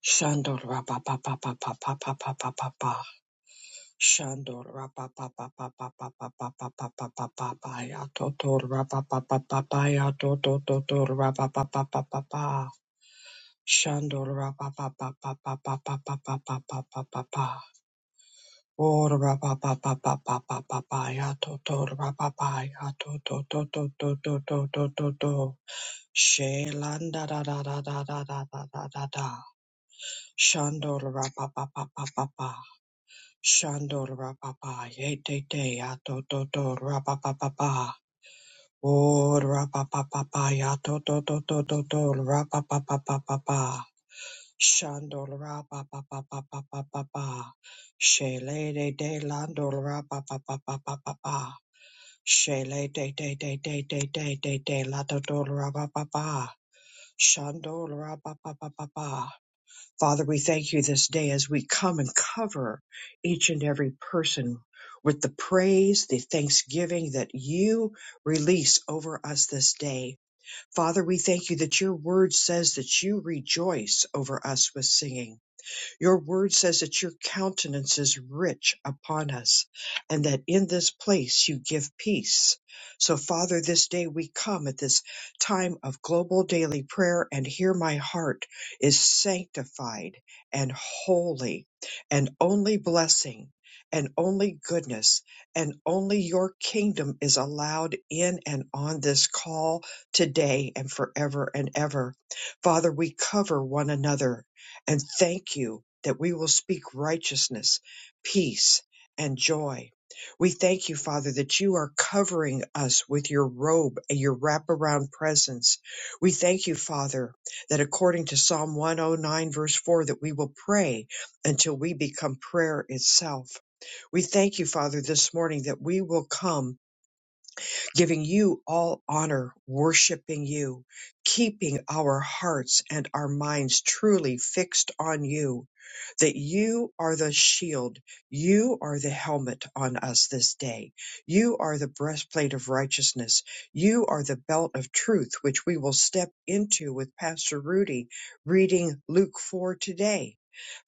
Shandor rapa pa pa pa pa pa pa pa pa pa pa. Shandor rapa pa pa pa pa pa pa pa pa pa pa pa pa pa ya to to rapa pa pa pa pa ya to to to to rapa pa pa pa pa pa. Shandor rapa pa pa pa pa pa pa pa pa pa pa pa pa pa. Or rapa pa pa pa pa pa pa pa ya to to rapa pa ya to to to to to to to to to to. Shelanda da da da da da da da da da da. Shandor rapa pa pa pa pa pa. Shandor Rapapa Yete Te Ato Toto Rapapapa Or Rapapapa Yato Toto Toto Rapapapa Shandor Rapapapa Shele De De Landor Rapapapa Shele De De De De De De De De Lato Rapapa Shandor Rapapapa Father, we thank you this day as we come and cover each and every person with the praise, the thanksgiving that you release over us this day. Father, we thank you that your word says that you rejoice over us with singing. Your word says that your countenance is rich upon us and that in this place you give peace. So, Father, this day we come at this time of global daily prayer, and here my heart is sanctified and holy, and only blessing and only goodness and only your kingdom is allowed in and on this call today and forever and ever. Father, we cover one another and thank you that we will speak righteousness, peace, and joy. We thank you, Father, that you are covering us with your robe and your wraparound presence. We thank you, Father, that according to Psalm 109, verse 4, that we will pray until we become prayer itself. We thank you, Father, this morning that we will come giving you all honor, worshiping you, keeping our hearts and our minds truly fixed on you, that you are the shield, you are the helmet on us this day, you are the breastplate of righteousness, you are the belt of truth, which we will step into with Pastor Rudy reading Luke 4 today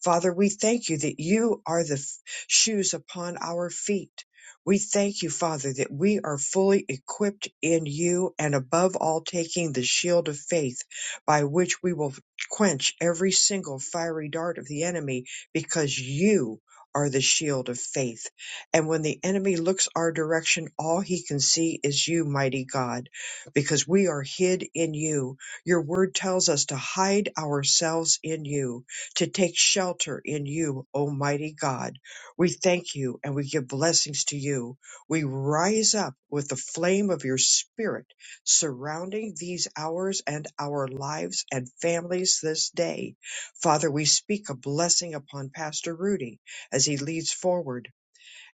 Father, we thank you that you are the f- shoes upon our feet. We thank you, Father, that we are fully equipped in you and above all taking the shield of faith by which we will quench every single fiery dart of the enemy because you are the shield of faith. And when the enemy looks our direction, all he can see is you, mighty God, because we are hid in you. Your word tells us to hide ourselves in you to take shelter in you, Almighty God. We thank you and we give blessings to you. We rise up with the flame of your spirit surrounding these hours and our lives and families this day. Father, we speak a blessing upon Pastor Rudy as he leads forward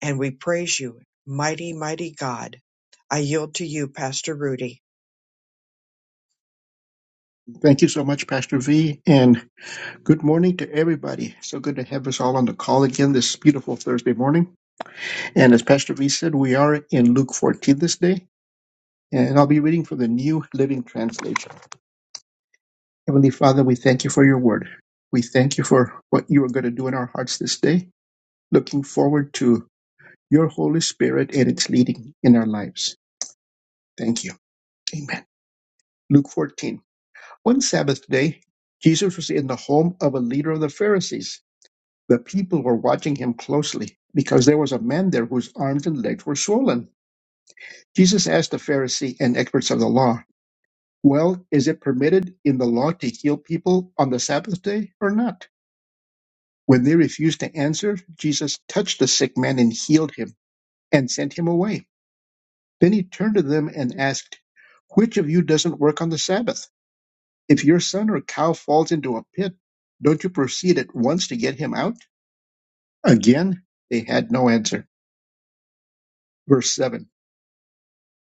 and we praise you, mighty, mighty God. I yield to you, Pastor Rudy. Thank you so much, Pastor V, and good morning to everybody. So good to have us all on the call again this beautiful Thursday morning. And as Pastor V said, we are in Luke 14 this day, and I'll be reading from the New Living Translation. Heavenly Father, we thank you for your word. We thank you for what you are going to do in our hearts this day. Looking forward to your Holy Spirit and its leading in our lives. Thank you. Amen. Luke 14. One Sabbath day, Jesus was in the home of a leader of the Pharisees The people were watching him closely because there was a man there whose arms and legs were swollen. Jesus asked the Pharisee and experts of the law, Well, is it permitted in the law to heal people on the Sabbath day or not? When they refused to answer, Jesus touched the sick man and healed him and sent him away. Then he turned to them and asked, Which of you doesn't work on the Sabbath? If your son or cow falls into a pit, don't you proceed at once to get him out? Again, they had no answer. Verse 7.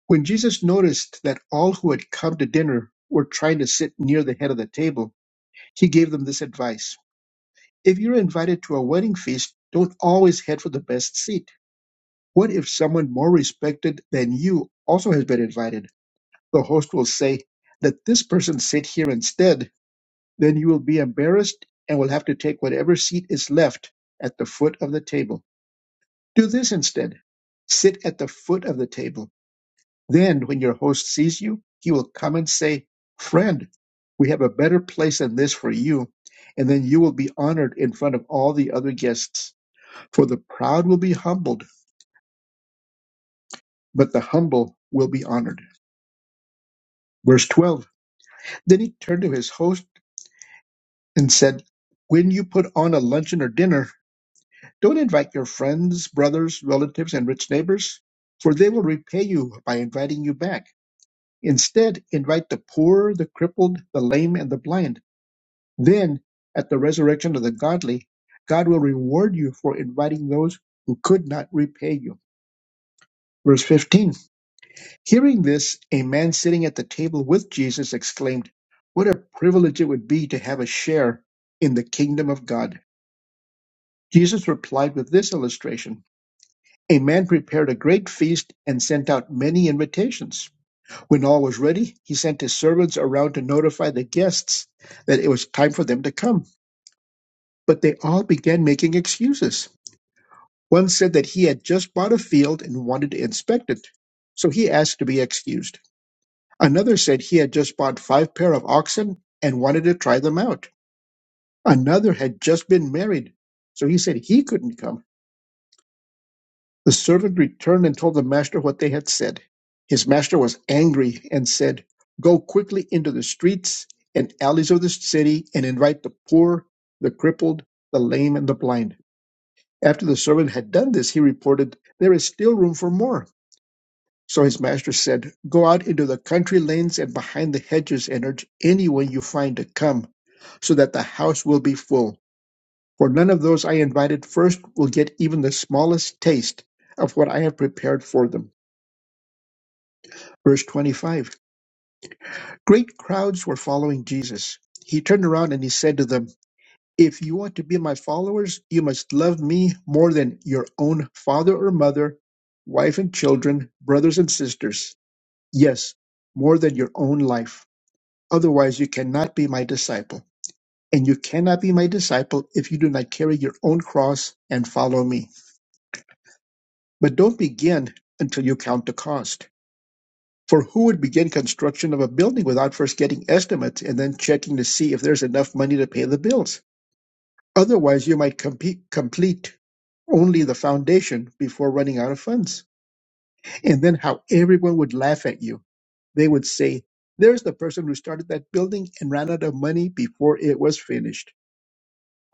When Jesus noticed that all who had come to dinner were trying to sit near the head of the table, he gave them this advice If you're invited to a wedding feast, don't always head for the best seat. What if someone more respected than you also has been invited? The host will say, Let this person sit here instead. Then you will be embarrassed and will have to take whatever seat is left at the foot of the table. Do this instead. Sit at the foot of the table Then, when your host sees you, he will come and say, Friend, we have a better place than this for you. And then you will be honored in front of all the other guests. For the proud will be humbled, but the humble will be honored. Verse 12 Then he turned to his host and said, When you put on a luncheon or dinner, don't invite your friends, brothers, relatives, and rich neighbors, for they will repay you by inviting you back. Instead, invite the poor, the crippled, the lame, and the blind Then, at the resurrection of the godly, God will reward you for inviting those who could not repay you. Verse 15 Hearing this, a man sitting at the table with Jesus exclaimed, What a privilege it would be to have a share in the kingdom of God. Jesus replied with this illustration A man prepared a great feast and sent out many invitations. When all was ready, he sent his servants around to notify the guests that it was time for them to come. But they all began making excuses. One said that he had just bought a field and wanted to inspect it, so he asked to be excused. Another said he had just bought five pair of oxen and wanted to try them out. Another had just been married, so he said he couldn't come. The servant returned and told the master what they had said. His master was angry and said, Go quickly into the streets and alleys of the city and invite the poor, the crippled, the lame, and the blind. After the servant had done this, he reported, There is still room for more. So his master said, Go out into the country lanes and behind the hedges and urge anyone you find to come, so that the house will be full. For none of those I invited first will get even the smallest taste of what I have prepared for them. Verse 25 Great crowds were following Jesus. He turned around and he said to them, If you want to be my followers, you must love me more than your own father or mother, wife and children, brothers and sisters. Yes, more than your own life. Otherwise, you cannot be my disciple. And you cannot be my disciple if you do not carry your own cross and follow me. But don't begin until you count the cost. For who would begin construction of a building without first getting estimates and then checking to see if there's enough money to pay the bills? Otherwise, you might compete, complete only the foundation before running out of funds. And then how everyone would laugh at you. They would say, There's the person who started that building and ran out of money before it was finished.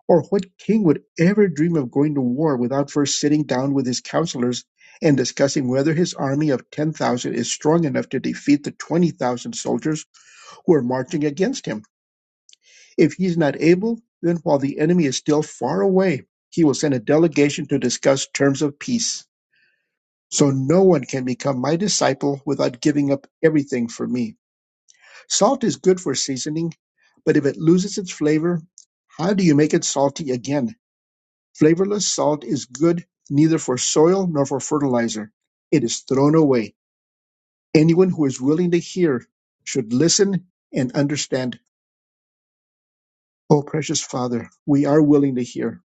Or what king would ever dream of going to war without first sitting down with his counselors and discussing whether his army of 10,000 is strong enough to defeat the 20,000 soldiers who are marching against him? If he is not able, then while the enemy is still far away, he will send a delegation to discuss terms of peace. So no one can become my disciple without giving up everything for me. Salt is good for seasoning, but if it loses its flavor, how do you make it salty again? Flavorless salt is good neither for soil nor for fertilizer. It is thrown away. Anyone who is willing to hear should listen and understand. Oh, precious Father, we are willing to hear.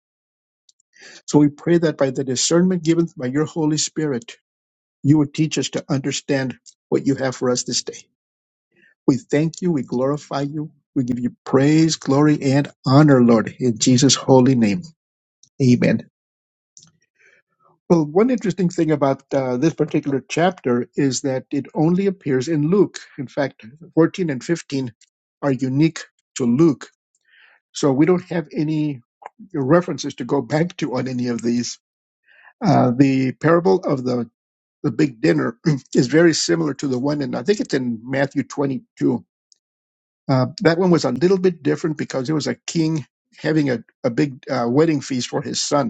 So we pray that by the discernment given by your Holy Spirit, you would teach us to understand what you have for us this day. We thank you. We glorify you. We give you praise, glory, and honor, Lord, in Jesus' holy name. Amen. Well, one interesting thing about uh, this particular chapter is that it only appears in Luke. In fact, 14 and 15 are unique to Luke. So we don't have any references to go back to on any of these. Uh, the parable of the, the big dinner is very similar to the one in, I think it's in Matthew 22. Uh, that one was a little bit different because it was a king having a, a big uh, wedding feast for his son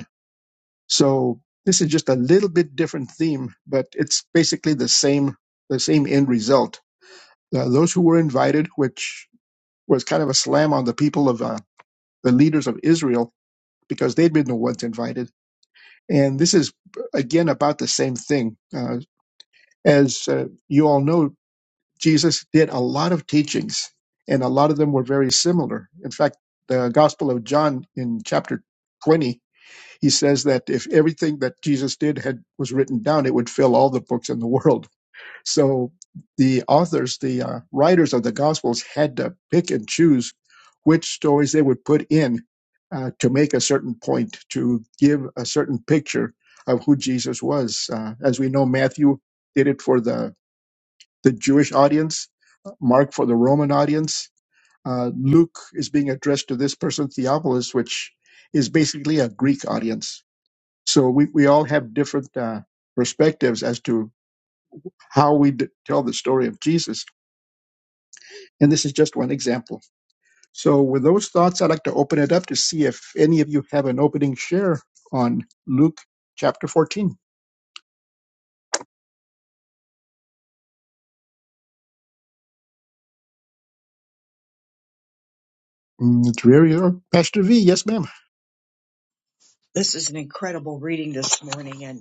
So this is just a little bit different theme, but it's basically the same the same end result. Uh, those who were invited, which was kind of a slam on the people of uh, the leaders of Israel, because they'd been the ones invited. And this is again about the same thing. Uh, as uh, you all know, Jesus did a lot of teachings, and a lot of them were very similar. In fact, the Gospel of John in chapter 20 He says that if everything that Jesus did had was written down, it would fill all the books in the world. So the authors, the uh, writers of the Gospels, had to pick and choose which stories they would put in uh, to make a certain point, to give a certain picture of who Jesus was. Uh, as we know, Matthew did it for the, the Jewish audience, Mark for the Roman audience. Uh, Luke is being addressed to this person, Theophilus, which is basically a Greek audience. So we, we all have different uh, perspectives as to how we d- tell the story of Jesus. And this is just one example. So, with those thoughts, I'd like to open it up to see if any of you have an opening share on Luke chapter 14. Mm, It's very uh, Pastor V. Yes, ma'am. This is an incredible reading this morning, and.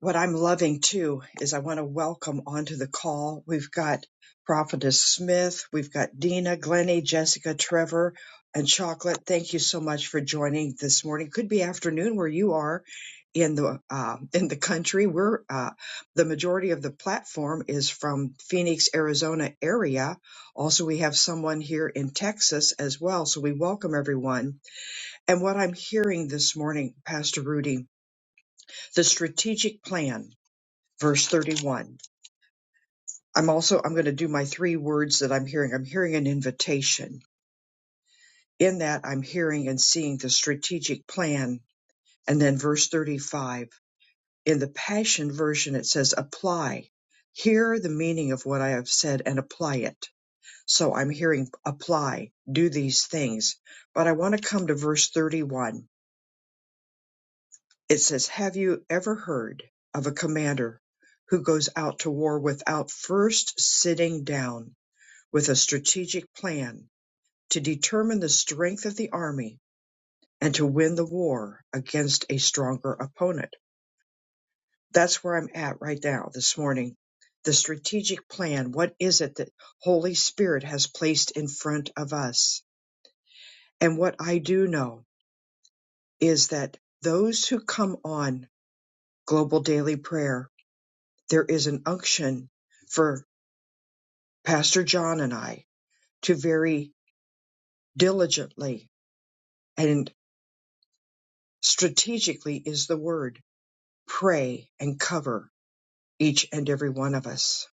What I'm loving too is I want to welcome onto the call. We've got Prophetess Smith, we've got Dina, Glennie, Jessica, Trevor, and Chocolate. Thank you so much for joining this morning. Could be afternoon where you are in the uh, in the country. We're uh, the majority of the platform is from Phoenix, Arizona area. Also, we have someone here in Texas as well. So we welcome everyone. And what I'm hearing this morning, Pastor Rudy, the strategic plan verse 31. I'm also I'm going to do my three words that I'm hearing. I'm hearing an invitation. In that I'm hearing and seeing the strategic plan. And then verse 35. In the Passion version it says apply. Hear the meaning of what I have said and apply it. So I'm hearing apply, do these things. But I want to come to verse 31. It says, "Have you ever heard of a commander who goes out to war without first sitting down with a strategic plan to determine the strength of the army and to win the war against a stronger opponent. That's where I'm at right now this morning. The strategic plan, what is it that Holy Spirit has placed in front of us? And what I do know is that those who come on Global Daily Prayer, there is an unction for Pastor John and I to very diligently and strategically is the word pray and cover each and every one of us.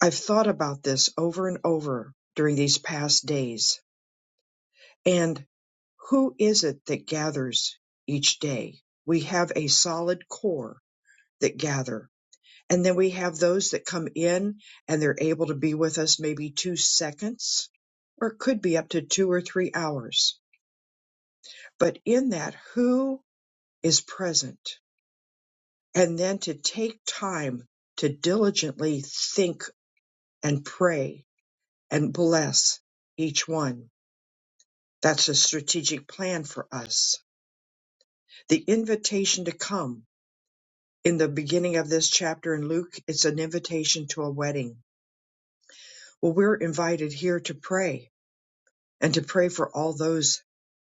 I've thought about this over and over during these past days. And who is it that gathers each day? We have a solid core that gather. And then we have those that come in and they're able to be with us maybe two seconds, or it could be up to two or three hours. But in that, who is present? And then to take time to diligently think and pray and bless each one. That's a strategic plan for us. The invitation to come in the beginning of this chapter in Luke, it's an invitation to a wedding. Well, we're invited here to pray and to pray for all those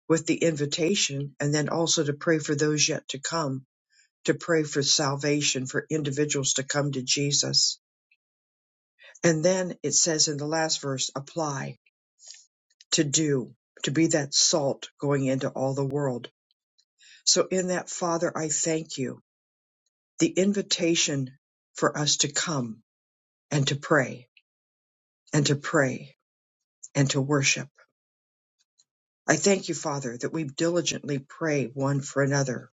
with the invitation and then also to pray for those yet to come, to pray for salvation for individuals to come to Jesus. And then it says in the last verse, apply, to do, to be that salt going into all the world So, in that, Father, I thank you. The invitation for us to come and to pray and to pray and to worship. I thank you, Father, that we diligently pray one for another,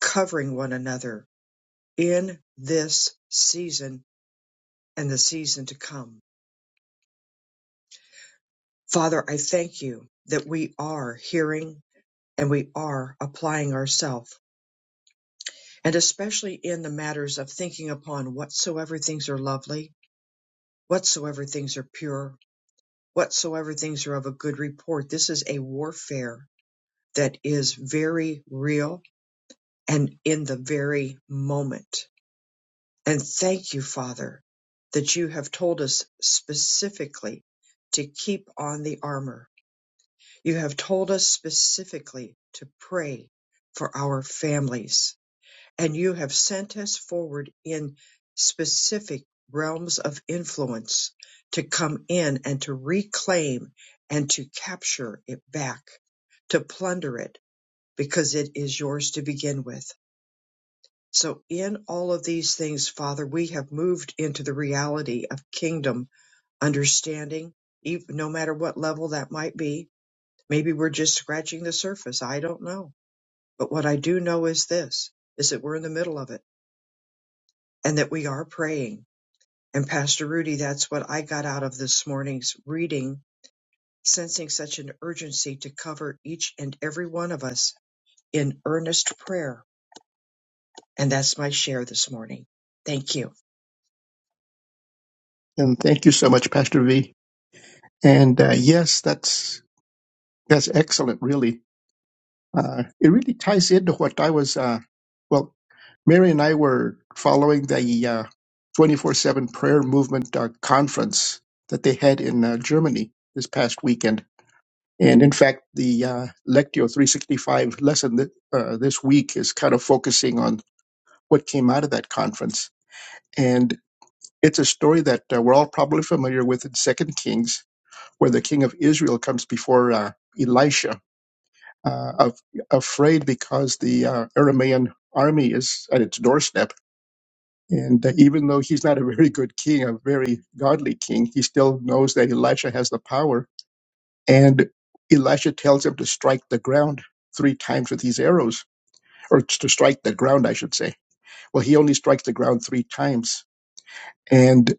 covering one another in this season and the season to come. Father, I thank you that we are hearing and we are applying ourselves, and especially in the matters of thinking upon whatsoever things are lovely, whatsoever things are pure, whatsoever things are of a good report. This is a warfare that is very real and in the very moment. And thank you, Father, that you have told us specifically to keep on the armor. You have told us specifically to pray for our families and you have sent us forward in specific realms of influence to come in and to reclaim and to capture it back, to plunder it, because it is yours to begin with. So, in all of these things, Father, we have moved into the reality of kingdom understanding, ev- no matter what level that might be. Maybe we're just scratching the surface. I don't know. But what I do know is this is that we're in the middle of it and that we are praying. And Pastor Rudy, that's what I got out of this morning's reading, sensing such an urgency to cover each and every one of us in earnest prayer. And that's my share this morning. Thank you. And thank you so much, Pastor V. And uh, yes, that's that's excellent, really. Uh, it really ties into what I was, uh, well, Mary and I were following the uh, 24 7 prayer movement uh, conference that they had in uh, Germany this past weekend. And in fact, the uh, Lectio 365 lesson that, uh, this week is kind of focusing on what came out of that conference. And it's a story that uh, we're all probably familiar with in Second Kings, where the king of Israel comes before uh, Elisha uh, af- afraid because the uh, Aramaean army is at its doorstep. And uh, even though he's not a very good king, a very godly king, he still knows that Elisha has the power. And Elisha tells him to strike the ground three times with these arrows, or to strike the ground, I should say. Well, he only strikes the ground three times. And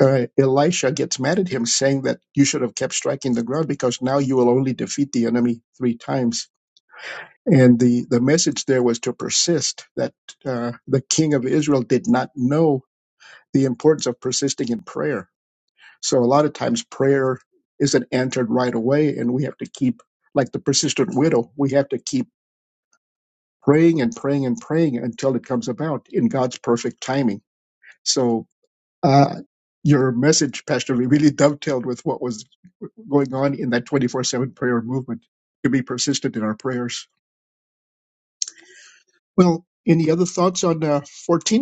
uh, Elisha gets mad at him, saying that you should have kept striking the ground because now you will only defeat the enemy three times And the, the message there was to persist, that uh, the king of Israel did not know the importance of persisting in prayer. So a lot of times prayer isn't answered right away, and we have to keep, like the persistent widow, we have to keep praying and praying and praying until it comes about in God's perfect timing. So uh, your message, Pastor Lee, really dovetailed with what was going on in that 24 7 prayer movement to be persistent in our prayers. Well, any other thoughts on uh, 14?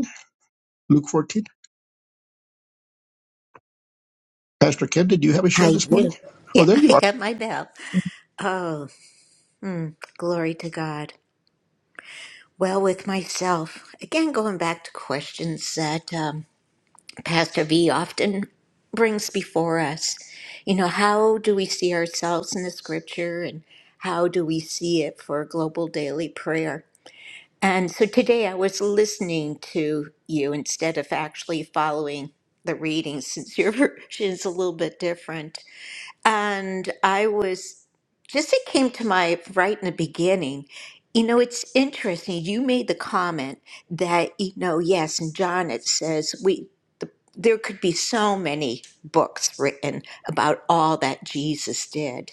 Luke 14. Pastor Kim, did you have a share I this morning? do. Oh, Yeah, there you I are. got my bell. Oh, mm, glory to God. Well, with myself, again, going back to questions that um, Pastor V often brings before us. You know, how do we see ourselves in the scripture and how do we see it for global daily prayer? And so today I was listening to you instead of actually following the reading since your version is a little bit different. And I was just, it came to my right in the beginning. You know, it's interesting. You made the comment that, you know, yes, in John it says we, the, there could be so many books written about all that Jesus did.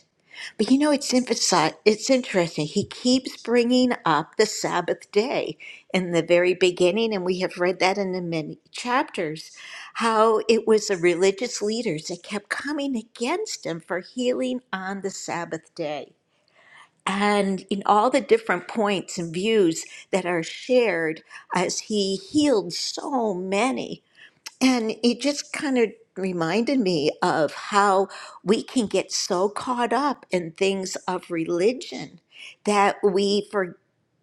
But you know, it's emphasi- it's interesting. He keeps bringing up the Sabbath day in the very beginning, and we have read that in the many chapters, how it was the religious leaders that kept coming against him for healing on the Sabbath day. And in all the different points and views that are shared as he healed so many, and it just kind of reminded me of how we can get so caught up in things of religion that we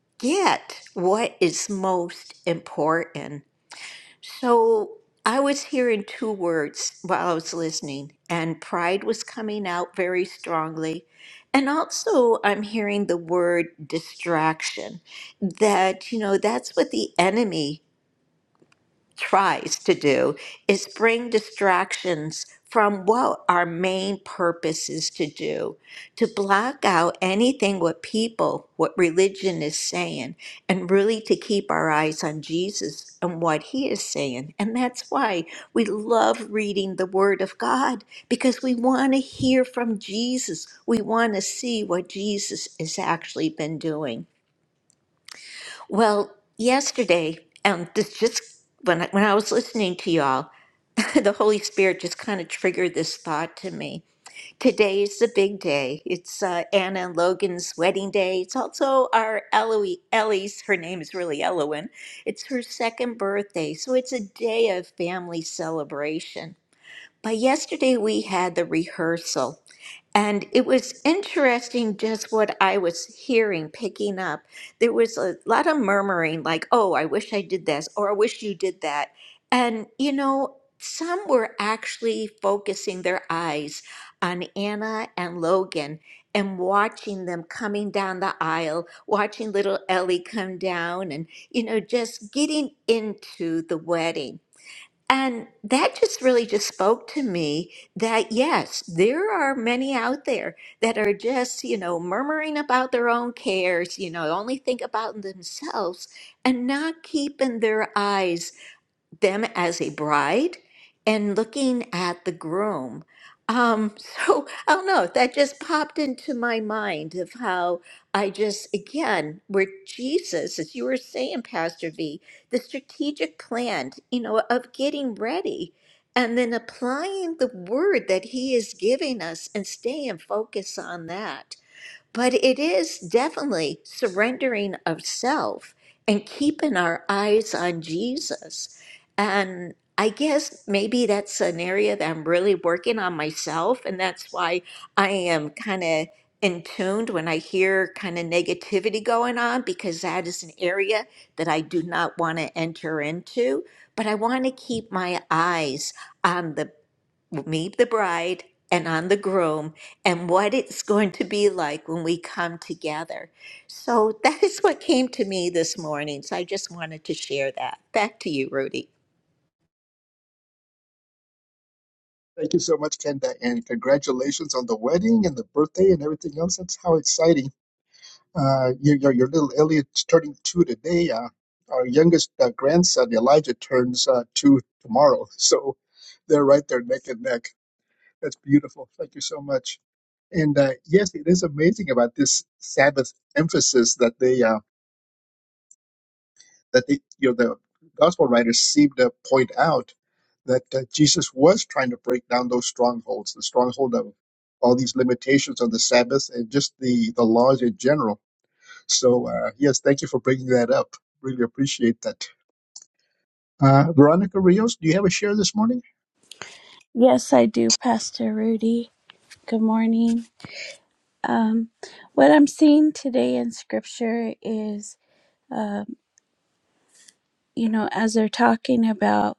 forget what is most important. So I was hearing two words while I was listening, and pride was coming out very strongly. And also, I'm hearing the word distraction, that, you know, that's what the enemy tries to do is bring distractions from what our main purpose is to do to block out anything what people what religion is saying and really to keep our eyes on Jesus and what he is saying and that's why we love reading the word of God because we want to hear from Jesus we want to see what Jesus has actually been doing well, yesterday, um, this just when I, when I was listening to y'all, the Holy Spirit just kind of triggered this thought to me. Today is the big day. It's uh, Anna and Logan's wedding day. It's also our Eloise, Ellie's. Her name is really Elowen. It's her second birthday, so it's a day of family celebration. But yesterday we had the rehearsal, and it was interesting just what I was hearing, picking up. There was a lot of murmuring, like, oh, I wish I did this, or I wish you did that. And, you know, some were actually focusing their eyes on Anna and Logan and watching them coming down the aisle, watching little Ellie come down and, you know, just getting into the wedding. And that just really just spoke to me that yes, there are many out there that are just, you know, murmuring about their own cares, you know, only think about themselves and not keeping their eyes them as a bride and looking at the groom. Um, so I don't know, that just popped into my mind of how I just, again, where Jesus, as you were saying, Pastor V, the strategic plan, you know, of getting ready and then applying the word that he is giving us and staying focused on that. But it is definitely surrendering of self and keeping our eyes on Jesus. And I guess maybe that's an area that I'm really working on myself. And that's why I am kind of in tuned when I hear kind of negativity going on, because that is an area that I do not want to enter into. But I want to keep my eyes on the me, the bride, and on the groom, and what it's going to be like when we come together. So that is what came to me this morning. So I just wanted to share that. Back to you, Rudy. Thank you so much, Kenda, and congratulations on the wedding and the birthday and everything else. That's how exciting. Uh, your, your, your little Elliot's turning two today. Uh, our youngest uh, grandson, Elijah, turns uh, two tomorrow. So they're right there neck and neck. That's beautiful. Thank you so much. And uh, yes, it is amazing about this Sabbath emphasis that they uh, that the, you know, the gospel writers seem to point out that uh, Jesus was trying to break down those strongholds, the stronghold of all these limitations on the Sabbath and just the, the laws in general. So, uh, yes, thank you for bringing that up. Really appreciate that. Uh, Veronica Rios, do you have a share this morning? Yes, I do, Pastor Rudy. Good morning. Um, what I'm seeing today in scripture is, um, you know, as they're talking about.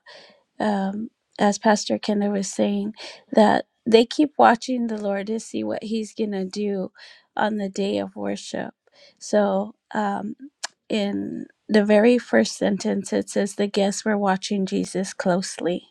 um, as Pastor Kenda was saying, that they keep watching the Lord to see what He's going to do on the day of worship. So, um, in the very first sentence, it says, The guests were watching Jesus closely.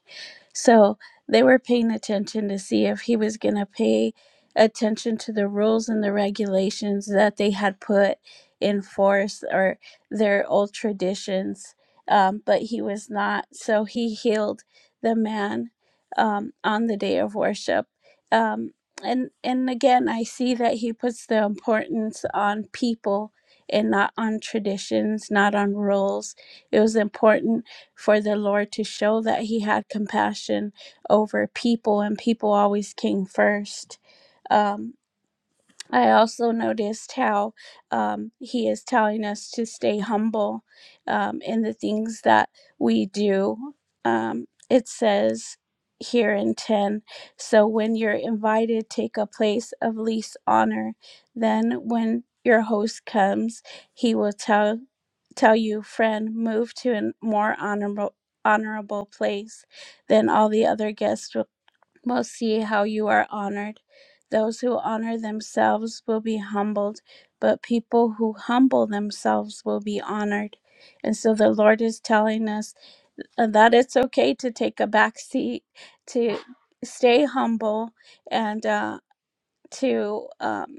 So, they were paying attention to see if He was going to pay attention to the rules and the regulations that they had put in force or their old traditions um, but he was not. So he healed the man um, on the day of worship. Um, and and again, I see that he puts the importance on people and not on traditions, not on rules. It was important for the Lord to show that he had compassion over people, and people always came first. Um, I also noticed how um, he is telling us to stay humble um, in the things that we do. Um, it says here in 10 so when you're invited, take a place of least honor. Then when your host comes, he will tell tell you friend move to a more honorable honorable place then all the other guests will will see how you are honored. Those who honor themselves will be humbled, but people who humble themselves will be honored. And so the Lord is telling us uh, that it's okay to take a back seat, to stay humble, and uh, to um,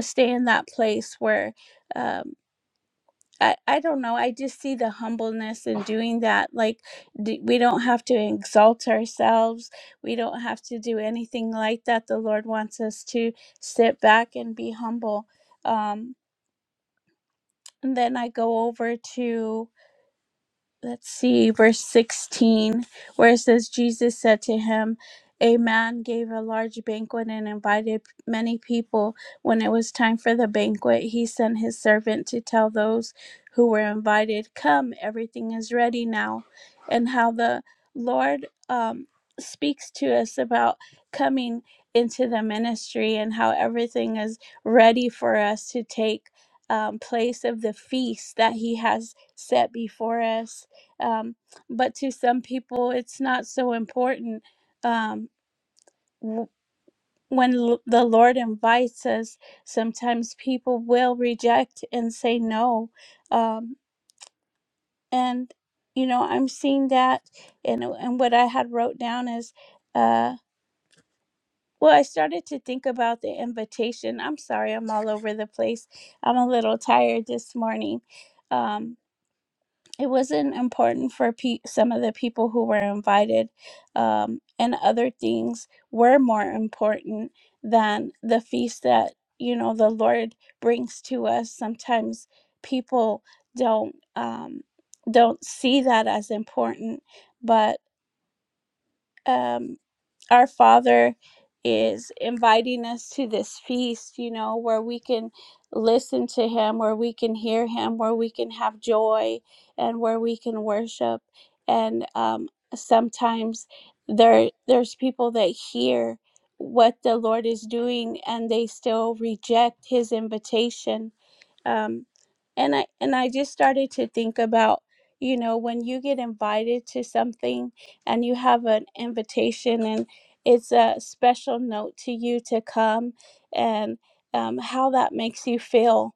stay in that place where. um, I, I don't know. I just see the humbleness in doing that. Like, d- we don't have to exalt ourselves. We don't have to do anything like that. The Lord wants us to sit back and be humble. Um, and then I go over to let's see, verse 16, where it says, Jesus said to him, A man gave a large banquet and invited many people. When it was time for the banquet, he sent his servant to tell those who were invited, Come, everything is ready now. And how the Lord um, speaks to us about coming into the ministry and how everything is ready for us to take um, place of the feast that he has set before us um, but to some people it's not so important um, w- when l- the lord invites us sometimes people will reject and say no um, and you know i'm seeing that and, and what i had wrote down is uh, well i started to think about the invitation i'm sorry i'm all over the place i'm a little tired this morning Um. it wasn't important for pe- some of the people who were invited, um, and other things were more important than the feast that you know the Lord brings to us. Sometimes people don't um, don't see that as important, but um, our Father is inviting us to this feast, you know, where we can listen to Him, where we can hear Him, where we can have joy, and where we can worship. And um, sometimes there there's people that hear what the Lord is doing, and they still reject His invitation. Um, and I and I just started to think about, you know, when you get invited to something and you have an invitation and it's a special note to you to come and um, how that makes you feel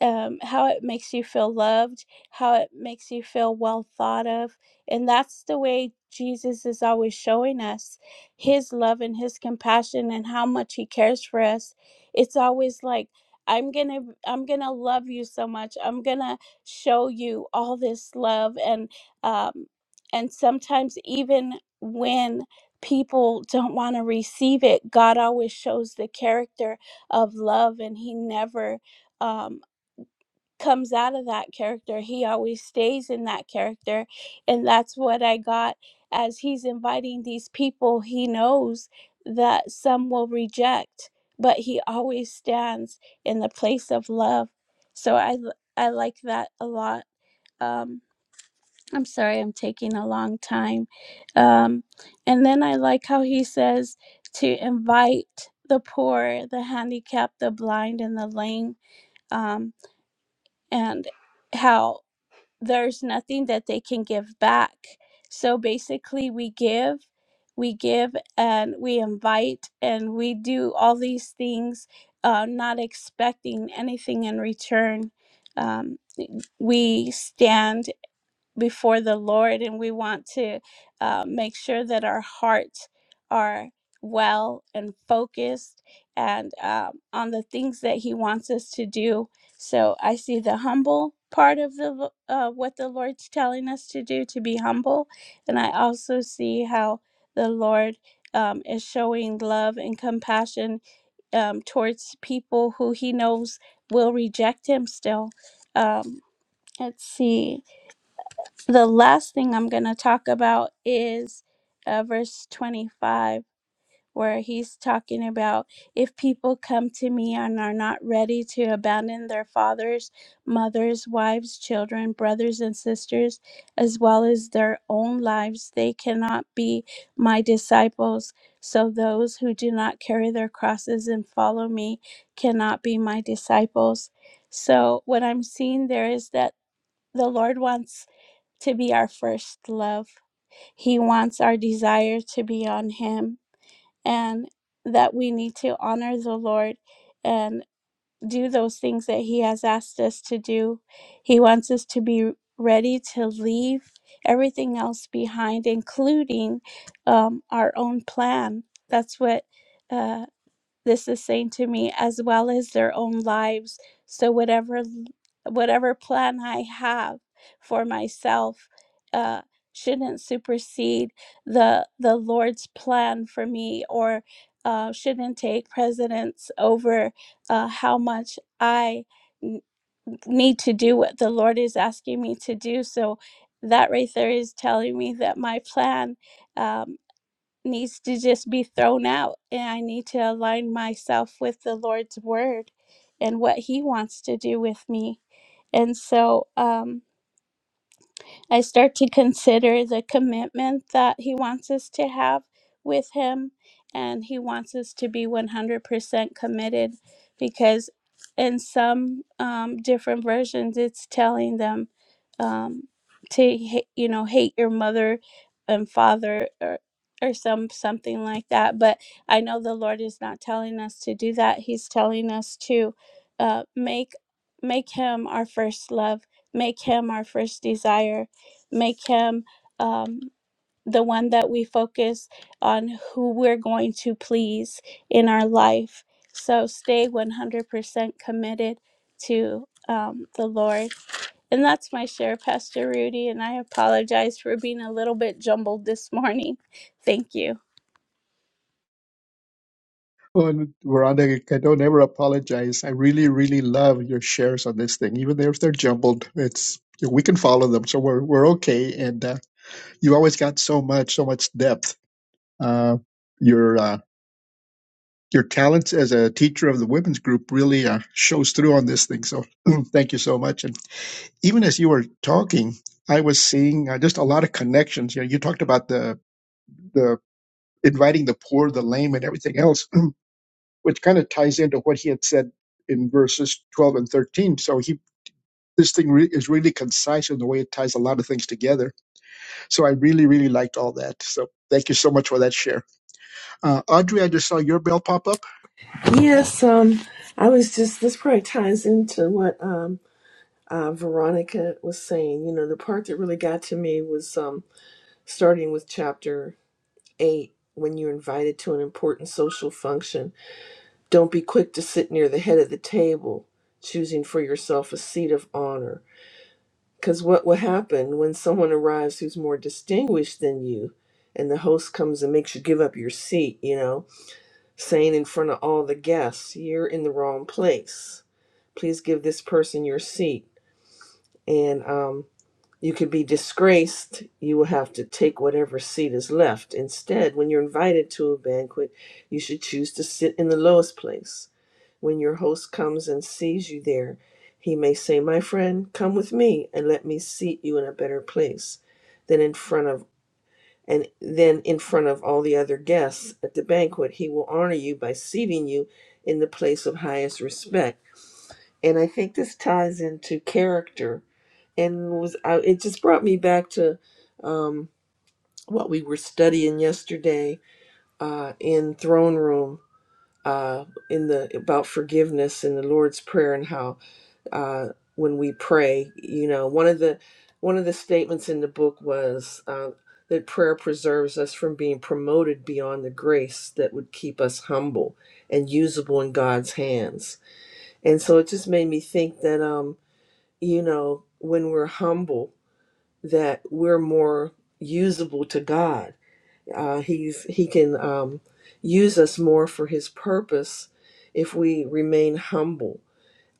um, how it makes you feel loved, how it makes you feel well thought of. And that's the way Jesus is always showing us his love and his compassion and how much he cares for us. It's always like, I'm going to I'm going to love you so much. I'm going to show you all this love and um and sometimes even when people don't want to receive it, God always shows the character of love and he never um comes out of that character. He always stays in that character. And that's what I got as he's inviting these people he knows that some will reject, but he always stands in the place of love. So I l- I like that a lot. Um I'm sorry I'm taking a long time. Um and then I like how he says to invite the poor, the handicapped, the blind and the lame um and how there's nothing that they can give back. So basically, we give, we give, and we invite, and we do all these things, uh, not expecting anything in return. Um, we stand before the Lord, and we want to uh, make sure that our hearts are well and focused and um, on the things that He wants us to do. So I see the humble part of the uh, what the Lord's telling us to do to be humble, and I also see how the Lord um, is showing love and compassion um, towards people who He knows will reject Him still. Um, let's see the last thing I'm going to talk about is uh, verse 25, where he's talking about if people come to me and are not ready to abandon their fathers, mothers, wives, children, brothers, and sisters, as well as their own lives, they cannot be my disciples. So those who do not carry their crosses and follow me cannot be my disciples. So what I'm seeing there is that the Lord wants to be our first love. He wants our desire to be on Him and that we need to honor the Lord and do those things that He has asked us to do. He wants us to be ready to leave everything else behind, including um, our own plan. That's what. uh, this is saying to me as well as their own lives so whatever whatever plan i have for myself uh shouldn't supersede the the lord's plan for me or uh, shouldn't take precedence over uh, how much i n- need to do what the lord is asking me to do so that right there is telling me that my plan um needs to just be thrown out and I need to align myself with the Lord's word and what he wants to do with me. And so um I start to consider the commitment that He wants us to have with Him, and He wants us to be 100% committed because in some um, different versions, it's telling them um, to, ha- you know, hate your mother and father or, or some something like that. But I know the Lord is not telling us to do that. He's telling us to uh, make make Him our first love, make Him our first desire make him um, the one that we focus on who we're going to please in our life. So stay 100% committed to um, the Lord. And that's my share, Pastor Rudy. And I apologize for being a little bit jumbled this morning. Thank you. Well, Veronica, I don't ever apologize. I really, really love your shares on this thing, even if they're jumbled. It's we can follow them, so we're we're okay. And uh, you always got so much, so much depth Uh, your uh, your talents as a teacher of the women's group really uh, shows through on this thing. So thank you so much. And even as you were talking, I was seeing uh, just a lot of connections. You know, you talked about the the inviting the poor, the lame, and everything else, which kind of ties into what he had said in verses twelve and thirteen. So he this thing re- is really concise in the way it ties a lot of things together. So I really really liked all that. So thank you so much for that share, uh, Audrey. I just saw your bell pop up. Go ahead. Yes, um, I was just, this probably ties into what um, uh, Veronica was saying. You know, the part that really got to me was um, starting with chapter eight when you're invited to an important social function. Don't be quick to sit near the head of the table, choosing for yourself a seat of honor. Because what will happen when someone arrives who's more distinguished than you and the host comes and makes you give up your seat, you know? saying in front of all the guests, You're in the wrong place. Please give this person your seat. And um, you could be disgraced. You will have to take whatever seat is left. Instead, when you're invited to a banquet, you should choose to sit in the lowest place. When your host comes and sees you there, he may say, My friend, come with me and let me seat you in a better place than in front of and then in front of all the other guests at the banquet, he will honor you by seating you in the place of highest respect. And I think this ties into character, and was I, it just brought me back to um, what we were studying yesterday uh, in throne room uh, in the about forgiveness in the Lord's prayer and how uh, when we pray. You know, one of the one of the statements in the book was uh, that prayer preserves us from being promoted beyond the grace that would keep us humble and usable in God's hands. And so it just made me think that, um, you know, when we're humble, that we're more usable to God. Uh, he's he can um, use us more for His purpose if we remain humble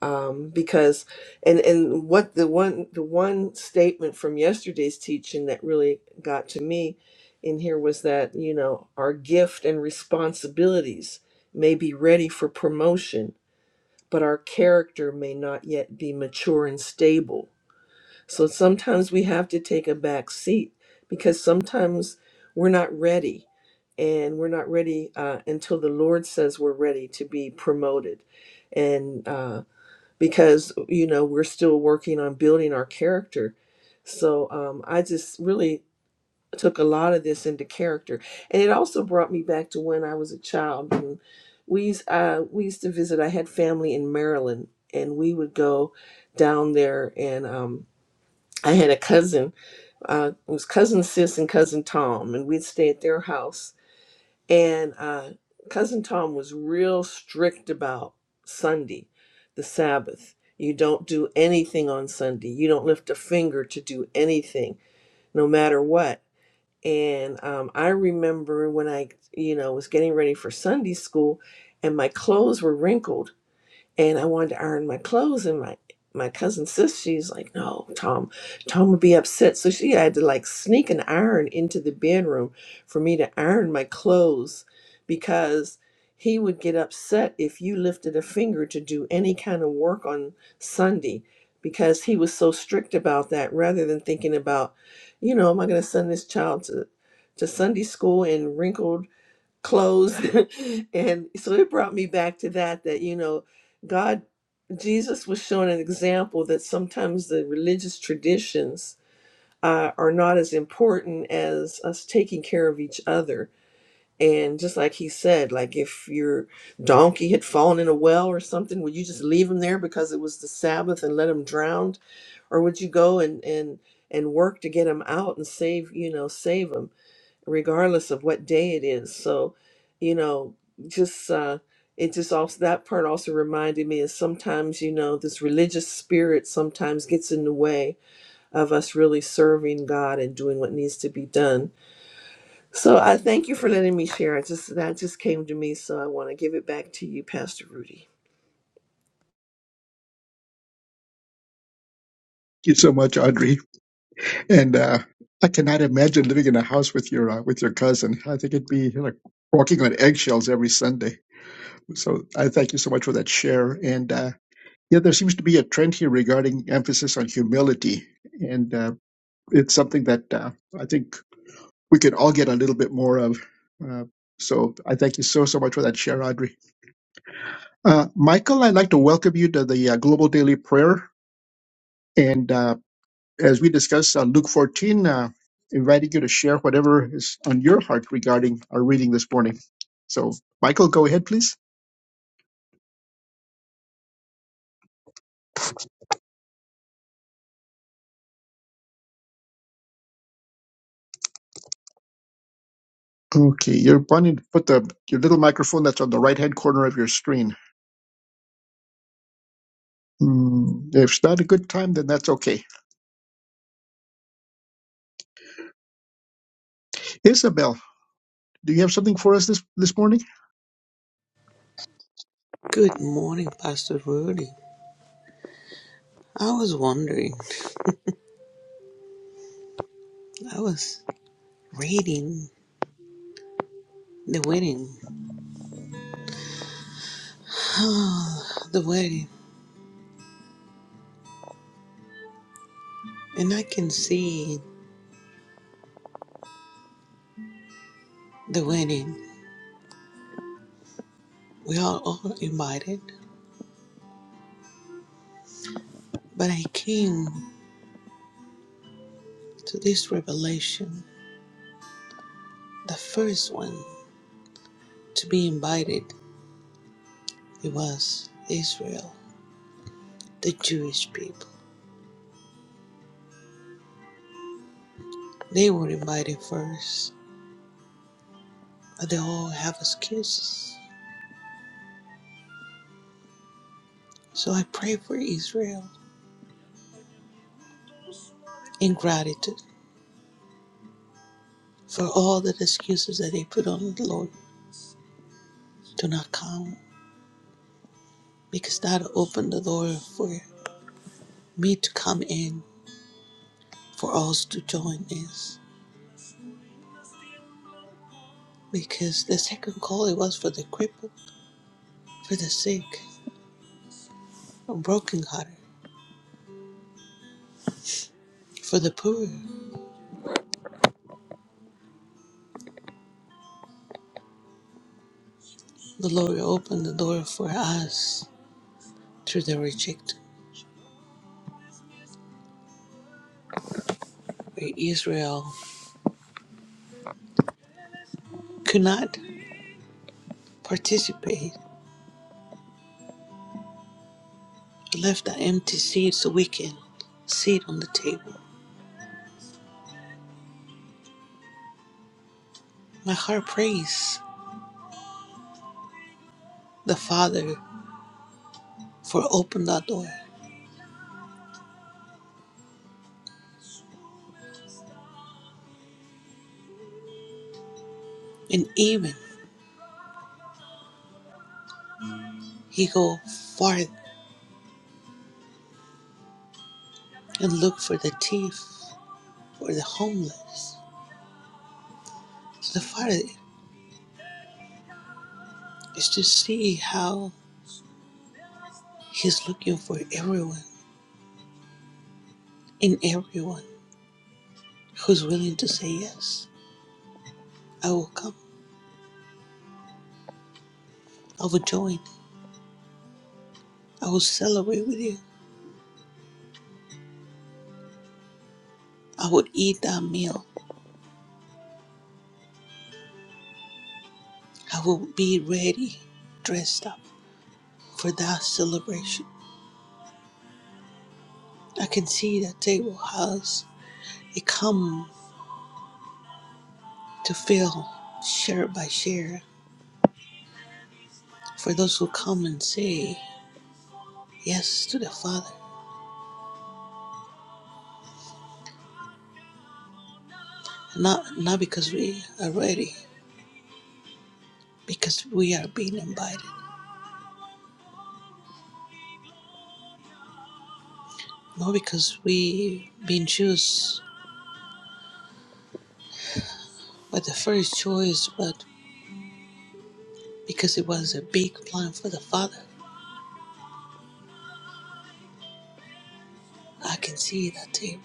um, because and and what the one the one statement from yesterday's teaching that really got to me in here was that you know our gift and responsibilities may be ready for promotion but our character may not yet be mature and stable so sometimes we have to take a back seat because sometimes we're not ready and we're not ready uh, until the lord says we're ready to be promoted and uh, because you know we're still working on building our character so um, i just really took a lot of this into character and it also brought me back to when i was a child and we used, uh, we used to visit i had family in maryland and we would go down there and um, i had a cousin uh, it was cousin sis and cousin tom and we'd stay at their house and uh, Cousin Tom was real strict about Sunday, the Sabbath. You don't do anything on Sunday. You don't lift a finger to do anything, no matter what. And um, I remember when I, you know, was getting ready for Sunday school, and my clothes were wrinkled and I wanted to iron my clothes. And my my cousin sis, she's like, "No, Tom, Tom would be upset." So she had to like sneak an iron into the bedroom for me to iron my clothes because he would get upset if you lifted a finger to do any kind of work on Sunday because he was so strict about that. Rather than thinking about, you know, am I going to send this child to to Sunday school in wrinkled closed and so it brought me back to that that you know god jesus was showing an example that sometimes the religious traditions uh, are not as important as us taking care of each other and just like he said like if your donkey had fallen in a well or something would you just leave him there because it was the sabbath and let him drown or would you go and and and work to get him out and save you know save him regardless of what day it is. So, you know, just uh, it just also that part also reminded me is sometimes you know this religious spirit sometimes gets in the way of us really serving God and doing what needs to be done. So I thank you for letting me share. I just that just came to me, so I want to give it back to you, Pastor Rudy. you so much, Audrey. And uh, I cannot imagine living in a house with your uh, with your cousin. I think it'd be like walking on eggshells every Sunday. So I thank you so much for that share. And uh, yeah, there seems to be a trend here regarding emphasis on humility, and uh, it's something that uh, I think we could all get a little bit more of. Uh, so I thank you so so much for that share, Audrey. Uh, Michael, I'd like to welcome you to the uh, Global Daily Prayer. And Uh, as we discuss uh, Luke 14, uh, inviting you to share whatever is on your heart regarding our reading this morning. So, Michael, go ahead, please. Okay, you're wanting to put the your little microphone that's on the right hand corner of your screen. Hmm, if it's not a good time, then that's okay. Isabel, do you have something for us this, this morning? Good morning, Pastor Rudy. I was wondering, I was reading the wedding. Oh, the wedding. And I can see the wedding. We are all invited. But I came to this revelation the first one to be invited it was Israel, the Jewish people. They were invited first, but they all have excuses. So I pray for Israel in gratitude for all the excuses that they put on the Lord do not come because that opened the door for me to come in for us to join us because the second call it was for the crippled for the sick the brokenhearted, for the poor the Lord opened the door for us through the reject where Israel could not participate left an empty seat so we can sit on the table my heart prays the Father for open that door. And even he go farther and look for the thief, for the homeless. So the Father is to see how he's looking for everyone in everyone who's willing to say yes. I will come. I will join. I will celebrate with you. I will eat that meal. I will be ready, dressed up for that celebration. I can see that table has It come to fill share by share for those who come and say yes to the Father. Not not because we are ready, because we are being invited. Not because we being choose by the first choice, but because it was a big plan for the Father. I can see that too.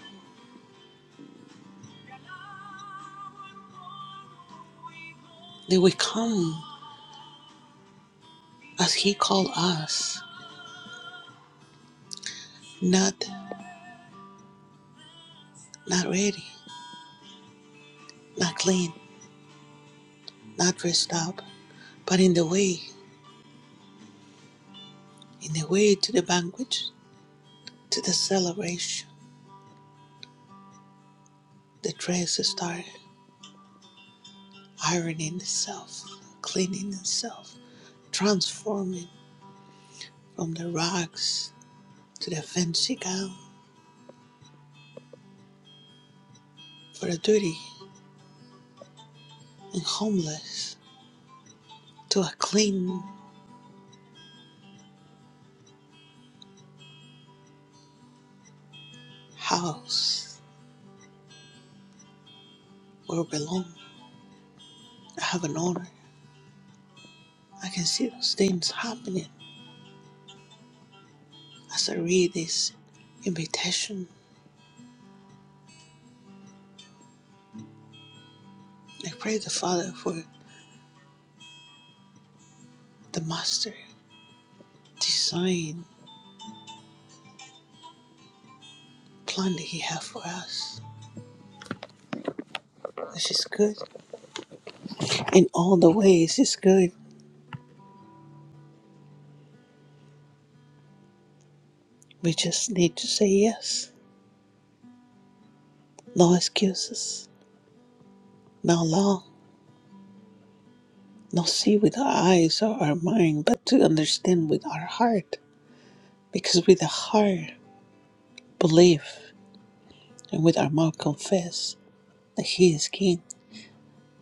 They will come as He called us, not not ready, not clean, not dressed up, but in the way, in the way to the banquet, to the celebration. The dress started. ironing itself, cleaning itself, transforming from the rags to the fancy gown, for the dirty and homeless to a clean house where we belong. I have an honor. I can see those things happening as I read this invitation. I pray the Father for the master design plan that He has for us. This is good in all the ways. It's good. We just need to say yes. No excuses, no law, no see with our eyes or our mind, but to understand with our heart. Because with the heart believe and with our mouth confess that He is King,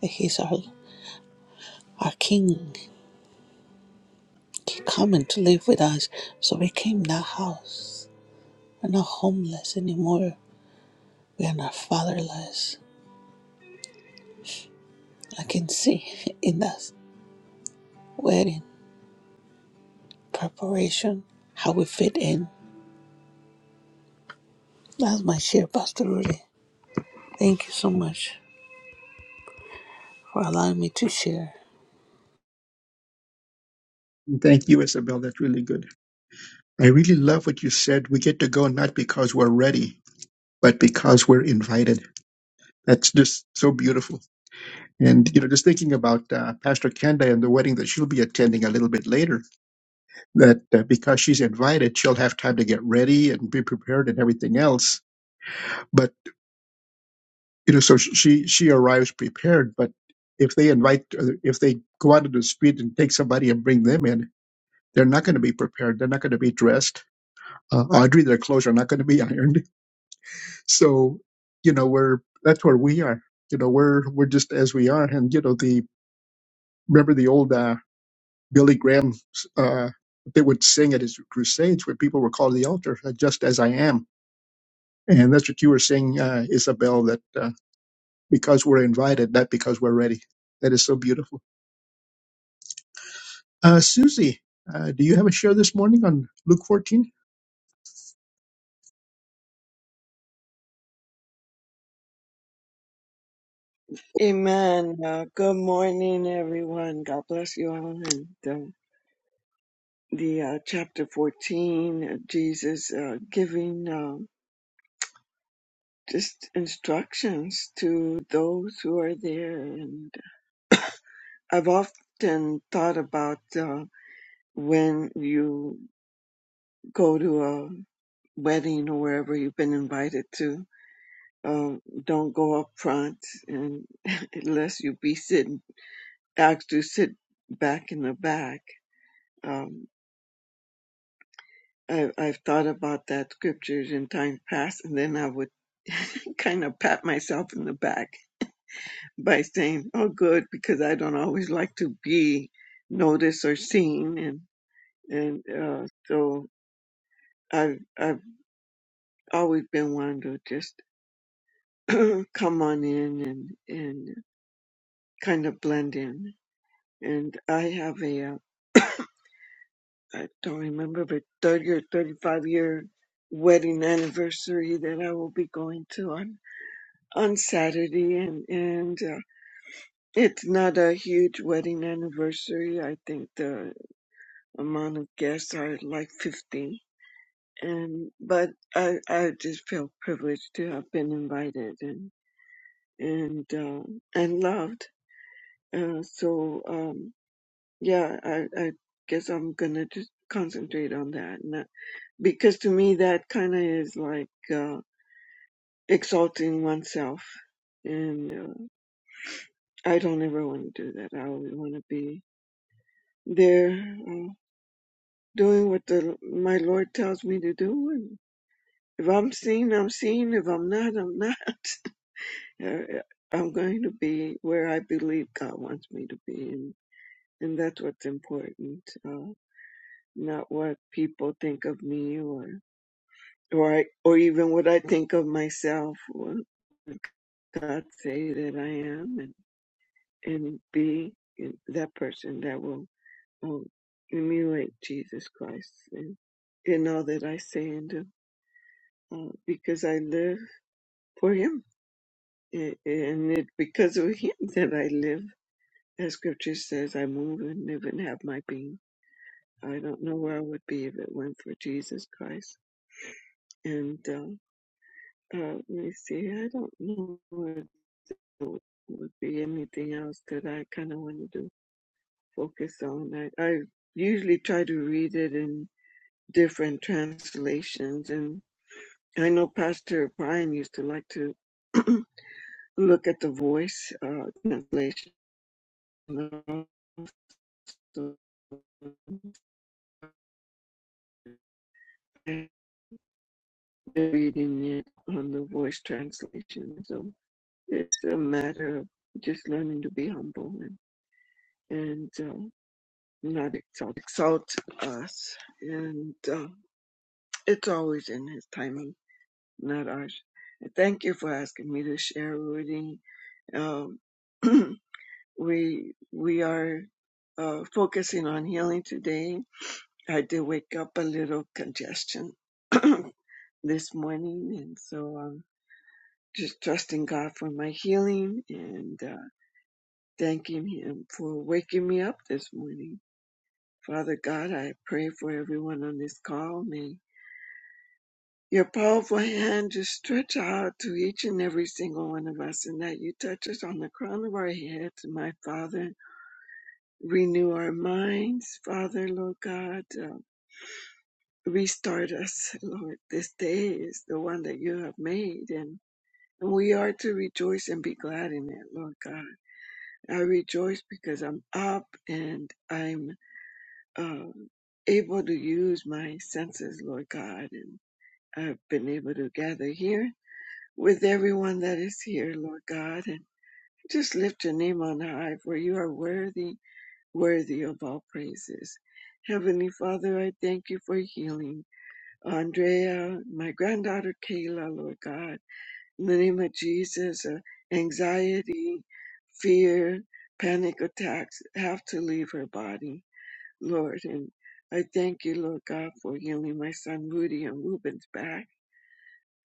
that He is our, our King. He coming to live with us. So we came to that house. We're not homeless anymore. We are not fatherless. I can see in that wedding preparation how we fit in. That's my share, Pastor Rudy. Thank you so much. for allowing me to share. Thank you, Isabel. That's really good. I really love what you said. We get to go not because we're ready, but because we're invited. That's just so beautiful. And you know, just thinking about uh, Pastor Kenda and the wedding that she'll be attending a little bit later, that uh, because she's invited, she'll have time to get ready and be prepared and everything else. But you know, so she she arrives prepared. But if they invite, uh, if they go out into the street and take somebody and bring them in, they're not going to be prepared. They're not going to be dressed. Uh, Audrey, their clothes are not going to be ironed. So you know, we're that's where we are. You know, we're we're just as we are. And you know, the remember the old. Uh, Billy Graham uh, they would sing at his crusades where people were called to the altar, uh, just as I am. And that's what you were saying, uh, Isabel, that uh, because we're invited, not because we're ready. That is so beautiful. Uh, Susie, uh, do you have a share this morning on Luke 14? Amen. Uh, good morning, everyone. God bless you all. And um, the uh, chapter 14, uh, Jesus uh, giving um just instructions to those who are there. And I've often thought about uh, when you go to a wedding or wherever you've been invited to. Uh, don't go up front and unless you be sitting, asked to sit back in the back. Um, I, I've thought about that scriptures in times past, and then I would kind of pat myself in the back by saying, "Oh, good," because I don't always like to be noticed or seen, and and uh, so I've I've always been one to just come on in and and kind of blend in. And I have a uh, I don't remember, but thirty or thirty five year wedding anniversary that I will be going to. on Saturday, and and uh, it's not a huge wedding anniversary. I think the amount of guests are like fifty, and but I I just feel privileged to have been invited and and uh, and loved. Uh, so um, yeah, I I guess I'm gonna just concentrate on that, and that- because to me that kind of is like uh, exalting oneself and uh, I don't ever want to do that. I always want to be They're uh, doing what the my Lord tells me to do. And if I'm seen, I'm seen. If I'm not, I'm not. Uh, I'm going to be where I believe God wants me to be, and and that's what's important. Uh, not what people think of me, or or I, or even what I think of myself. What God say that I am, and and be that person that will. um, emulate Jesus Christ in, in all that I say and do, uh, because I live for Him, A- and it because of Him that I live. As Scripture says, I move and live and have my being. I don't know where I would be if it weren't for Jesus Christ. And uh, uh, let me see, I don't know what would would be anything else that I kind of wanted to focus on. I, I usually try to read it in different translations and. I know Pastor Brian used to like to look at the voice uh, translation. Also, I've been reading it on the voice translation. So it's a matter of just learning to be humble and, and uh, not exalt, exalt us. And uh, it's always in his timing, not ours. Thank you for asking me to share, Rudy. Um, we we are uh, focusing on healing today. I did wake up a little congestion this morning, and so I'm just trusting God for my healing and uh, thanking Him for waking me up this morning. Father God, I pray for everyone on this call. May your powerful hand just stretch out to each and every single one of us, and that you touch us on the crown of our heads, my Father Renew our minds, Father, Lord God. Uh, restart us, Lord. This day is the one that you have made, and, and we are to rejoice and be glad in it, Lord God. I rejoice because I'm up and I'm uh, able to use my senses, Lord God, and I've been able to gather here with everyone that is here, Lord God, and just lift your name on high, for you are worthy worthy of all praises. Heavenly Father, I thank you for healing Andrea, my granddaughter Kayla, Lord God. In the name of Jesus, uh, anxiety, fear, panic attacks have to leave her body, Lord. And I thank you, Lord God, for healing my son Rudy and Ruben's back.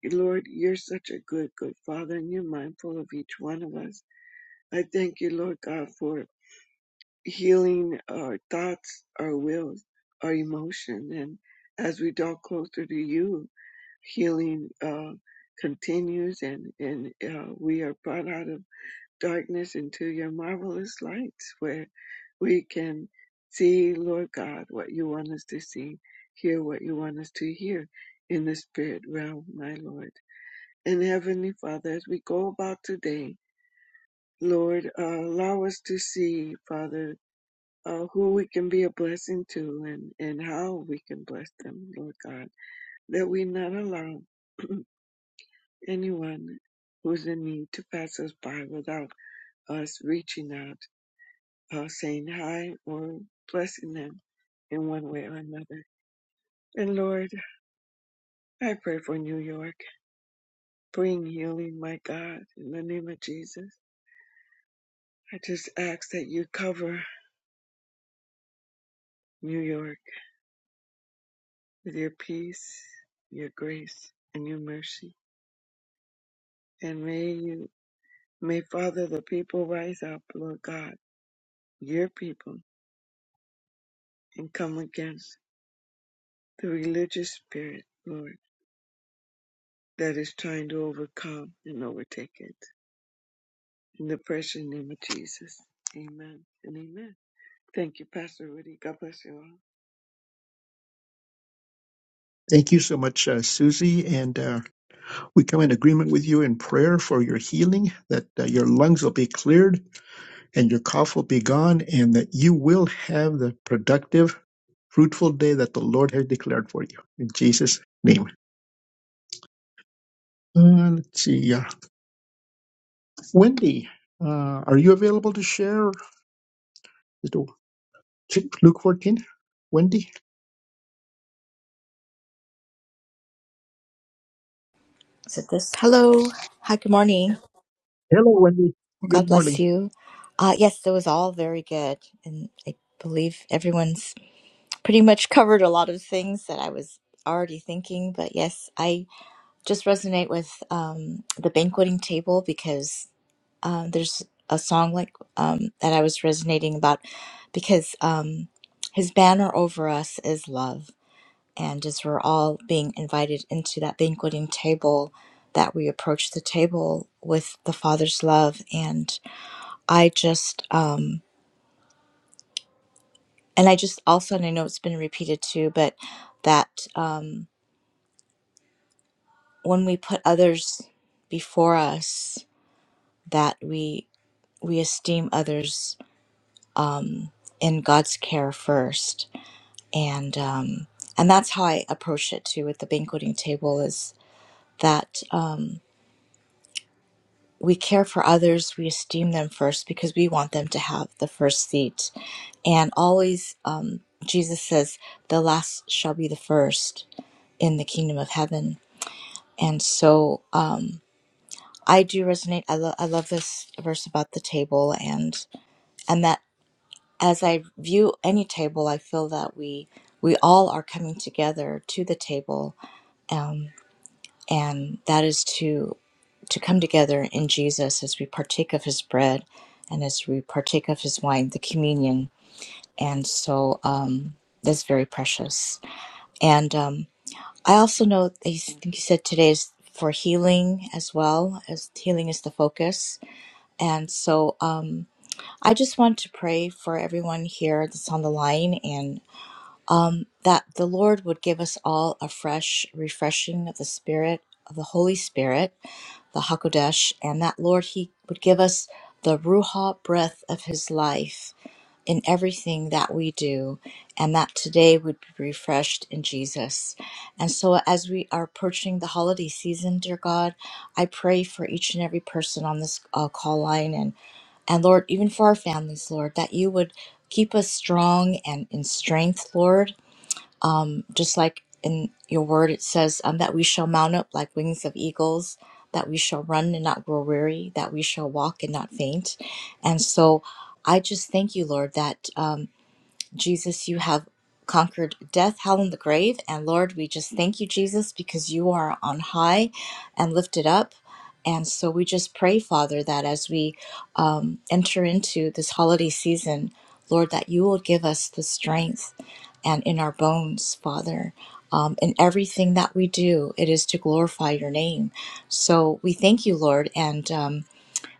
Lord, you're such a good, good Father, and you're mindful of each one of us. I thank you, Lord God, for healing our thoughts, our wills, our emotion. And as we draw closer to you, healing uh, continues and, and uh, we are brought out of darkness into your marvelous lights where we can see, Lord God, what you want us to see, hear what you want us to hear in the spirit realm, my Lord. And Heavenly Father, as we go about today, Lord, uh, allow us to see, Father, uh, who we can be a blessing to and, and how we can bless them, Lord God, that we not allow anyone who's in need to pass us by without us reaching out, uh, saying hi, or blessing them in one way or another. And Lord, I pray for New York. Bring healing, my God, in the name of Jesus. I just ask that you cover New York with your peace, your grace, and your mercy. And may you May, Father, the people rise up, Lord God, your people, and come against the religious spirit, Lord, that is trying to overcome and overtake it. In the precious name of Jesus. Amen and amen. Thank you, Pastor Rudy. God bless you all. Thank you so much, uh, Susie. And uh, we come in agreement with you in prayer for your healing, that uh, your lungs will be cleared and your cough will be gone, and that you will have the productive fruitful day that the Lord has declared for you. In Jesus' name. Uh, let's see. yeah, Wendy, uh, are you available to share the- Luke 14? Wendy? Is it this? Hello. Hi, good morning. Hello, Wendy. Well, God Good bless morning. you. Uh, yes, it was all very good. And I believe everyone's pretty much covered a lot of things that I was already thinking. But yes, I just resonate with um, the banqueting table because uh, there's a song like um, that I was resonating about because um, his banner over us is love and as we're all being invited into that banqueting table, that we approach the table with the Father's love. And I just, um, and I just also, and I know it's been repeated too, but that um, when we put others before us, that we we esteem others in God's care first, and um, and that's how I approach it too with the banqueting table is that um, we care for others, we esteem them first because we want them to have the first seat. And always, um, Jesus says, the last shall be the first in the kingdom of heaven. And so uh, I do resonate. I, lo- I love this verse about the table, and and that as I view any table, I feel that we we all are coming together to the table, um, and that is to to come together in Jesus as we partake of his bread and as we partake of his wine, the communion. And so um, that's very precious. And um, I also know, I think you said today is for healing as well, as healing is the focus. And so um, I just want to pray for everyone here that's on the line and that the Lord would give us all a fresh refreshing of the Spirit, of the Holy Spirit the Hakodesh, and that, Lord, He would give us the Ruha breath of His life in everything that we do, and that today would be refreshed in Jesus. And so, as we are approaching the holiday season, dear God, I pray for each and every person on this uh, call line, and, and Lord, even for our families, Lord, that you would keep us strong and in strength, Lord just like in your word it says um, that we shall mount up like wings of eagles that we shall run and not grow weary that we shall walk and not faint and so i just thank you lord that um, Jesus, you have conquered death, hell, and the grave. And Lord, we just thank you, Jesus, because you are on high and lifted up. And so we just pray, Father, that as we um, enter into this holiday season, Lord, that you will give us the strength and in our bones, Father. Um, in everything that we do, it is to glorify your name. So we thank you, Lord, and um,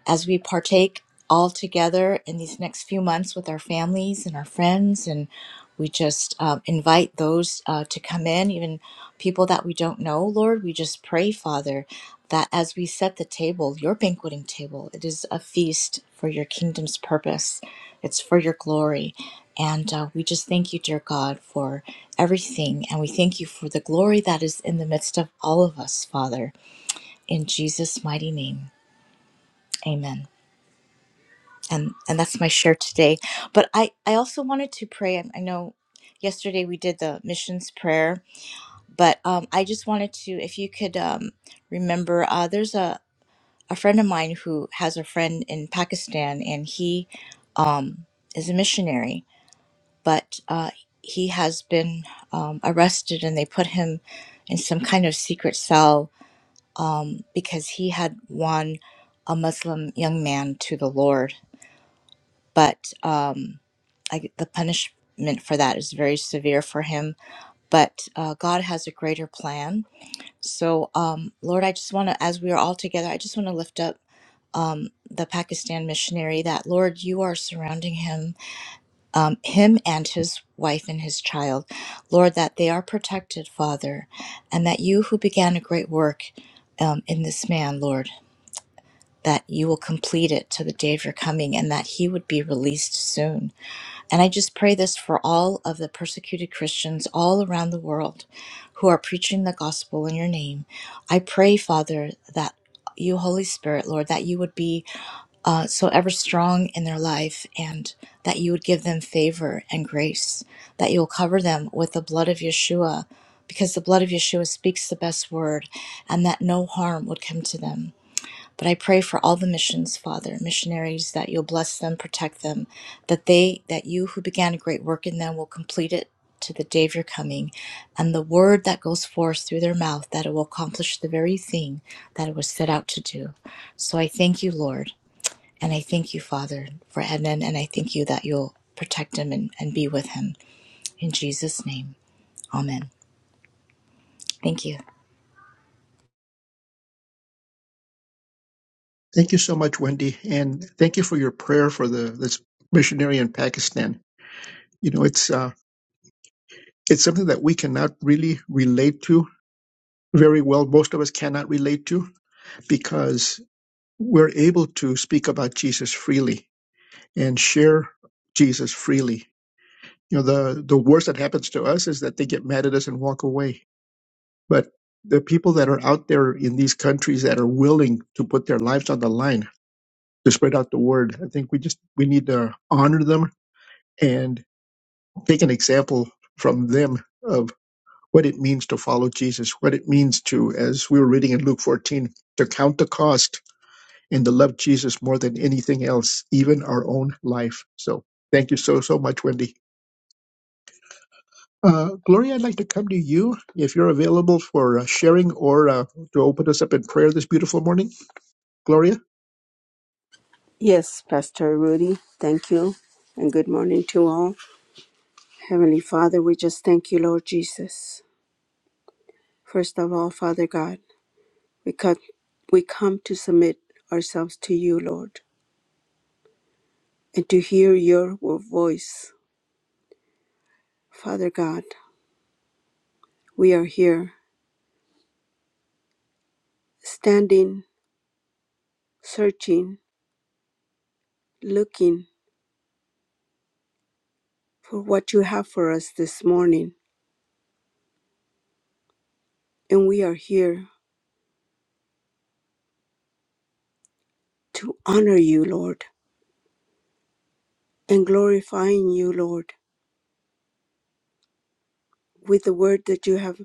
as we partake all together in these next few months with our families and our friends. And we just um, invite those uh, to come in, even people that we don't know, Lord. We just pray, Father, that as we set the table, your banqueting table, it is a feast for your kingdom's purpose, it's for your glory. And uh, we just thank you, dear God, for everything. And we thank you for the glory that is in the midst of all of us, Father. In Jesus' mighty name, amen and and that's my share today but i i also wanted to pray i, I know yesterday we did the missions prayer but um i just wanted to if you could um remember uh there's a a friend of mine who has a friend in pakistan and he um is a missionary but uh he has been um, arrested and they put him in some kind of secret cell um, because he had won a Muslim young man to the Lord. But um, I, the punishment for that is very severe for him. But uh, God has a greater plan. So, um, Lord, I just want to, as we are all together, I just want to lift up um, the Pakistan missionary that, Lord, you are surrounding him, um, him and his wife and his child. Lord, that they are protected, Father, and that you who began a great work um, in this man, Lord, that you will complete it to the day of your coming and that he would be released soon. And I just pray this for all of the persecuted Christians all around the world who are preaching the gospel in your name. I pray, Father, that you, Holy Spirit, Lord, that you would be uh, so ever strong in their life and that you would give them favor and grace, that you'll cover them with the blood of Yeshua, because the blood of Yeshua speaks the best word, and that no harm would come to them. But I pray for all the missions, Father, missionaries, that you'll bless them, protect them, that they, that you who began a great work in them will complete it to the day of your coming, and the word that goes forth through their mouth, that it will accomplish the very thing that it was set out to do. So I thank you, Lord, and I thank you, Father, for Ednan, and I thank you that you'll protect him and, and be with him. In Jesus' name, amen. Thank you. Thank you so much, Wendy. And thank you for your prayer for the this missionary in Pakistan. You know, it's uh, it's something that we cannot really relate to very well. Most of us cannot relate to because we're able to speak about Jesus freely and share Jesus freely you know the the worst that happens to us is that they get mad at us and walk away but the people that are out there in these countries that are willing to put their lives on the line to spread out the word i think we just we need to honor them and take an example from them of what it means to follow jesus what it means to as we were reading in luke 14 to count the cost and to love jesus more than anything else even our own life so thank you so so much wendy Uh, Gloria, I'd like to come to you if you're available for uh, sharing or uh, to open us up in prayer this beautiful morning. Gloria, Yes, Pastor Rudy, thank you, and good morning to all. Heavenly Father, we just thank you, Lord Jesus. First of all, Father God. We come, we come to submit ourselves to you, Lord, and to hear your voice. Father God, we are here standing, searching, looking for what you have for us this morning. And we are here to honor you, Lord, and glorifying you, Lord, with the word that you have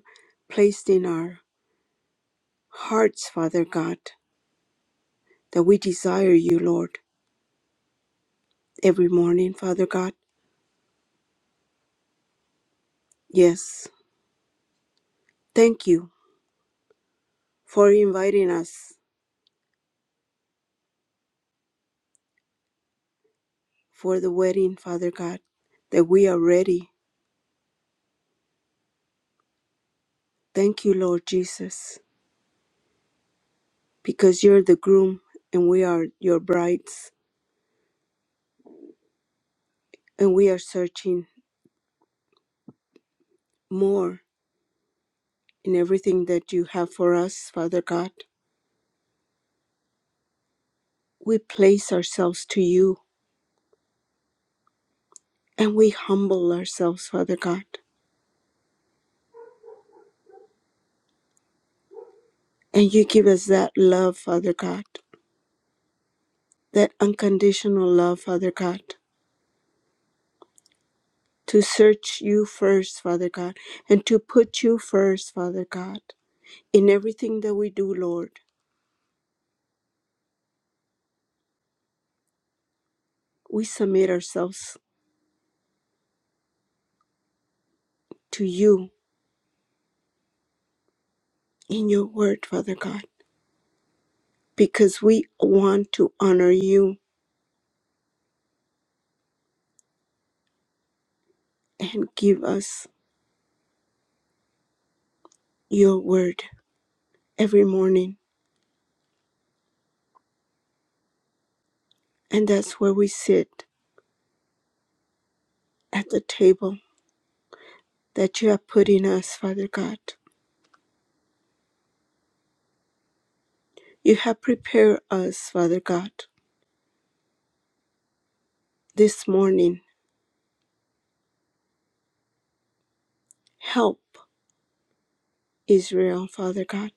placed in our hearts, Father God, that we desire you, Lord, every morning, Father God. Yes, thank you for inviting us for the wedding, Father God, that we are ready. Thank you, Lord Jesus, because you're the groom and we are your brides, and we are searching more in everything that you have for us, Father God. We place ourselves to you and we humble ourselves, Father God. And you give us that love, Father God, that unconditional love, Father God, to search you first, Father God, and to put you first, Father God In everything that we do, Lord, we submit ourselves to you in your word, Father God, because we want to honor you and give us your word every morning. And that's where we sit at the table that you have put in us, Father God. You have prepared us, Father God, this morning. Help Israel, Father God.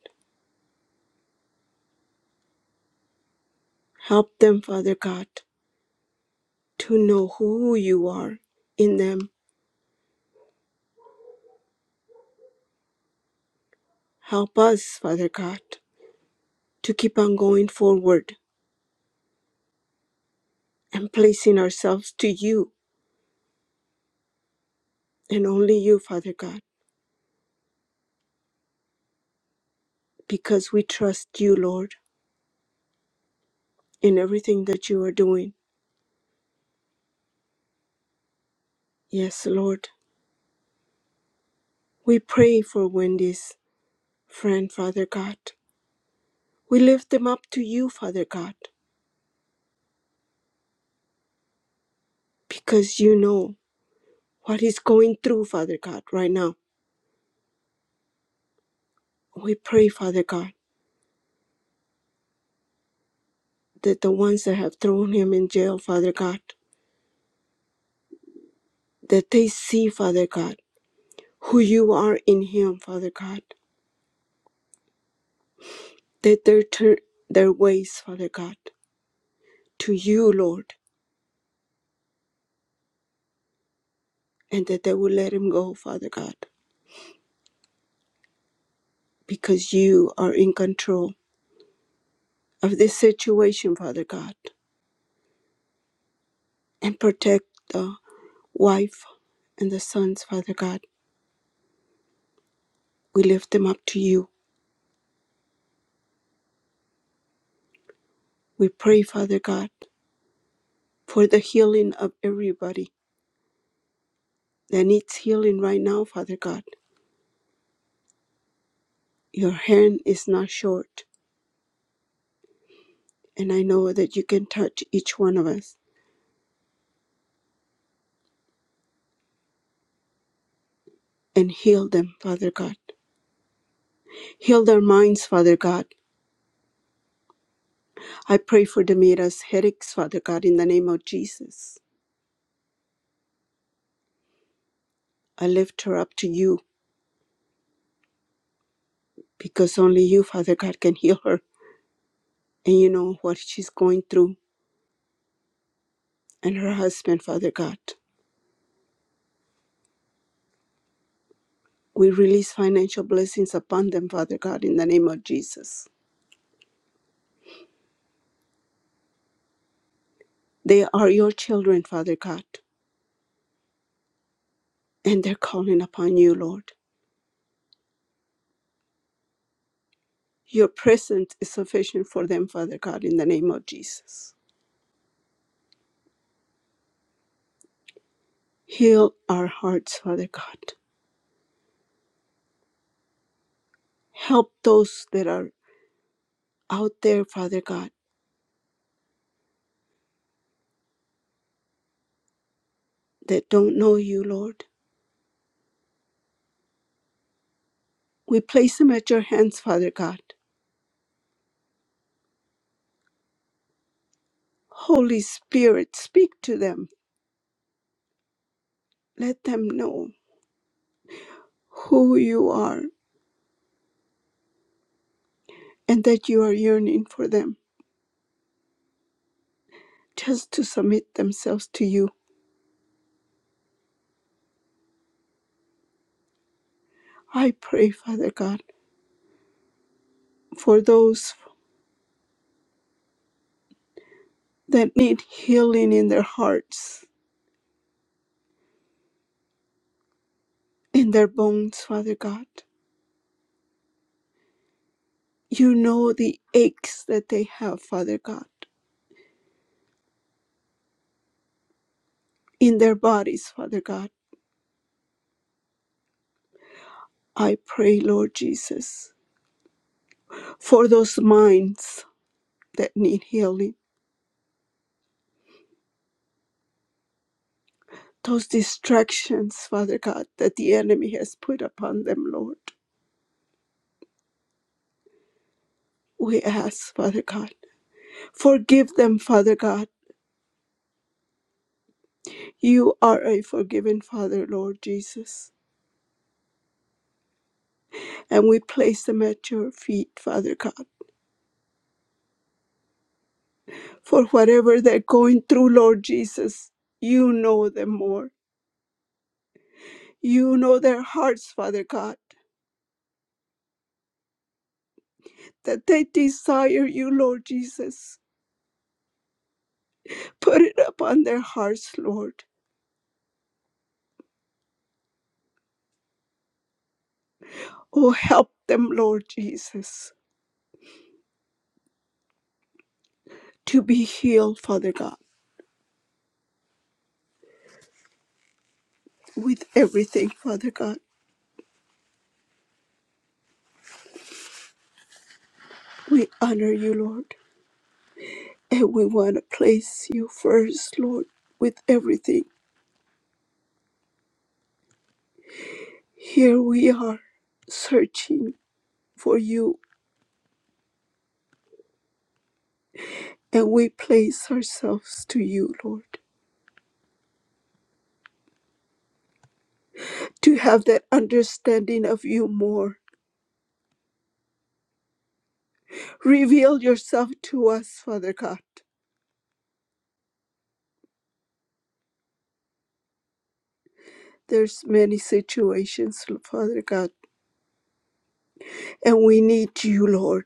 Help them, Father God, to know who you are in them. Help us, Father God to keep on going forward and placing ourselves to you and only you, Father God, because we trust you, Lord, in everything that you are doing. Yes, Lord. We pray for Wendy's friend, Father God. We lift them up to you, Father God, because you know what he's going through, Father God, right now. We pray, Father God, that the ones that have thrown him in jail, Father God, that they see, Father God, who you are in him, Father God that they turn their ways, Father God, to you, Lord, and that they will let him go, Father God, because you are in control of this situation, Father God, and protect the wife and the sons, Father God. We lift them up to you. We pray, Father God, for the healing of everybody that needs healing right now, Father God. Your hand is not short, and I know that you can touch each one of us and heal them, Father God. Heal their minds, Father God. I pray for Demira's headaches, Father God, in the name of Jesus. I lift her up to you because only you, Father God, can heal her. And you know what she's going through and her husband, Father God. We release financial blessings upon them, Father God, in the name of Jesus. They are your children, Father God, and they're calling upon you, Lord. Your presence is sufficient for them, Father God, in the name of Jesus. Heal our hearts, Father God. Help those that are out there, Father God, that don't know you, Lord. We place them at your hands, Father God. Holy Spirit, speak to them. Let them know who you are and that you are yearning for them just to submit themselves to you. I pray, Father God, for those that need healing in their hearts, in their bones, Father God. You know the aches that they have, Father God, in their bodies, Father God. I pray, Lord Jesus for those minds that need healing, those distractions, Father God, that the enemy has put upon them, Lord. We ask, Father God, forgive them, Father God. You are a forgiving Father, Lord Jesus. And we place them at your feet, Father God, for whatever they're going through, Lord Jesus. You know them more. You know their hearts, Father God, that they desire you, Lord Jesus. Put it upon their hearts, Lord Oh, help them, Lord Jesus, to be healed, Father God, with everything, Father God. We honor you, Lord, and we want to place you first, Lord, with everything. Here we are searching for you, and we place ourselves to you, Lord, to have that understanding of you more. Reveal yourself to us, Father God. There's many situations, Father God, and we need you, Lord.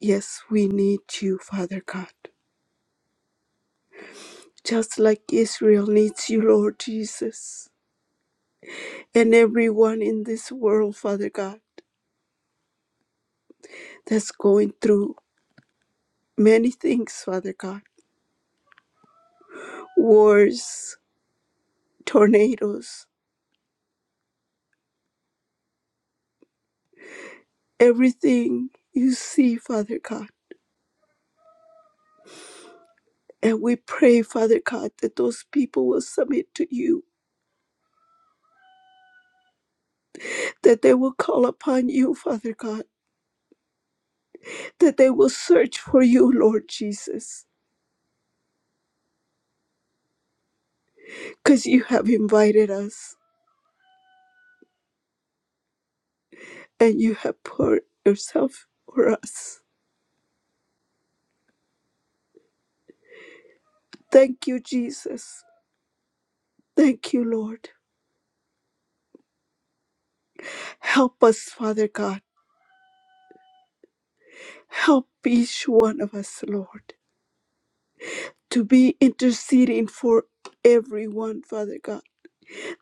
Yes, we need you, Father God, just like Israel needs you, Lord Jesus, and everyone in this world, Father God, that's going through many things, Father God wars, tornadoes, everything you see, Father God. And we pray, Father God, that those people will submit to you, that they will call upon you, Father God, that they will search for you, Lord Jesus, because you have invited us. and you have poured yourself for us. Thank you, Jesus. Thank you, Lord. Help us, Father God. Help each one of us, Lord, to be interceding for everyone, Father God,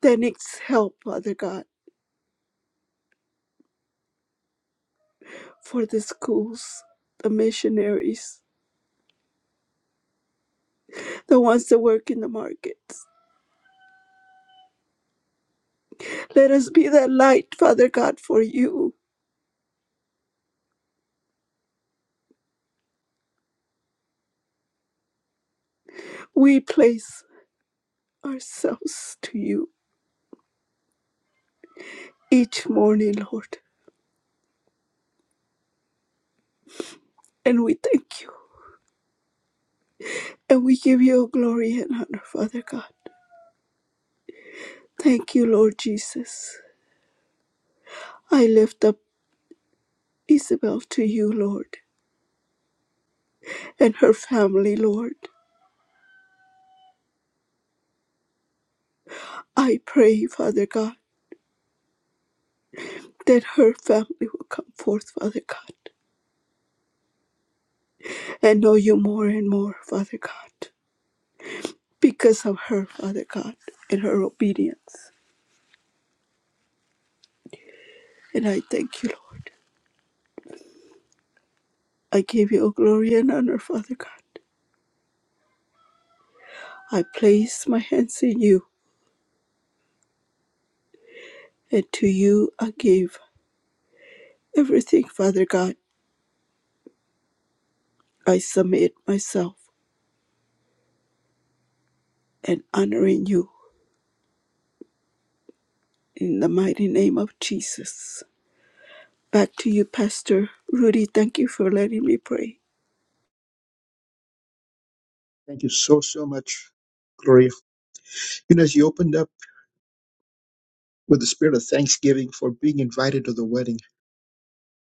that needs help, Father God, for the schools, the missionaries, the ones that work in the markets. Let us be that light, Father God, for you. We place ourselves to you each morning, Lord, and we thank you. And we give you glory and honor, Father God. Thank you, Lord Jesus. I lift up Isabel to you, Lord, and her family, Lord. I pray, Father God, that her family will come forth, Father God, and know you more and more, Father God, because of her, Father God, and her obedience. And I thank you, Lord. I give you glory and honor, Father God. I place my hands in you, and to you I give everything, Father God I submit myself and honoring you in the mighty name of Jesus. Back to you, Pastor Rudy. Thank you for letting me pray. thank you so, so much, Gloria. And as you opened up with the spirit of thanksgiving for being invited to the wedding,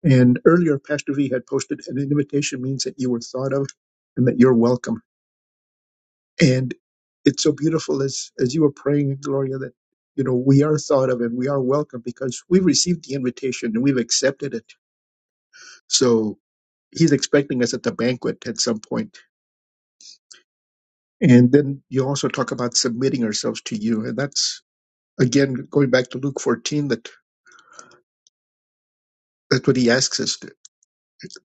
and earlier Pastor V had posted an invitation means that you were thought of and that you're welcome. And it's so beautiful as, as you were praying, Gloria, that you know we are thought of and we are welcome because we've received the invitation and we've accepted it. So he's expecting us at the banquet at some point. And then you also talk about submitting ourselves to you. And that's, again, going back to Luke 14, that, that's what he asks us to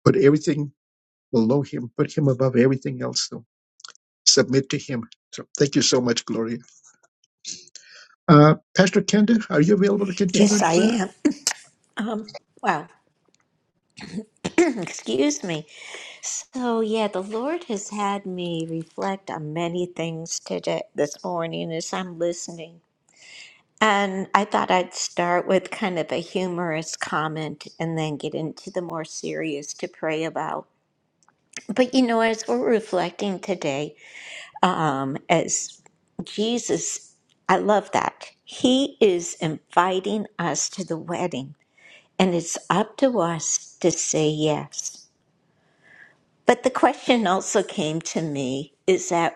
put everything below him, put him above everything else, though. Submit to him. So thank you so much, Gloria. Uh, Pastor Kenda, are you available to continue Yes, in I prayer? am. Um, wow. Excuse me. So yeah, the Lord has had me reflect on many things today this morning as I'm listening. And I thought I'd start with kind of a humorous comment and then get into the more serious to pray about. But you know, as we're reflecting today, um, as Jesus, I love that. He is inviting us to the wedding, and it's up to us to say yes. But the question also came to me is that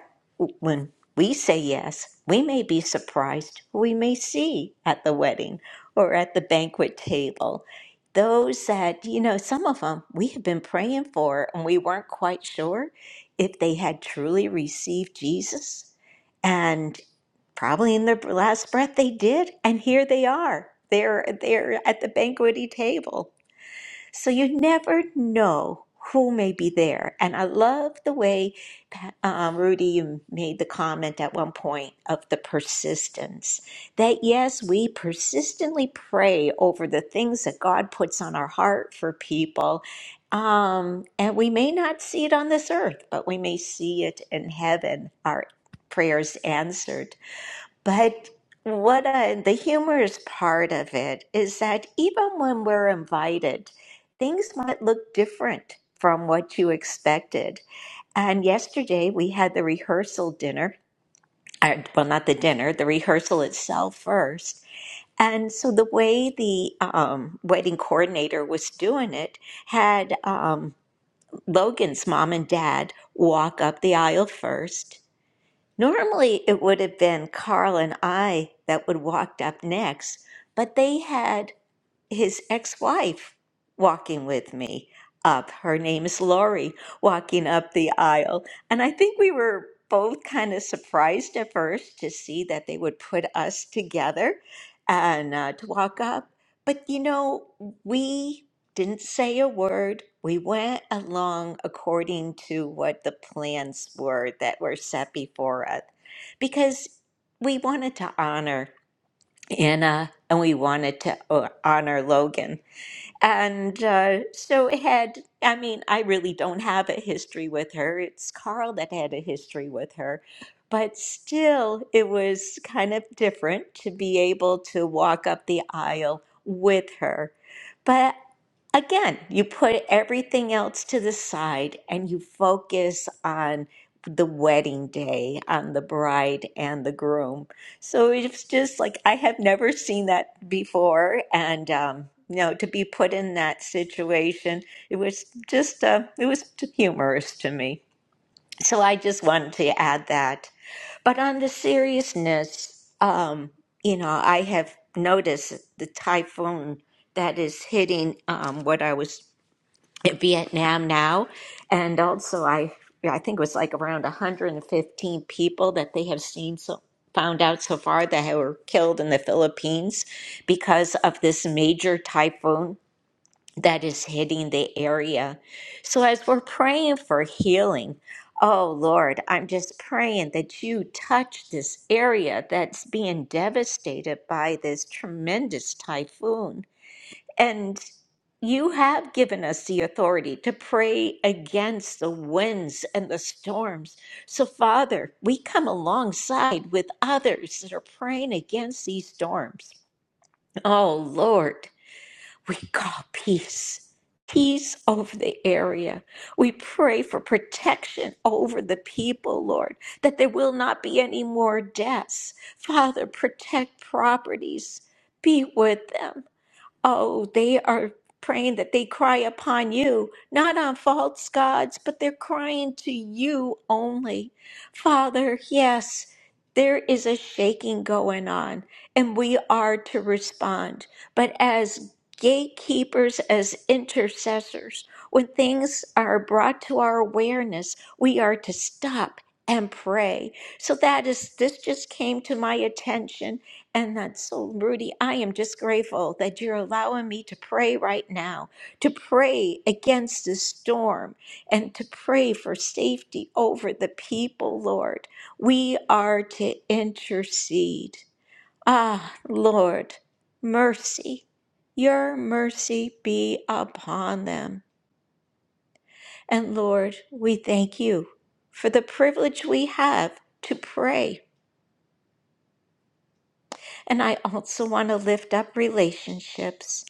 when we say yes, we may be surprised, who we may see at the wedding or at the banquet table those that, you know, some of them we have been praying for and we weren't quite sure if they had truly received Jesus. And probably in their last breath they did. And here they are. They're, they're at the banqueting table. So you never know who may be there. And I love the way, Pa- um, Rudy, you made the comment at one point of the persistence. That yes, we persistently pray over the things that God puts on our heart for people. Um, and we may not see it on this earth, but we may see it in heaven, our prayers answered. But what I, the humorous part of it is that even when we're invited, things might look different from what you expected. And yesterday we had the rehearsal dinner, uh, well, not the dinner, the rehearsal itself first. And so the way the um, wedding coordinator was doing it had um, Logan's mom and dad walk up the aisle first Normally, it would have been Carl and I that would walked up next, but they had his ex-wife walking with me up. Her name is Lori, walking up the aisle. And I think we were both kind of surprised at first to see that they would put us together and uh, to walk up. But you know, we didn't say a word. We went along according to what the plans were that were set before us because we wanted to honor and uh, and we wanted to uh, honor Logan. And uh, so it had, I mean, I really don't have a history with her. It's Carl that had a history with her. But still, it was kind of different to be able to walk up the aisle with her. But again, you put everything else to the side and you focus on the wedding day, on the bride and the groom so it's just like I have never seen that before, and um, you know, to be put in that situation, it was just uh, it was humorous to me. So I just wanted to add that. But on the seriousness, um, you know, I have noticed the typhoon that is hitting um, what I was in Vietnam now, and also I I think it was like around 115 people that they have seen so found out so far that were killed in the Philippines because of this major typhoon that is hitting the area. So as we're praying for healing, oh Lord, I'm just praying that you touch this area that's being devastated by this tremendous typhoon. And you have given us the authority to pray against the winds and the storms. So, Father, we come alongside with others that are praying against these storms. Oh, Lord, we call peace, peace over the area. We pray for protection over the people, Lord, that there will not be any more deaths. Father, protect properties, be with them. Oh, they are praying that they cry upon you, not on false gods, but they're crying to you only. Father, yes, there is a shaking going on, and we are to respond. But as gatekeepers, as intercessors, when things are brought to our awareness, we are to stop and pray. So that is, this just came to my attention and that's so, Rudy. I am just grateful that you're allowing me to pray right now, to pray against this storm and to pray for safety over the people, Lord. We are to intercede. Ah, Lord, mercy. Your mercy be upon them. And Lord, we thank you for the privilege we have to pray And I also want to lift up relationships.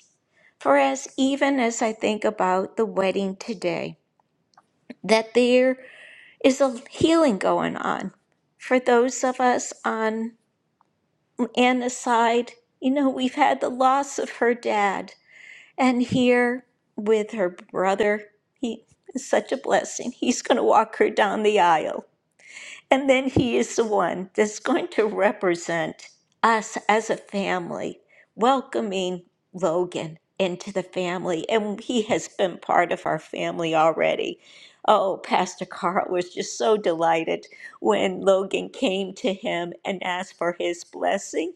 For as even as I think about the wedding today, that there is a healing going on. For those of us on Anna's side, you know, we've had the loss of her dad, and here with her brother, he is such a blessing. He's going to walk her down the aisle And then he is the one that's going to represent us as a family, welcoming Logan into the family. And he has been part of our family already. Oh, Pastor Carl was just so delighted when Logan came to him and asked for his blessing.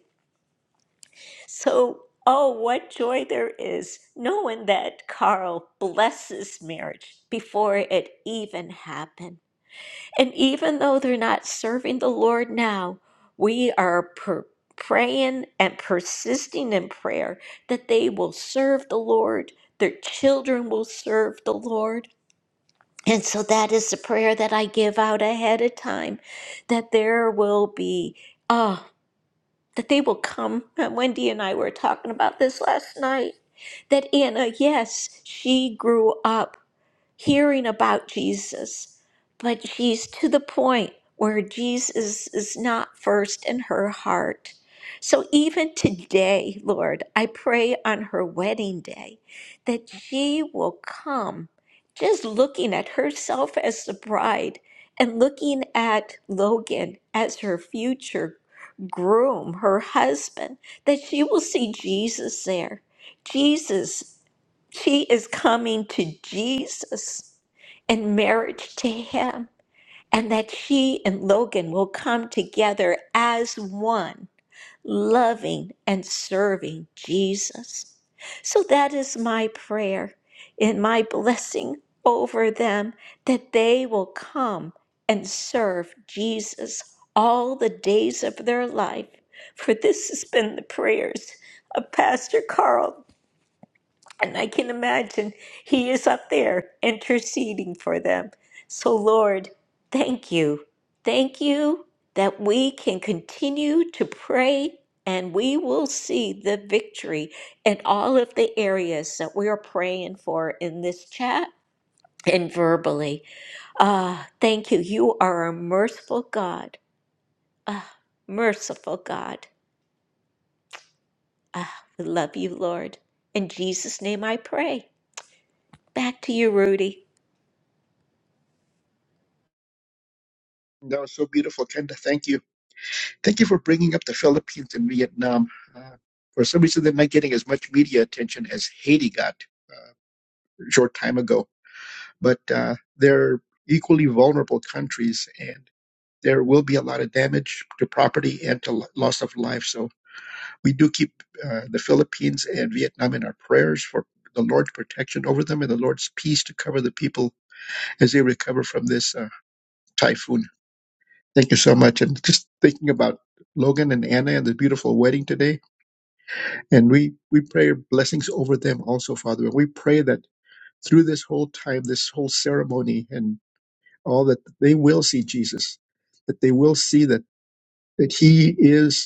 So, oh, what joy there is knowing that Carl blesses marriage before it even happened. And even though they're not serving the Lord now, we are per- praying and persisting in prayer that they will serve the Lord, their children will serve the Lord. And so that is the prayer that I give out ahead of time that there will be, uh, that they will come. And Wendy and I were talking about this last night that Anna, yes, she grew up hearing about Jesus, but she's to the point where Jesus is not first in her heart. So even today, Lord, I pray on her wedding day that she will come just looking at herself as the bride and looking at Logan as her future groom, her husband, that she will see Jesus there. Jesus she is coming to Jesus in marriage to him, and that she and Logan will come together as one, loving and serving Jesus. So that is my prayer and my blessing over them that they will come and serve Jesus all the days of their life. For this has been the prayers of Pastor Carl and I can imagine he is up there interceding for them. So, Lord, thank you. Thank you that we can continue to pray and we will see the victory in all of the areas that we are praying for in this chat and verbally. Ah, thank you. You are a merciful God. Ah, merciful God. Ah, we love you, Lord. In Jesus' name I pray. Back to you, Rudy. That was so beautiful, Kenda. Thank you. Thank you for bringing up the Philippines and Vietnam. Uh, for some reason, they're not getting as much media attention as Haiti got a short time ago, but uh, they're equally vulnerable countries. and. there will be a lot of damage to property and to loss of life. So we do keep uh, the Philippines and Vietnam in our prayers for the Lord's protection over them and the Lord's peace to cover the people as they recover from this uh, typhoon. Thank you so much. And just thinking about Logan and Anna and the beautiful wedding today, and we we pray blessings over them also, Father. And we pray that through this whole time, this whole ceremony, and all that they will see Jesus, that they will see that that He is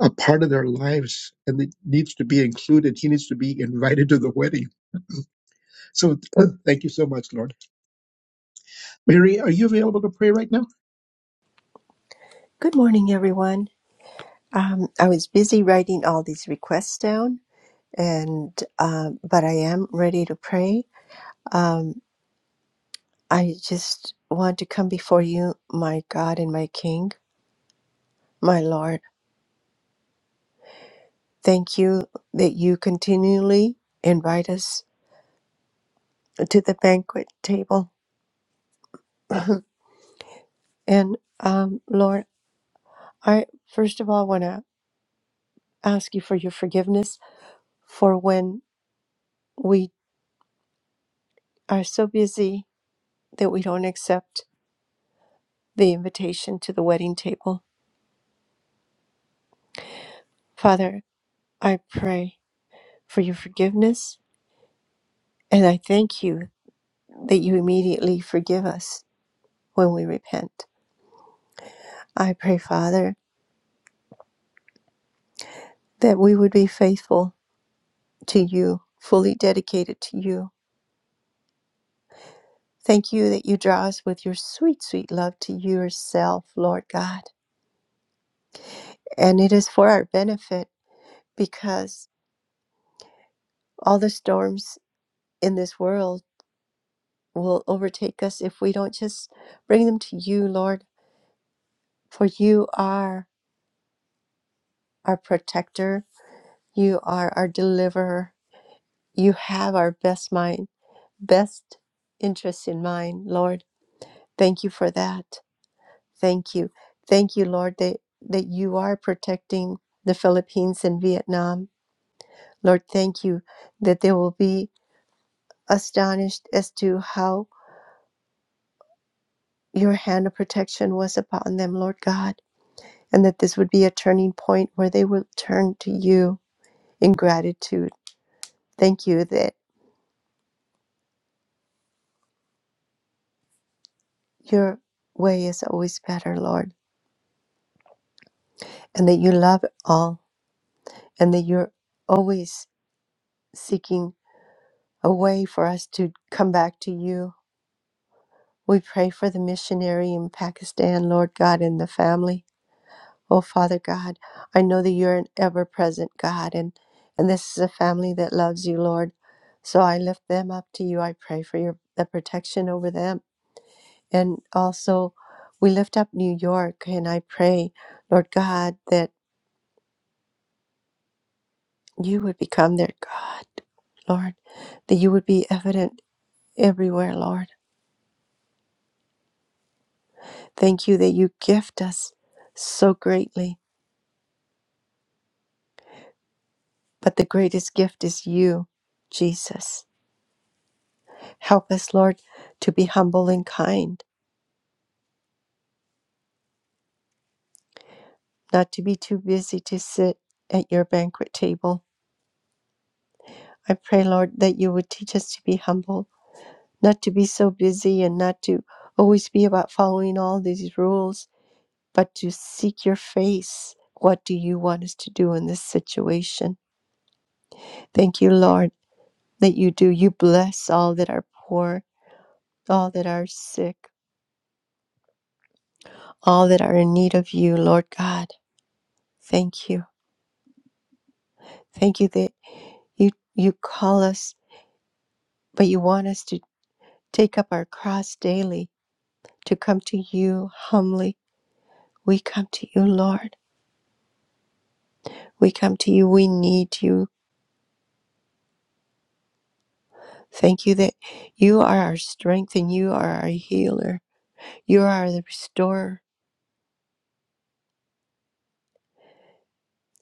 a part of their lives and it needs to be included. He needs to be invited to the wedding. So uh, thank you so much, Lord. Mary, are you available to pray right now? Good morning, everyone. Um, I was busy writing all these requests down, and um, but I am ready to pray. Um, I just want to come before you, my God and my King, my Lord. Thank you that you continually invite us to the banquet table. And um, Lord, I first of all want to ask you for your forgiveness for when we are so busy that we don't accept the invitation to the wedding table. Father, I pray for your forgiveness, and I thank you that you immediately forgive us when we repent. I pray, Father, that we would be faithful to you, fully dedicated to you. Thank you that you draw us with your sweet, sweet love to yourself, Lord God. And it is for our benefit because all the storms in this world will overtake us if we don't just bring them to you, Lord For you are our protector, you are our deliverer, you have our best mind, best interests in mind, Lord. Thank you for that. Thank you. Thank you, Lord, that, that you are protecting the Philippines and Vietnam. Lord, thank you that they will be astonished as to how your hand of protection was upon them, Lord God, and that this would be a turning point where they will turn to you in gratitude. Thank you that. your way is always better, Lord, and that you love all, and that you're always seeking a way for us to come back to you. We pray for the missionary in Pakistan, Lord God, and the family. Oh, Father God, I know that you're an ever present God, and, and this is a family that loves you, Lord. So I lift them up to you. I pray for your the protection over them. And also, we lift up New York, and I pray, Lord God, that. you would become their God, Lord, that you would be evident everywhere, Lord. Thank you that you gift us so greatly, but the greatest gift is you, Jesus. Help us, Lord, to be humble and kind, not to be too busy to sit at your banquet table. I pray, Lord, that you would teach us to be humble, not to be so busy and not to always be about following all these rules but to seek your face. What do you want us to do in this situation? Thank you, Lord, that you do. You bless all that are poor, all that are sick, all that are in need of you, Lord God. Thank you. Thank you that you, you call us, but you want us to take up our cross daily, to come to you humbly. We come to you, Lord. We come to you. We need you. Thank you that you are our strength and you are our healer. You are the restorer.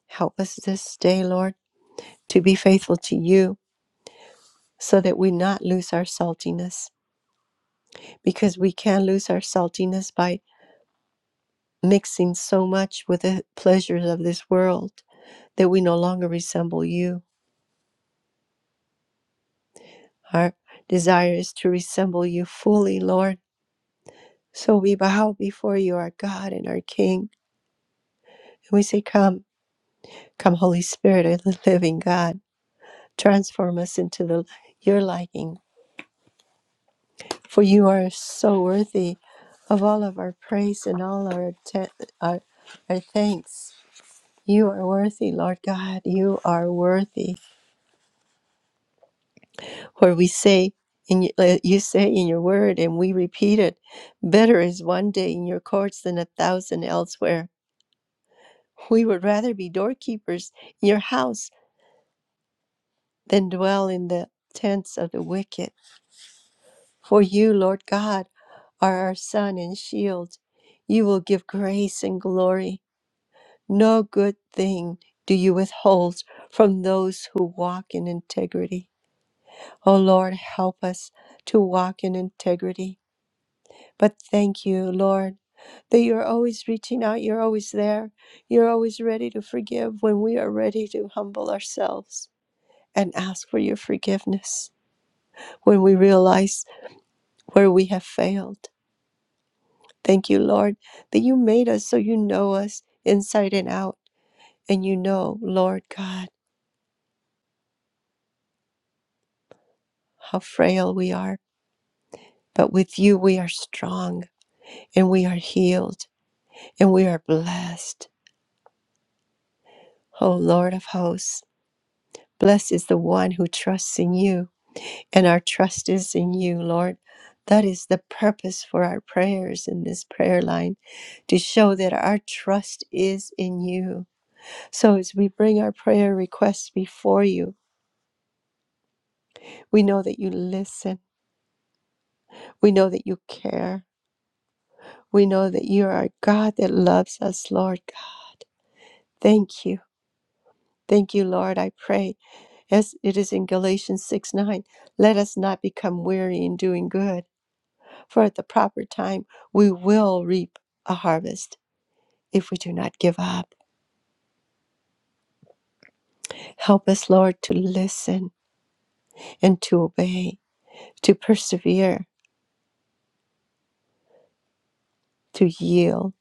Help us this day, Lord, to be faithful to you so that we not lose our saltiness because we can lose our saltiness by mixing so much with the pleasures of this world that we no longer resemble you. Our desire is to resemble you fully, Lord. So we bow before you, our God and our King. And we say, Come, come, Holy Spirit of the living God, transform us into the, your liking for you are so worthy of all of our praise and all our, te- our our thanks. You are worthy, Lord God. You are worthy. Where we say, in y- uh, you say in your word, and we repeat it, better is one day in your courts than a thousand elsewhere. We would rather be doorkeepers in your house than dwell in the tents of the wicked. For you, Lord God, are our sun and shield. You will give grace and glory. No good thing do you withhold from those who walk in integrity. O Lord, help us to walk in integrity. But thank you, Lord, that you're always reaching out, you're always there, you're always ready to forgive when we are ready to humble ourselves and ask for your forgiveness when we realize where we have failed. Thank you, Lord, that you made us so you know us inside and out, and you know, Lord God, how frail we are But with you, we are strong and we are healed and we are blessed. O Lord of hosts, blessed is the one who trusts in you, and our trust is in you, Lord. That is the purpose for our prayers in this prayer line to show that our trust is in you. So as we bring our prayer requests before you, we know that you listen, we know that you care, we know that you are a God that loves us, Lord God. Thank you. Thank you, Lord. I pray, as it is in Galatians 6 9, let us not become weary in doing good, for at the proper time we will reap a harvest if we do not give up. Help us, Lord, to listen and to obey, to persevere, to yield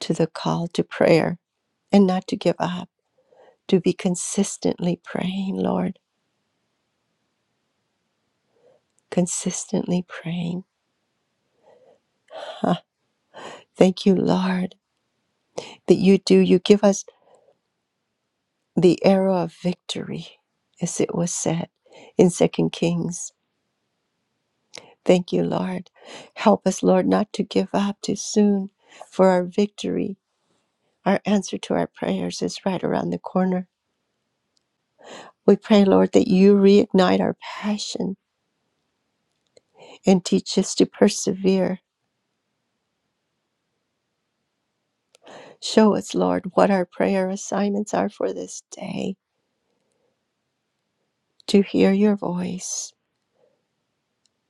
to the call to prayer, and not to give up, to be consistently praying, Lord, consistently praying. Ah, Thank you, Lord, that you do. You give us. the arrow of victory, as it was said in Second Kings. Thank you, Lord. Help us, Lord, not to give up too soon, for our victory, our answer to our prayers is right around the corner. We pray, Lord, that you reignite our passion and teach us to persevere. Show us, Lord, what our prayer assignments are for this day, to hear your voice,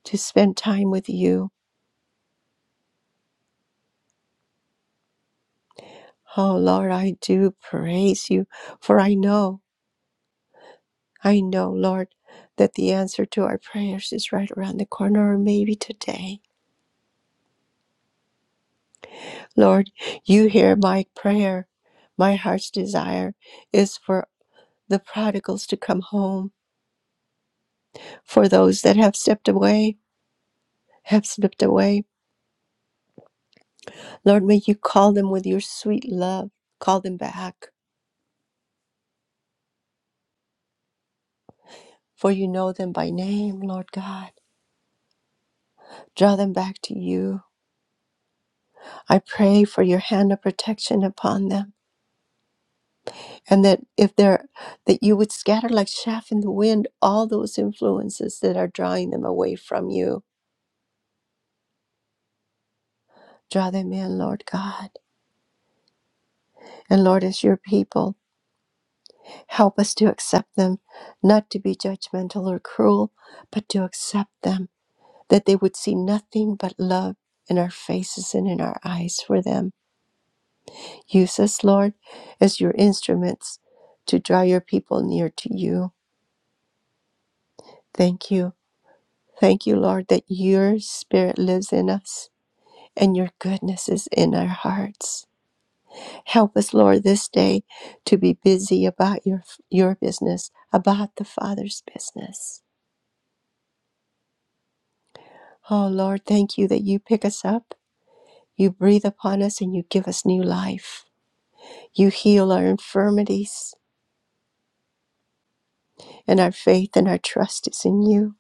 to spend time with you. Oh, Lord, I do praise you, for I know. I know, Lord, that the answer to our prayers is right around the corner, or maybe today. Lord, you hear my prayer. My heart's desire is for the prodigals to come home, for those that have stepped away, have slipped away. Lord, may you call them with your sweet love. Call them back, for you know them by name, Lord God. Draw them back to you. I pray for your hand of protection upon them. and that if there that you would scatter like chaff in the wind all those influences that are drawing them away from you draw them in lord god and lord as your people help us to accept them not to be judgmental or cruel but to accept them that they would see nothing but love in our faces and in our eyes for them use us lord as your instruments to draw your people near to you thank you thank you lord that your spirit lives in us and your goodness is in our hearts. Help us, Lord, this day to be busy about your your business, about the Father's business. Oh Lord, thank you that you pick us up, you breathe upon us and you give us new life. You heal our infirmities, and our faith and our trust is in you.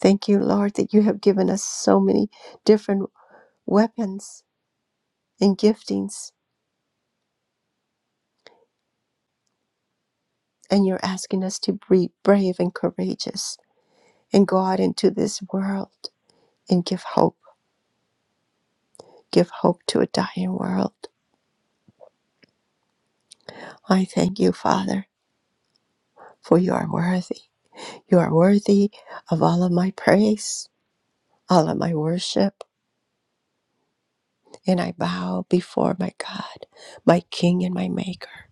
Thank you, Lord, that you have given us so many different weapons and giftings, and you're asking us to be brave and courageous and go out into this world and give hope. Give hope to a dying world. I thank you, Father, for you are worthy. You are worthy of all of my praise, all of my worship, and I bow before my God, my King and my Maker.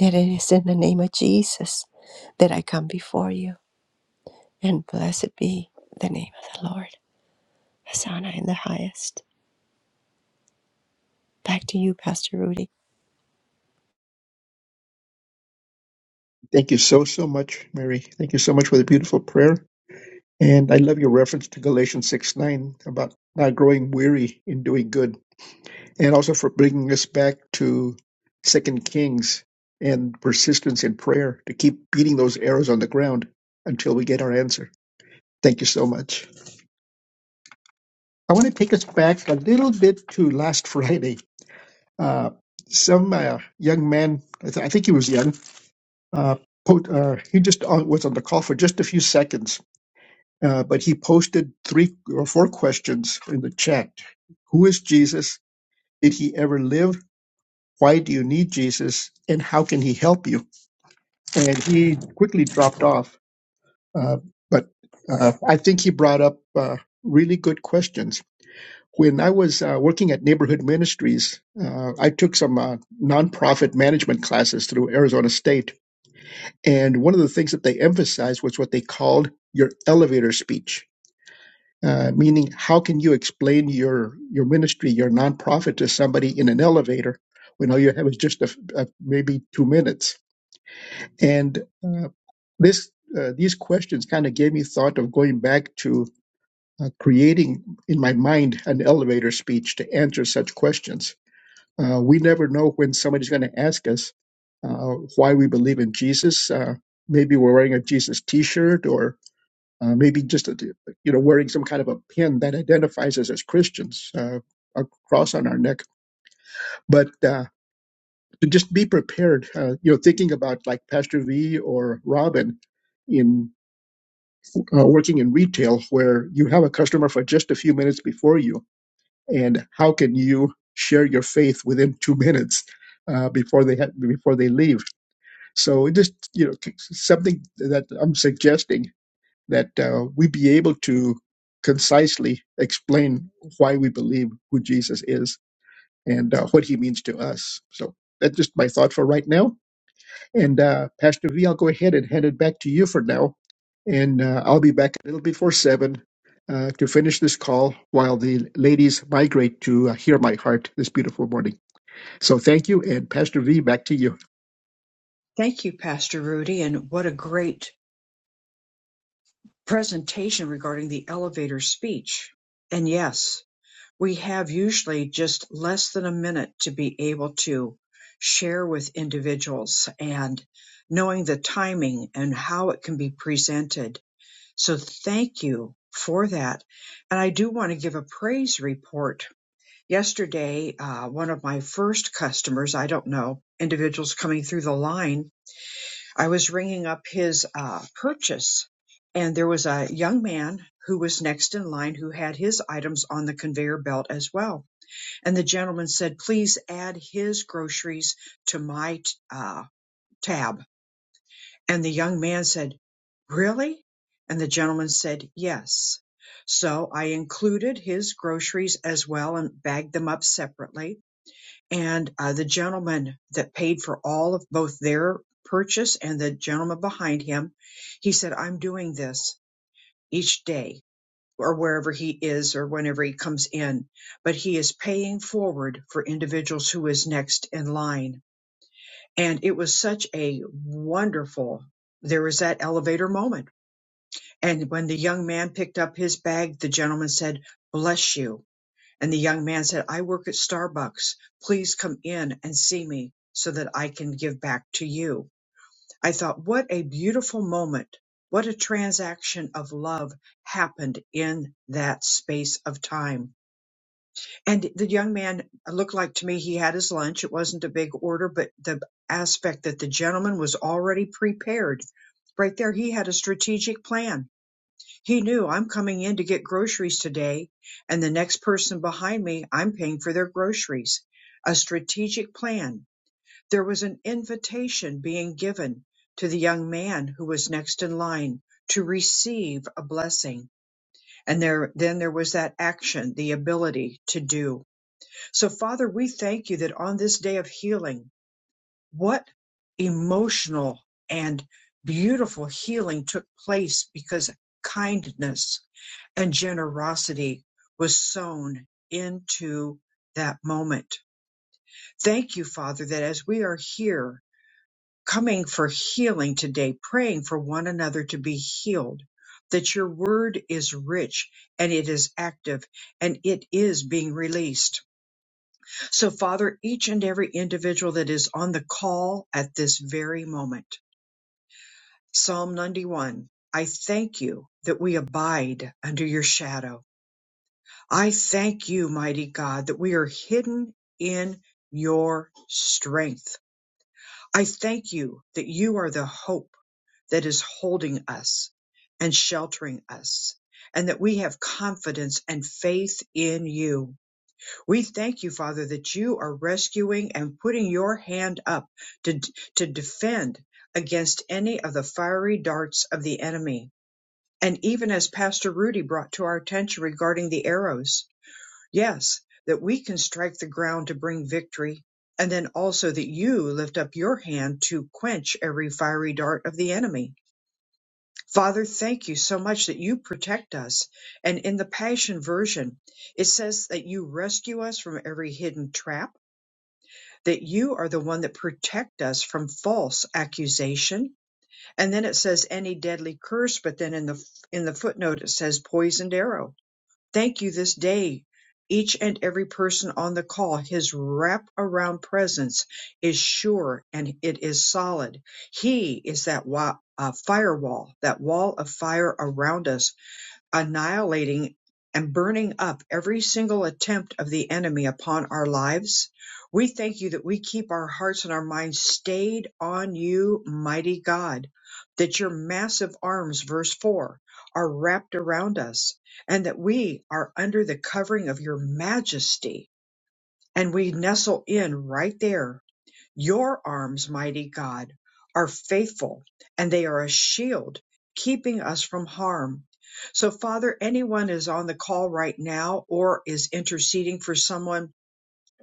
And it is in the name of Jesus that I come before you, and blessed be the name of the Lord. Hosanna in the highest. Back to you, Pastor Rudy. Thank you so, so much, Mary. Thank you so much for the beautiful prayer. And I love your reference to Galatians 6 9 about not growing weary in doing good. and also for bringing us back to Second Kings and persistence in prayer to keep beating those arrows on the ground until we get our answer. Thank you so much. I want to take us back a little bit to last Friday. Uh, some uh, young man, I, th- I think he was young, uh, po- uh, he just on, was on the call for just a few seconds, uh, but he posted three or four questions in the chat. Who is Jesus? Did he ever live? why do you need Jesus and how can he help you? And he quickly dropped off. Uh, but uh, I think he brought up uh, really good questions. When I was uh, working at Neighborhood Ministries, uh, I took some uh, nonprofit management classes through Arizona State. And one of the things that they emphasized was what they called your elevator speech. Uh, meaning, how can you explain your your ministry, your nonprofit, to somebody in an elevator when all you have is just a, a, maybe two minutes? And uh, this uh, these questions kind of gave me thought of going back to uh, creating in my mind an elevator speech to answer such questions. Uh, we never know when somebody's going to ask us uh, why we believe in Jesus. Uh, maybe we're wearing a Jesus T-shirt, or uh, maybe just a, you know wearing some kind of a pin that identifies us as Christians, uh, a cross on our neck. But uh, to just be prepared, uh, you know, thinking about like Pastor V or Robin, in. uh, working in retail where you have a customer for just a few minutes before you, and how can you share your faith within two minutes uh, before they ha- before they leave? So it just you know something that I'm suggesting that uh, we be able to concisely explain why we believe who Jesus is and uh, what he means to us. So that's just my thought for right now. And uh, Pastor V, I'll go ahead and hand it back to you for now. And uh, I'll be back a little before seven uh, to finish this call while the ladies migrate to uh, hear my heart this beautiful morning. So thank you. And Pastor V, back to you. Thank you, Pastor Rudy. And what a great presentation regarding the elevator speech. And yes, we have usually just less than a minute to be able to share with individuals and knowing the timing and how it can be presented. So thank you for that. And I do want to give a praise report. Yesterday, uh, one of my first customers, I don't know, individuals coming through the line, I was ringing up his uh, purchase and there was a young man who was next in line who had his items on the conveyor belt as well and the gentleman said, please add his groceries to my uh, tab. And the young man said, really? And the gentleman said, yes. So I included his groceries as well and bagged them up separately. And uh, the gentleman that paid for all of both their purchase and the gentleman behind him, he said, I'm doing this each day or wherever he is or whenever he comes in, but he is paying forward for individuals who is next in line. And it was such a wonderful, there was that elevator moment. And when the young man picked up his bag, the gentleman said, bless you. And the young man said, I work at Starbucks. Please come in and see me so that I can give back to you. I thought, what a beautiful moment. What a transaction of love happened in that space of time And the young man looked like to me he had his lunch. It wasn't a big order, but the aspect that the gentleman was already prepared right there, he had a strategic plan. He knew I'm coming in to get groceries today, and the next person behind me, I'm paying for their groceries. A strategic plan. There was an invitation being given to the young man who was next in line to receive a blessing. And there, then there was that action, the ability to do. So, Father, we thank you that on this day of healing, what emotional and beautiful healing took place because kindness and generosity was sown into that moment. Thank you, Father, that as we are here coming for healing today, praying for one another to be healed, that your word is rich and it is active and it is being released. So, Father, each and every individual that is on the call at this very moment, Psalm 91, I thank you that we abide under your shadow. I thank you, mighty God, that we are hidden in your strength. I thank you that you are the hope that is holding us and sheltering us, and that we have confidence and faith in you. We thank you, Father, that you are rescuing and putting your hand up to, to defend against any of the fiery darts of the enemy. And even as Pastor Rudy brought to our attention regarding the arrows, yes, that we can strike the ground to bring victory. And then also that you lift up your hand to quench every fiery dart of the enemy. Father, thank you so much that you protect us. And in the Passion Version, it says that you rescue us from every hidden trap that you are the one that protect us from false accusation and then it says any deadly curse but then in the in the footnote it says poisoned arrow thank you this day each and every person on the call his wrap around presence is sure and it is solid he is that wa- uh, firewall that wall of fire around us annihilating and burning up every single attempt of the enemy upon our lives. We thank you that we keep our hearts and our minds stayed on you, mighty God, that your massive arms, verse 4, are wrapped around us, and that we are under the covering of your majesty, and we nestle in right there your arms, mighty God, are faithful and they are a shield keeping us from harm. So, Father, anyone is on the call right now or is interceding for someone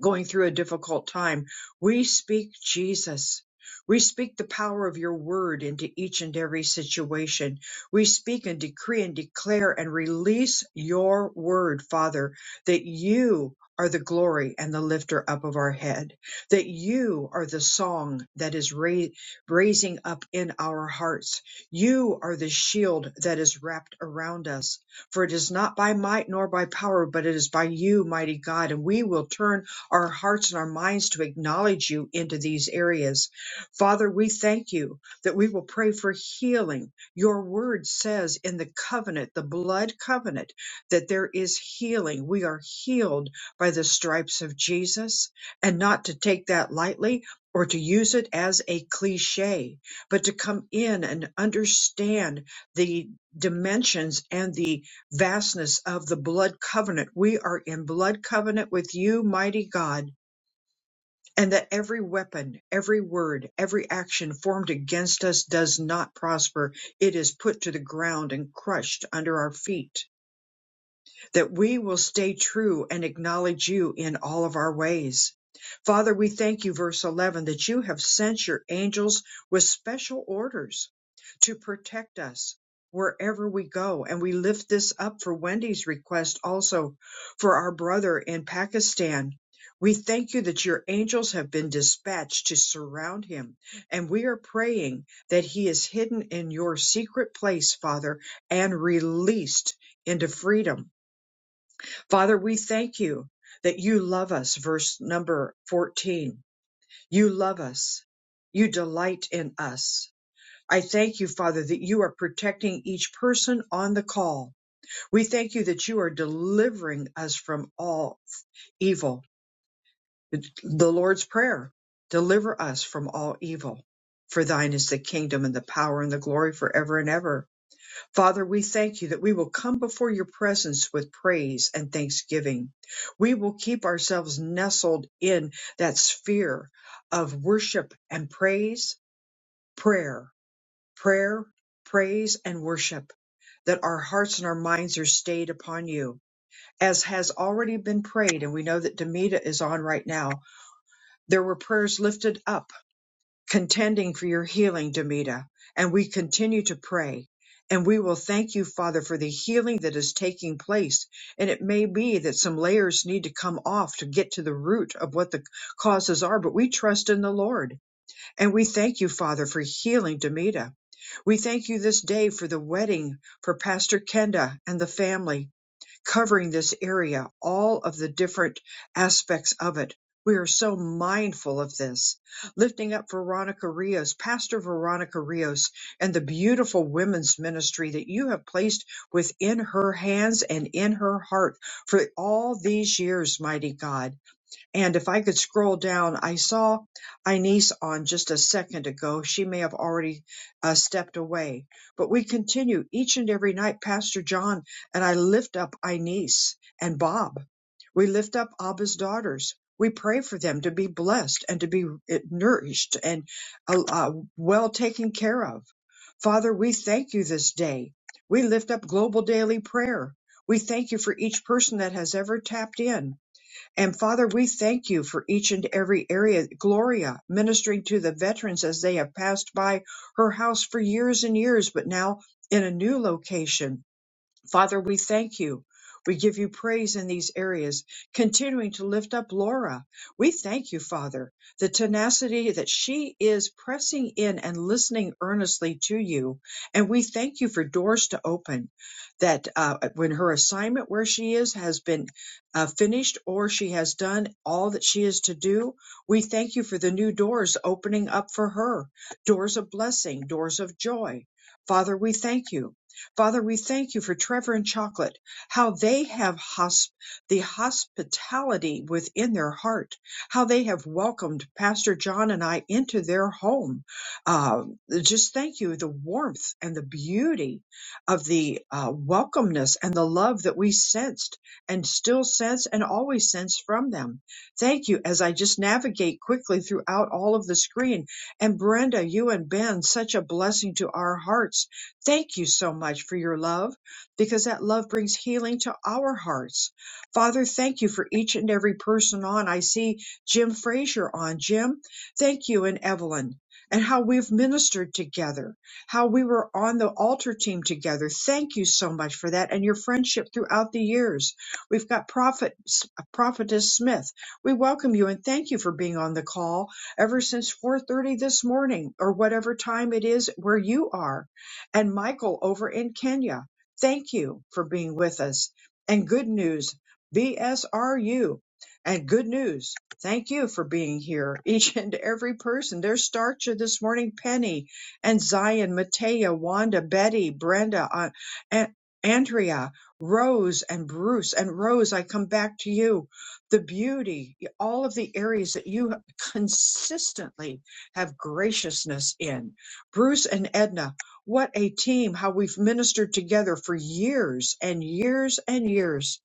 going through a difficult time, we speak Jesus. We speak the power of your word into each and every situation. We speak and decree and declare and release your word, Father, that you are the glory and the lifter up of our head, that you are the song that is ra- raising up in our hearts. You are the shield that is wrapped around us. For it is not by might nor by power, but it is by you, mighty God. And we will turn our hearts and our minds to acknowledge you into these areas. Father, we thank you that we will pray for healing. Your word says in the covenant, the blood covenant, that there is healing. We are healed by the stripes of Jesus and not to take that lightly or to use it as a cliche, but to come in and understand the dimensions and the vastness of the blood covenant. We are in blood covenant with you, mighty God, and that every weapon, every word, every action formed against us does not prosper. It is put to the ground and crushed under our feet that we will stay true and acknowledge you in all of our ways. Father, we thank you, verse 11, that you have sent your angels with special orders to protect us wherever we go. And we lift this up for Wendy's request also for our brother in Pakistan. We thank you that your angels have been dispatched to surround him. And we are praying that he is hidden in your secret place, Father, and released into freedom Father, we thank you that you love us. Verse number 14. You love us. You delight in us. I thank you, Father, that you are protecting each person on the call. We thank you that you are delivering us from all evil. The Lord's Prayer deliver us from all evil. For thine is the kingdom and the power and the glory forever and ever. Father, we thank you that we will come before your presence with praise and thanksgiving. We will keep ourselves nestled in that sphere of worship and praise, prayer, prayer, praise, and worship, that our hearts and our minds are stayed upon you. As has already been prayed, and we know that Demita is on right now, there were prayers lifted up contending for your healing, Demita. And we continue to pray. And we will thank you, Father, for the healing that is taking place. And it may be that some layers need to come off to get to the root of what the causes are, but we trust in the Lord. And we thank you, Father, for healing Demita. We thank you this day for the wedding for Pastor Kenda and the family covering this area, all of the different aspects of it. We are so mindful of this. Lifting up Veronica Rios, Pastor Veronica Rios, and the beautiful women's ministry that you have placed within her hands and in her heart for all these years, mighty God. And if I could scroll down, I saw Inez on just a second ago. She may have already uh, stepped away, but we continue each and every night. Pastor John and I lift up Inez and Bob. We lift up Abba's daughters. We pray for them to be blessed and to be uh, nourished and uh, uh, well taken care of. Father, we thank you this day. We lift up global daily prayer. We thank you for each person that has ever tapped in. And Father, we thank you for each and every area. Gloria ministering to the veterans as they have passed by her house for years and years, but now in a new location Father, we thank you. We give you praise in these areas, continuing to lift up Laura. We thank you, Father, the tenacity that she is pressing in and listening earnestly to you. And we thank you for doors to open, that uh, when her assignment where she is has been uh, finished or she has done all that she is to do, we thank you for the new doors opening up for her doors of blessing, doors of joy. Father, we thank you. Father, we thank you for Trevor and Chocolate, how they have hosp- the hospitality within their heart, how they have welcomed Pastor John and I into their home. Uh, just thank you, the warmth and the beauty of the uh, welcomeness and the love that we sensed and still sense and always sense from them. Thank you as I just navigate quickly throughout all of the screen. And Brenda, you and Ben, such a blessing to our hearts Thank you so much for your love because that love brings healing to our hearts. Father, thank you for each and every person on. I see Jim Frazier on. Jim, thank you and Evelyn and how we've ministered together, how we were on the altar team together. Thank you so much for that and your friendship throughout the years. We've got Prophet, Prophetess Smith. We welcome you and thank you for being on the call ever since 4.30 this morning or whatever time it is where you are and Michael over in Kenya. Thank you for being with us. And good news, BSRU. And good news, thank you for being here, each and every person. There's Starcha this morning, Penny and Zion, Matea, Wanda, Betty, Brenda, uh, An- Andrea, Rose, and Bruce. And Rose, I come back to you. The beauty, all of the areas that you consistently have graciousness in. Bruce and Edna, what a team, how we've ministered together for years and years and years.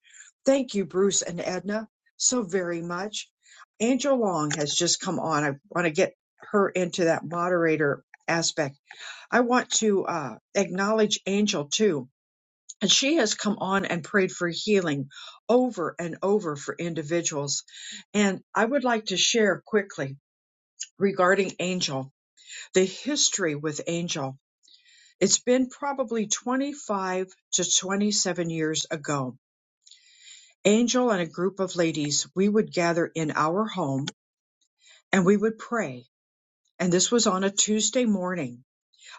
Thank you, Bruce and Edna, so very much. Angel Long has just come on. I want to get her into that moderator aspect. I want to uh, acknowledge Angel too. And she has come on and prayed for healing over and over for individuals. And I would like to share quickly regarding Angel, the history with Angel. It's been probably 25 to 27 years ago. Angel and a group of ladies, we would gather in our home and we would pray. And this was on a Tuesday morning.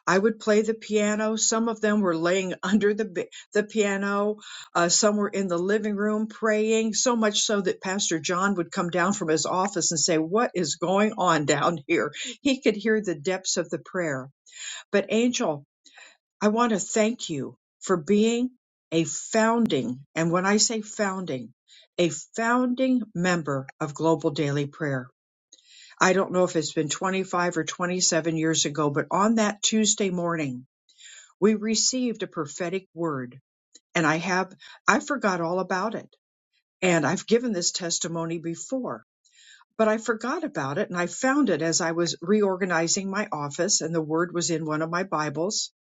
I would play the piano. Some of them were laying under the, bi- the piano. Uh, some were in the living room praying, so much so that Pastor John would come down from his office and say, What is going on down here? He could hear the depths of the prayer. But Angel I want to thank you for being a founding, and when I say founding, a founding member of Global Daily Prayer. I don't know if it's been 25 or 27 years ago, but on that Tuesday morning, we received a prophetic word, and I have, I forgot all about it. And I've given this testimony before, but I forgot about it, and I found it as I was reorganizing my office, and the word was in one of my Bibles.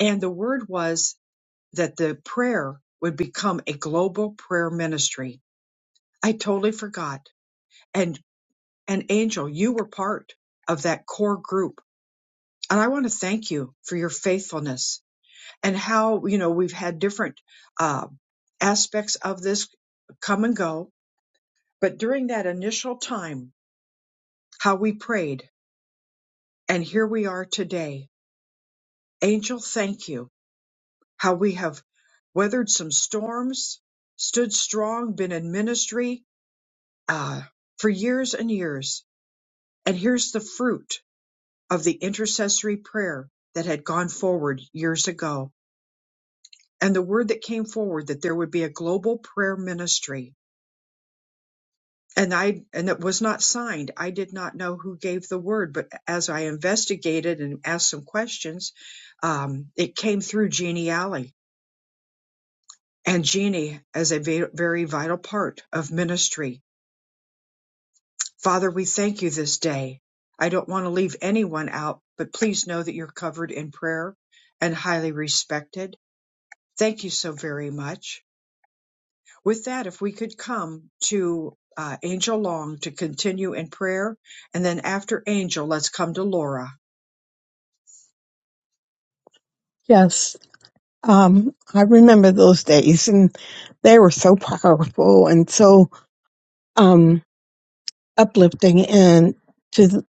And the word was that the prayer would become a global prayer ministry. I totally forgot. And and Angel, you were part of that core group. And I want to thank you for your faithfulness and how, you know, we've had different uh, aspects of this come and go. But during that initial time, how we prayed, and here we are today. Angel, thank you. How we have weathered some storms, stood strong, been in ministry, uh, for years and years. And here's the fruit of the intercessory prayer that had gone forward years ago and the word that came forward that there would be a global prayer ministry. And I, and it was not signed. I did not know who gave the word, but as I investigated and asked some questions, um, it came through Jeannie Alley and Jeannie as a ve- very vital part of ministry Father, we thank you this day. I don't want to leave anyone out, but please know that you're covered in prayer and highly respected. Thank you so very much. With that, if we could come to uh, Angel Long to continue in prayer, and then after Angel, let's come to Laura. Yes. Um, I remember those days and they were so powerful and so um, uplifting and to th-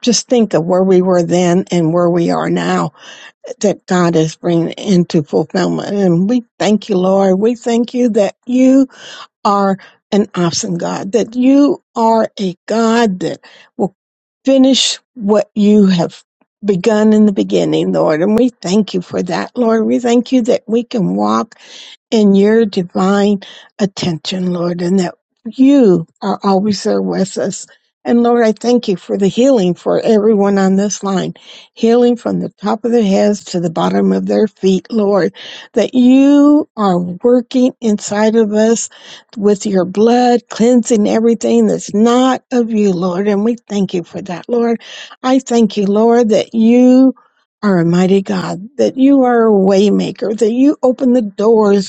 just think of where we were then and where we are now that God is bringing into fulfillment. And we thank you, Lord. We thank you that you are an awesome God, that you are a God that will finish what you have begun in the beginning, Lord. And we thank you for that, Lord. We thank you that we can walk in your divine attention, Lord, and that you are always there with us. And Lord, I thank you for the healing for everyone on this line, healing from the top of their heads to the bottom of their feet, Lord, that you are working inside of us with your blood, cleansing everything that's not of you, Lord. And we thank you for that, Lord. I thank you, Lord, that you are a mighty God, that you are a waymaker, that you open the doors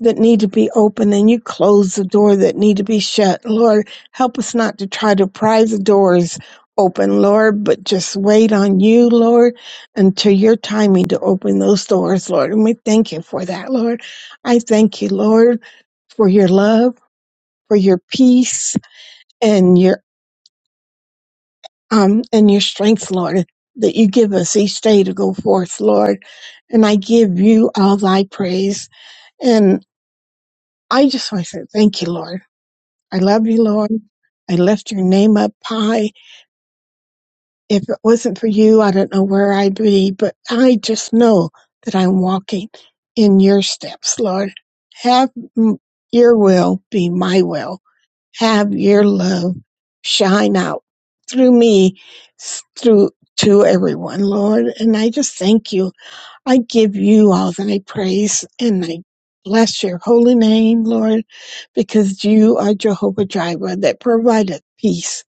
that need to be open and you close the door that need to be shut. Lord, help us not to try to pry the doors open, Lord, but just wait on you, Lord, until your timing to open those doors, Lord. And we thank you for that, Lord. I thank you, Lord, for your love, for your peace and your um and your strength, Lord, that you give us each day to go forth, Lord. And I give you all thy praise. And I just want to say thank you, Lord. I love you, Lord. I lift your name up high. If it wasn't for you, I don't know where I'd be, but I just know that I'm walking in your steps, Lord. Have m- your will be my will. Have your love shine out through me, s- through to everyone, Lord. And I just thank you. I give you all thy praise and I bless your holy name, Lord, because you are Jehovah Jireh that provideth peace.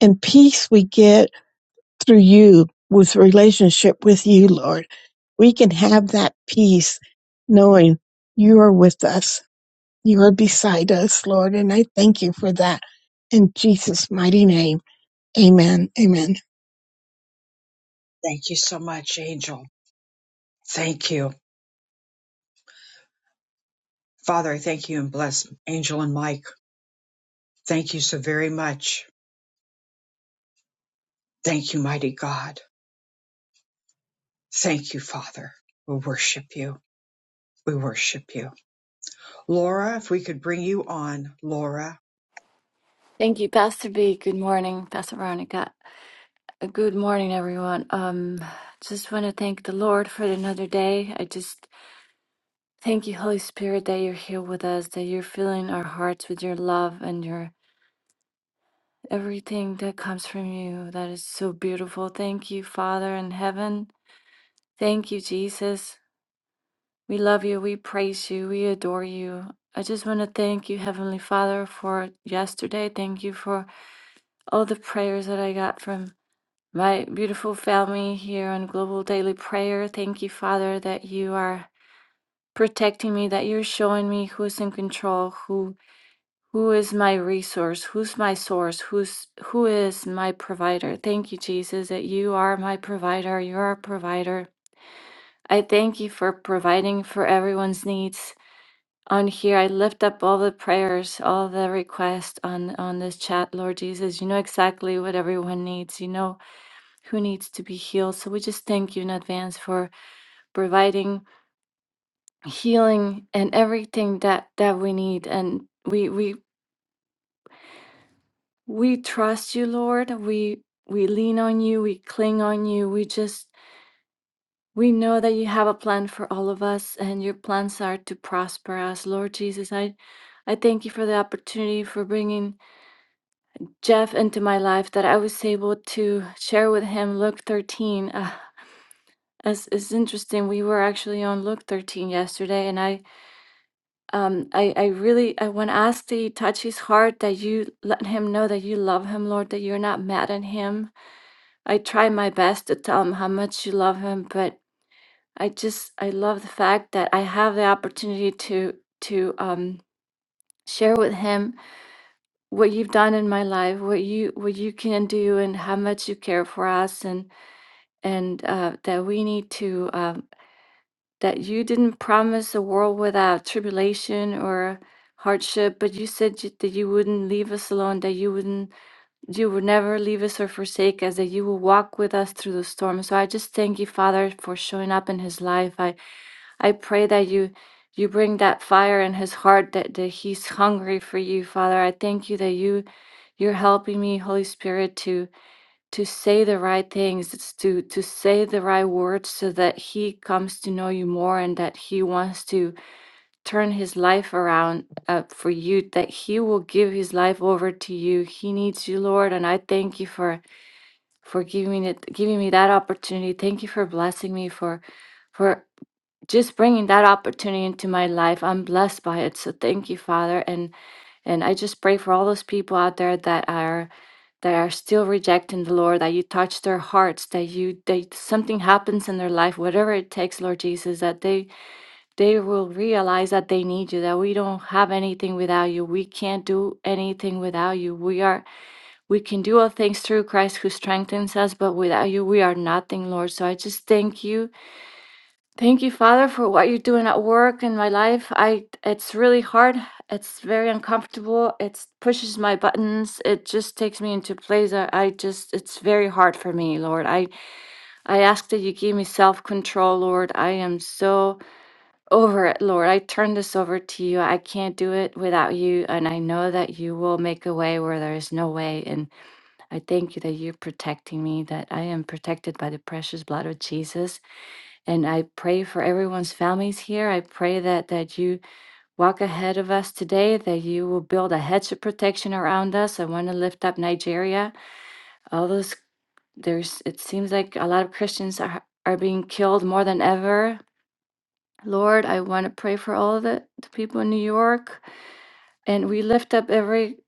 And peace we get through you with relationship with you, Lord. We can have that peace knowing you are with us. You are beside us, Lord. And I thank you for that. In Jesus' mighty name, amen. Amen. Thank you so much, Angel. Thank you. Father, I thank you and bless Angel and Mike. Thank you so very much. Thank you, mighty God. Thank you, Father. We worship you. We worship you. Laura, if we could bring you on, Laura. Thank you, Pastor B. Good morning, Pastor Veronica. Uh, Good morning, everyone. Um, just want to thank the Lord for another day. I just thank you, Holy Spirit, that you're here with us, that you're filling our hearts with your love and your everything that comes from you. That is so beautiful. Thank you, Father in heaven. Thank you, Jesus. We love you. We praise you. We adore you. I just want to thank you, Heavenly Father, for yesterday. Thank you for all the prayers that I got from My beautiful family here on Global Daily Prayer, thank you, Father, that you are protecting me, that you're showing me who's in control, who who is my resource, who's my source, who's who is my provider. Thank you, Jesus, that you are my provider, you're our provider. I thank you for providing for everyone's needs on here. I lift up all the prayers, all the requests on on this chat, Lord Jesus. You know exactly what everyone needs. You know who needs to be healed. So we just thank you in advance for providing healing and everything that that we need. And we we we trust you, Lord. We we lean on you. We cling on you. We just we know that you have a plan for all of us, and your plans are to prosper us, Lord Jesus. I I thank you for the opportunity for bringing Jeff into my life that I was able to share with him Luke 13. uh, It's, it's interesting. We were actually on Luke 13 yesterday, and I, um, I, I really, I want to ask that you touch his heart, that you let him know that you love him, Lord, that you're not mad at him. I try my best to tell him how much you love him, but I just, I love the fact that I have the opportunity to, to, um, share with him what you've done in my life, what you, what you can do, and how much you care for us, and, and uh, that we need to. uh, that you didn't promise a world without tribulation or hardship, but you said you- that you wouldn't leave us alone, that you wouldn't, you would never leave us or forsake us, that you will walk with us through the storm. So I just thank you, Father, for showing up in his life. I, I pray that you you bring that fire in his heart that, that he's hungry for you father i thank you that you you're helping me holy spirit to to say the right things it's to to say the right words so that he comes to know you more and that he wants to turn his life around uh, for you that he will give his life over to you he needs you lord and i thank you for for giving it giving me that opportunity thank you for blessing me for for just bringing that opportunity into my life i'm blessed by it so thank you father and and i just pray for all those people out there that are that are still rejecting the Lord, that you touch their hearts, that you that something happens in their life, whatever it takes, Lord Jesus, that they they will realize that they need you, that we don't have anything without you. We can't do anything without you. We are we can do all things through Christ who strengthens us, but without you we are nothing, Lord. So I just thank you Thank you, Father, for what you're doing at work in my life. I it's really hard. It's very uncomfortable. It pushes my buttons. It just takes me into places I, I just it's very hard for me, Lord. I I ask that you give me self-control, Lord. I am so over it, Lord. I turn this over to you. I can't do it without you, and I know that you will make a way where there is no way. And I thank you that you're protecting me, that I am protected by the precious blood of Jesus and I pray for everyone's families here. I pray that that you walk ahead of us today, that you will build a hedge of protection around us. I want to lift up Nigeria. All those there's it seems like a lot of Christians are are being killed more than ever. Lord, I want to pray for all the, the people in New York. And we lift up every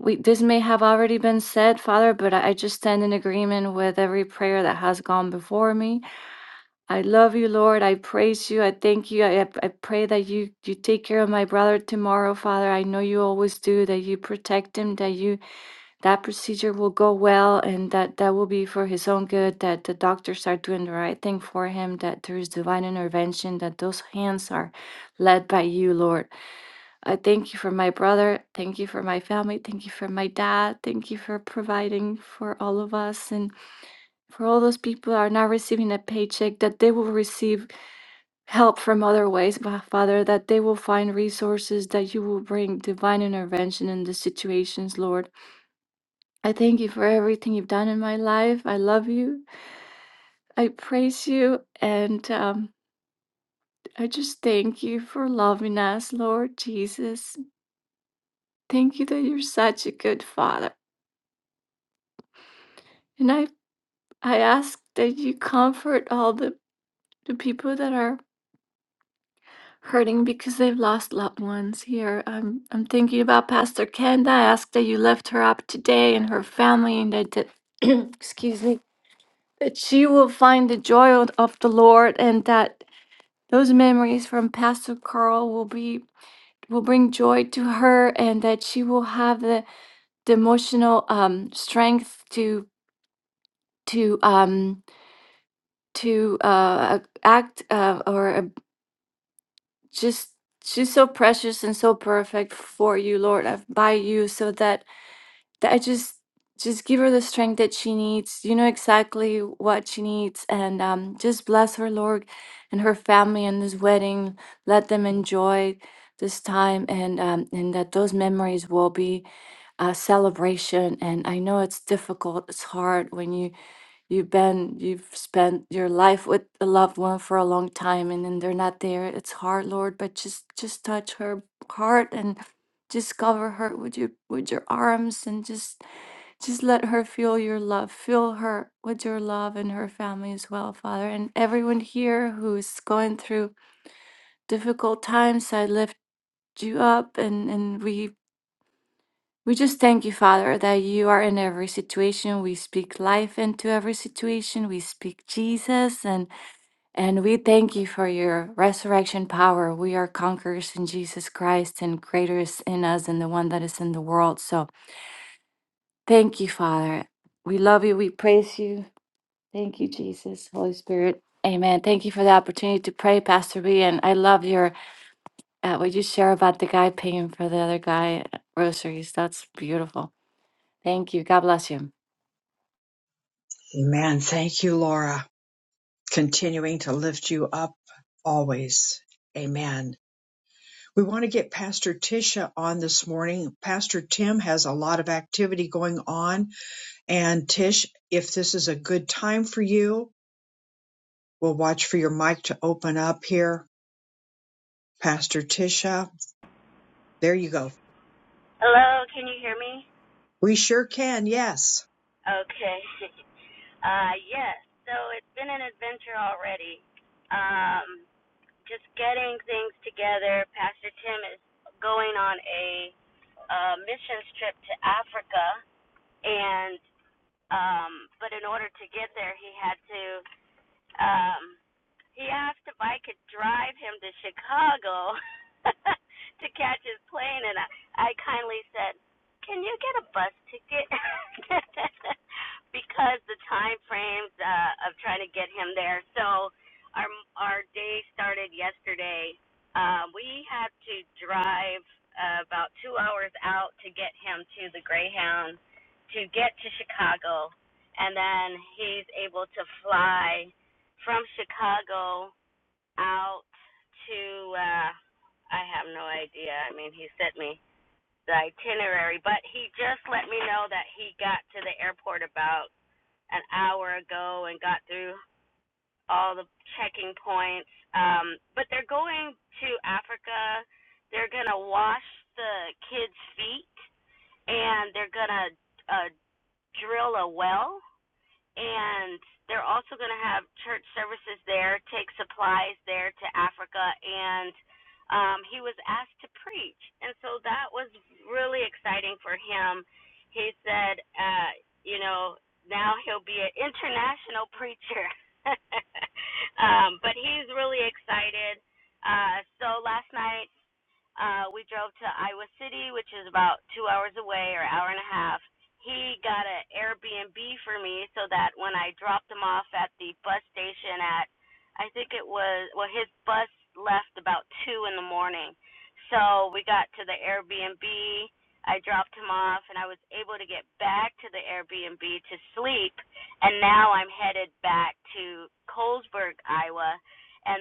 we this may have already been said, Father, but I, I just stand in agreement with every prayer that has gone before me. I love you, Lord. I praise you. I thank you. I, I pray that you, you take care of my brother tomorrow, Father. I know you always do, that you protect him, that you that procedure will go well and that that will be for his own good, that the doctors are doing the right thing for him, that there is divine intervention, that those hands are led by you, Lord. I thank you for my brother. Thank you for my family. Thank you for my dad. Thank you for providing for all of us and for all those people that are not receiving a paycheck, that they will receive help from other ways, Ba- Father, that they will find resources, that you will bring divine intervention in the situations, Lord. I thank you for everything you've done in my life. I love you. I praise you. And um, I just thank you for loving us, Lord Jesus. Thank you that you're such a good Father. And I, I ask that you comfort all the, the people that are hurting because they've lost loved ones here. I'm I'm thinking about Pastor Kenda. I asked that you lift her up today and her family and that, that excuse me, that she will find the joy of of the Lord and that those memories from Pastor Carl will be will bring joy to her and that she will have the, the emotional um strength to to um to uh act uh, or just she's so precious and so perfect for you, Lord. I by you so that that I just just give her the strength that she needs. You know exactly what she needs, and um, just bless her, Lord, and her family and this wedding. Let them enjoy this time, and um, and that those memories will be a celebration. And I know it's difficult, it's hard when you you've been you've spent your life with a loved one for a long time, and then they're not there. It's hard, Lord, but just just touch her heart and just cover her with your with your arms and just just let her feel your love Fill her with your love and her family as well father and everyone here who's going through difficult times i lift you up and and we we just thank you father that you are in every situation we speak life into every situation we speak jesus and and we thank you for your resurrection power we are conquerors in jesus christ and greater is in us than the one that is in the world so Thank you, Father. We love you. We praise you. Thank you, Jesus, Holy Spirit. Amen. Thank you for the opportunity to pray, Pastor B. And I love your uh, what you share about the guy paying for the other guy groceries. That's beautiful. Thank you. God bless you. Amen. Thank you, Laura. Continuing to lift you up always. Amen. We want to get Pastor Tisha on this morning. Pastor Tim has a lot of activity going on. And Tish, if this is a good time for you, we'll watch for your mic to open up here. Pastor Tisha, there you go. Hello, can you hear me? We sure can. Yes. Okay. Uh yes. So it's been an adventure already. Um just getting things together. Pastor Tim is going on a uh missions trip to Africa and um but in order to get there he had to um He asked if I could drive him to Chicago to catch his plane, and I, I kindly said, "Can you get a bus ticket?" because the time frames uh, of trying to get him there. So our our day started yesterday. Uh, we had to drive uh, about two hours out to get him to the Greyhound to get to Chicago, and then he's able to fly from Chicago out to uh I have no idea. I mean, he sent me the itinerary, but he just let me know that he got to the airport about an hour ago and got through all the checking points. Um but they're going to Africa. They're going to wash the kids' feet and they're going to uh drill a well and they're also going to have church services there, take supplies there to Africa, and um, he was asked to preach, and so that was really exciting for him. He said, uh, you know, now he'll be an international preacher, um, but he's really excited. Uh, so last night uh, we drove to Iowa City, which is about two hours away or hour and a half. He got an Airbnb for me so that when I dropped him off at the bus station at, I think it was, well, his bus left about two in the morning. So we got to the Airbnb. I dropped him off and I was able to get back to the Airbnb to sleep. And now I'm headed back to Colesburg, Iowa. And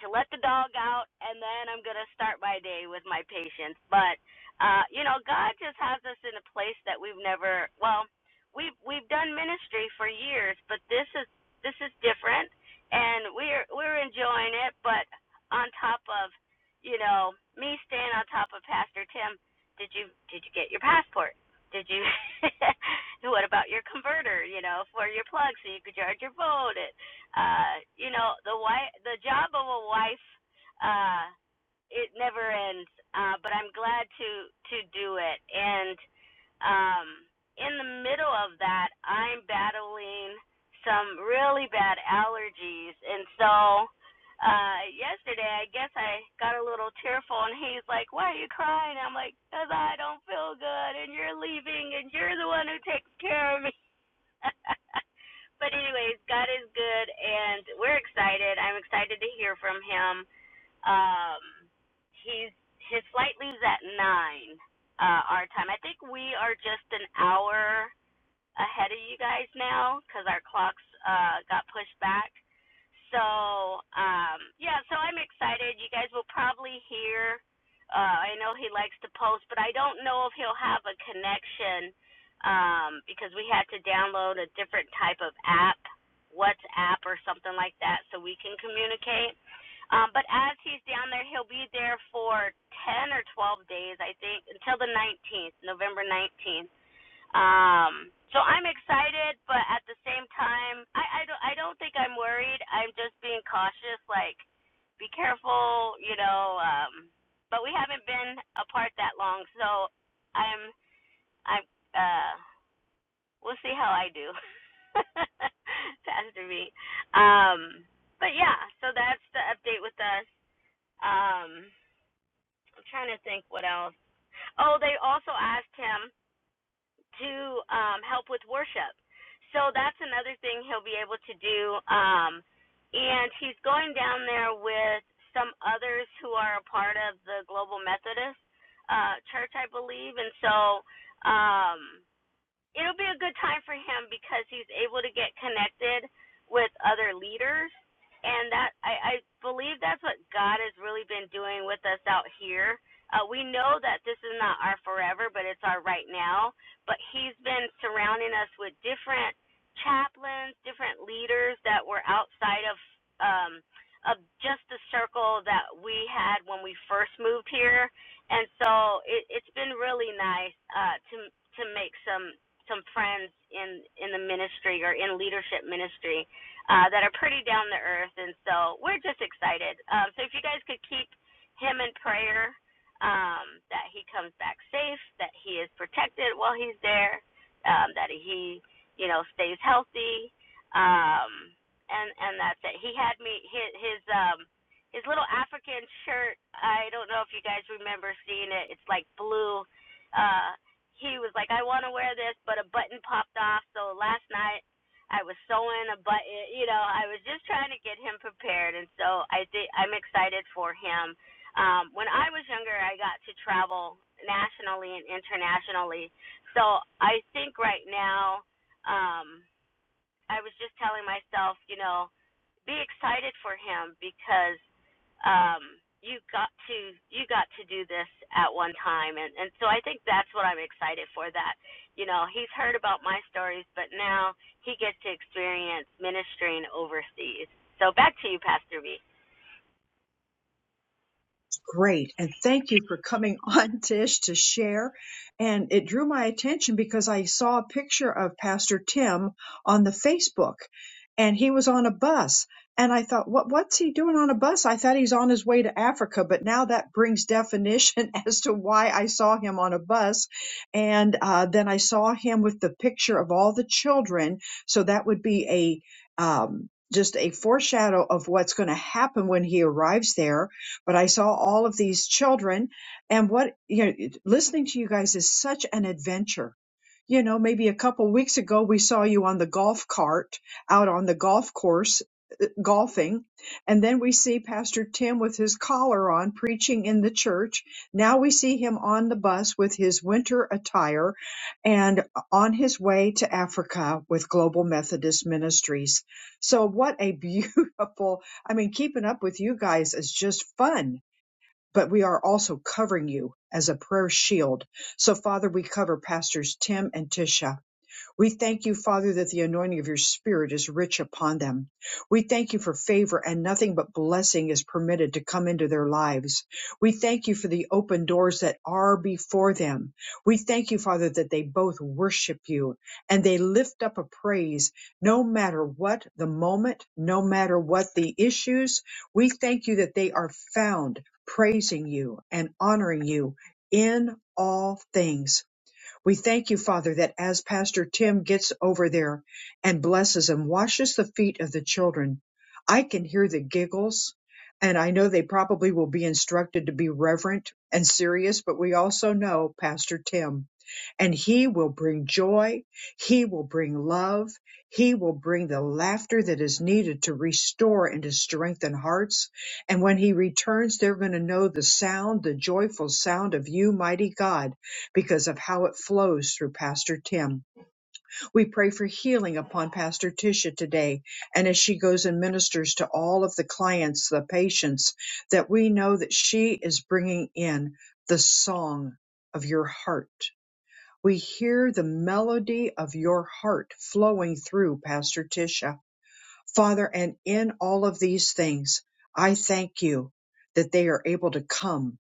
to let the dog out and then I'm going to start my day with my patients. But uh you know, God just has us in a place that we've never well, we have we've done ministry for years, but this is this is different and we're we're enjoying it, but on top of, you know, me staying on top of Pastor Tim, did you did you get your passport? Did you what about your converter, you know, for your plug so you could charge your phone? And uh, you know, the wife, the job of a wife, uh, it never ends. Uh, but I'm glad to to do it. And um, in the middle of that, I'm battling some really bad allergies, and so uh yesterday I guess I got a little tearful and he's like, "Why are you crying?" I'm like, "Cause I don't feel good and you're leaving and you're the one who takes care of me." but anyways, God is good, and we're excited. I'm excited to hear from him. Um, he's his flight leaves at nine uh, our time. I think we are just an hour ahead of you guys now because our clocks uh, got pushed back. So um, yeah, so I'm excited. You guys will probably hear. Uh, I know he likes to post, but I don't know if he'll have a connection um, because we had to download a different type of app, WhatsApp or something like that, so we can communicate. Um, but as he's down there, he'll be there for 10 or 12 days, I think, until the 19th, November 19th um, so I'm excited, but at the same time, I I don't I don't think I'm worried. I'm just being cautious. Like, be careful, you know. Um, but we haven't been apart that long, so I'm I'm uh we'll see how I do. Pastor me. Um, but yeah, so that's the update with us. Um, I'm trying to think what else. Oh, they also asked him. to um, help with worship. So that's another thing he'll be able to do. Um, and he's going down there with some others who are a part of the Global Methodist uh, Church, I believe. And so um, it'll be a good time for him because he's able to get connected with other leaders and that I, I believe that's what God has really been doing with us out here. Uh, we know that this is not our forever, but it's our right now. But He's been surrounding us with different chaplains, different leaders that were outside of um, of just the circle that we had when we first moved here, and so it, it's been really nice uh, to to make some some friends in in the ministry or in leadership ministry uh, that are pretty down to earth, and so we're just excited. Um, so if you guys could keep him in prayer, um, that he comes back safe, that he is protected while he's there, um, that he you know stays healthy, um, and and that's it. He had me his his um his little African shirt. I don't know if you guys remember seeing it. It's like blue. Uh, he was like, I want to wear this, but a button popped off. So last night I was sewing a button. You know, I was just trying to get him prepared, and so I think I'm excited for him. Um, when I was younger, I got to travel nationally and internationally, so I think right now. Um, I was just telling myself, you know, be excited for him because um you got to you got to do this at one time and and so I think that's what I'm excited for that you know he's heard about my stories but now he gets to experience ministering overseas so back to you pastor B Great. And thank you for coming on, Tish, to share. And it drew my attention because I saw a picture of Pastor Tim on the Facebook and he was on a bus. And I thought, what, what's he doing on a bus? I thought he's on his way to Africa, but now that brings definition as to why I saw him on a bus. And uh, then I saw him with the picture of all the children. So that would be a, um, just a foreshadow of what's going to happen when he arrives there but I saw all of these children and what, you know, listening to you guys is such an adventure. You know, maybe a couple weeks ago, we saw you on the golf cart out on the golf course golfing. And then we see Pastor Tim with his collar on preaching in the church. Now we see him on the bus with his winter attire and on his way to Africa with Global Methodist Ministries. So what a beautiful I mean, keeping up with you guys is just fun but we are also covering you as a prayer shield. So, Father, we cover Pastors Tim and Tisha. We thank you, Father, that the anointing of your Spirit is rich upon them. We thank you for favor and nothing but blessing is permitted to come into their lives. We thank you for the open doors that are before them. We thank you, Father, that they both worship you and they lift up a praise no matter what the moment, no matter what the issues. We thank you that they are found praising you and honoring you in all things. We thank you, Father, that as Pastor Tim gets over there and blesses and washes the feet of the children, I can hear the giggles. And I know they probably will be instructed to be reverent and serious, but we also know Pastor Tim, and he will bring joy. He will bring love. He will bring the laughter that is needed to restore and to strengthen hearts. And when he returns, they're going to know the sound, the joyful sound of you, mighty God because of how it flows through Pastor Tim. We pray for healing upon Pastor Tisha today and as she goes and ministers to all of the clients, the patients, that we know that she is bringing in the song of your heart. We hear the melody of your heart flowing through Pastor Tisha. Father, and in all of these things, I thank you that they are able to come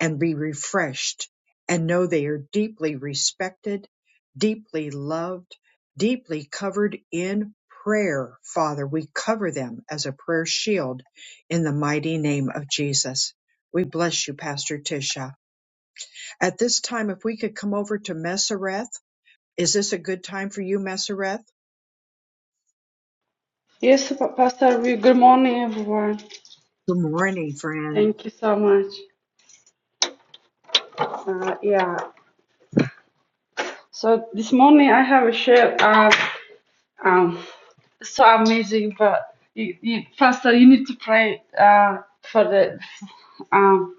and be refreshed and know they are deeply respected, deeply loved, deeply covered in prayer. Father, we cover them as a prayer shield in the mighty name of Jesus. We bless you, Pastor Tisha. At this time, if we could come over to Messereth, is this a good time for you, Messereth? Yes, Pa- Pastor, we, good morning, everyone. Good morning, friend. Thank you so much. Uh, yeah. So this morning I have a share. Uh, um, so amazing, but you, you, Pastor, you need to pray uh, for the. Um,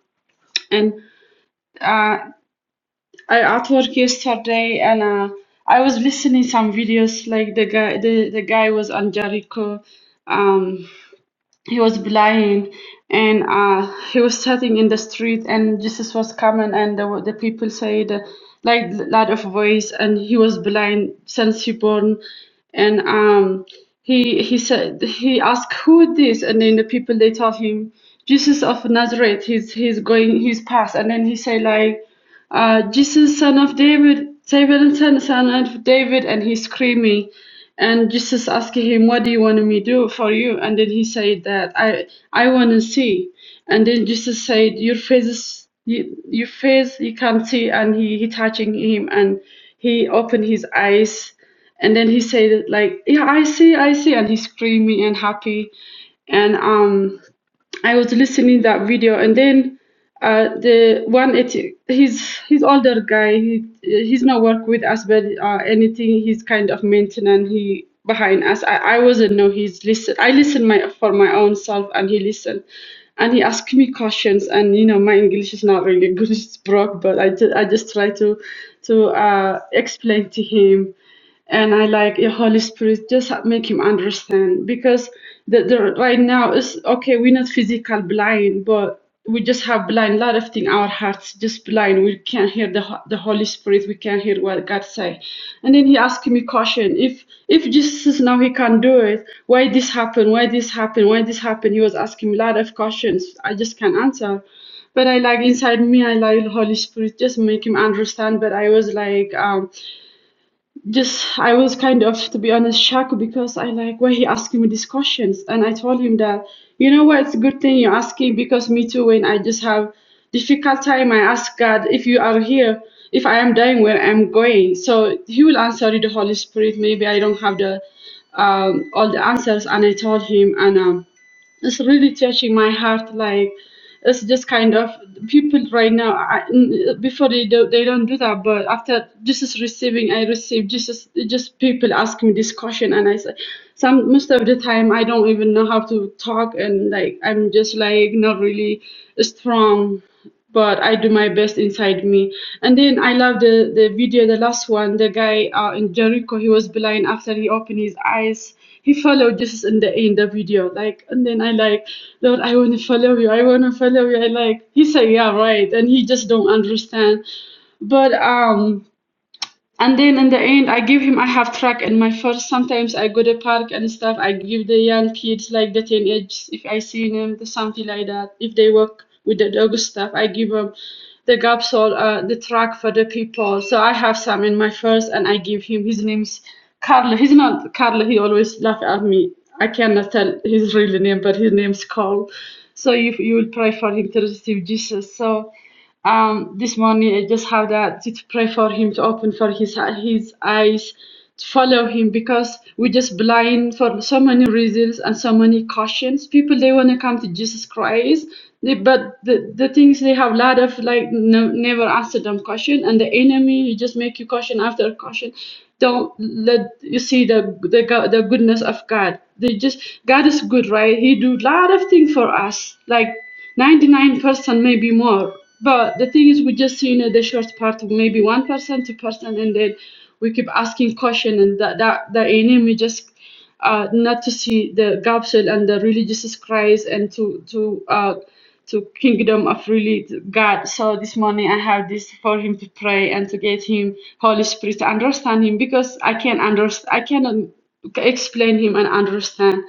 and uh, I at work yesterday, and uh, I was listening some videos. Like the guy, the, the guy was on Jericho. Um, he was blind and uh, he was sitting in the street and jesus was coming and the, the people said uh, like lot of voice and he was blind since he born and um, he he said he asked who this and then the people they told him jesus of nazareth he's he's going he's past and then he said like uh, jesus son of david david son son of david and he's screaming and Jesus asked him, "What do you want me to do for you?" And then he said that I I want to see. And then Jesus said, "Your face is you, your face you can't see." And he he touching him and he opened his eyes. And then he said like, "Yeah, I see, I see," and he's screaming and happy. And um I was listening that video, and then uh, the one it he's he's older guy. He he's not work with us, but uh, anything he's kind of maintenance. He behind us. I, I wasn't know he's listen. I listened my for my own self, and he listened, and he asked me questions. And you know my English is not really good. It's broke, but I ju- I just try to to uh, explain to him and I like your Holy Spirit just help make him understand because the, the right now is okay. We're not physical blind, but we just have blind a lot of thing. Our hearts just blind. We can't hear the Ho- the Holy Spirit. We can't hear what God say. And then he asked me caution. If if Jesus now he can do it, why this happen? Why this happen? Why this happen? He was asking me a lot of questions. I just can't answer. But I like inside me, I like Holy Spirit, just make him understand. But I was like, um, just I was kind of, to be honest, shocked because I like why he asking me these questions, and I told him that you know what, it's a good thing you're asking because me too. When I just have difficult time, I ask God if you are here, if I am dying, where I'm going. So He will answer you, the Holy Spirit. Maybe I don't have the um, all the answers, and I told him, and um, it's really touching my heart like it's just kind of people right now I, n- before they do they don't do that but after jesus receiving i receive jesus just people ask me this question and i say some most of the time i don't even know how to talk and like i'm just like not really strong but I do my best inside me. And then I love the the video, the last one, the guy uh, in Jericho, he was blind after he opened his eyes. He followed Jesus in the in the video, like, and then I like, Lord, I want to follow you. I want to follow you. I like. He said, yeah, right, and he just don't understand. But um. And then in the end, I give him. I have track in my first. Sometimes I go to park and stuff. I give the young kids like the teenagers if I see them, the something like that. If they work with the dog stuff, I give them the gaps all uh, the track for the people. So I have some in my first, and I give him. His name's Carl. He's not Carl. He always laugh at me. I cannot tell his real name, but his name's Carl. So you you will pray for him to receive Jesus. So. Um, this morning I just have that to pray for him to open for his his eyes to follow him because we're just blind for so many reasons and so many cautions. People they want to come to Jesus Christ, they, but the, the things they have a lot of like no, never answer them caution and the enemy you just make you caution after caution. Don't let you see the the the goodness of God. They just God is good, right? He do a lot of things for us, like. 99% maybe more but the thing is we just seen the short part of maybe 1% 2% and then we keep asking question and that that the aim we just uh, not to see the gospel and the religious Christ and to to uh, to kingdom of really God. So this morning I have this for him to pray and to get him Holy Spirit to understand him because I can't understand I cannot explain him and understand.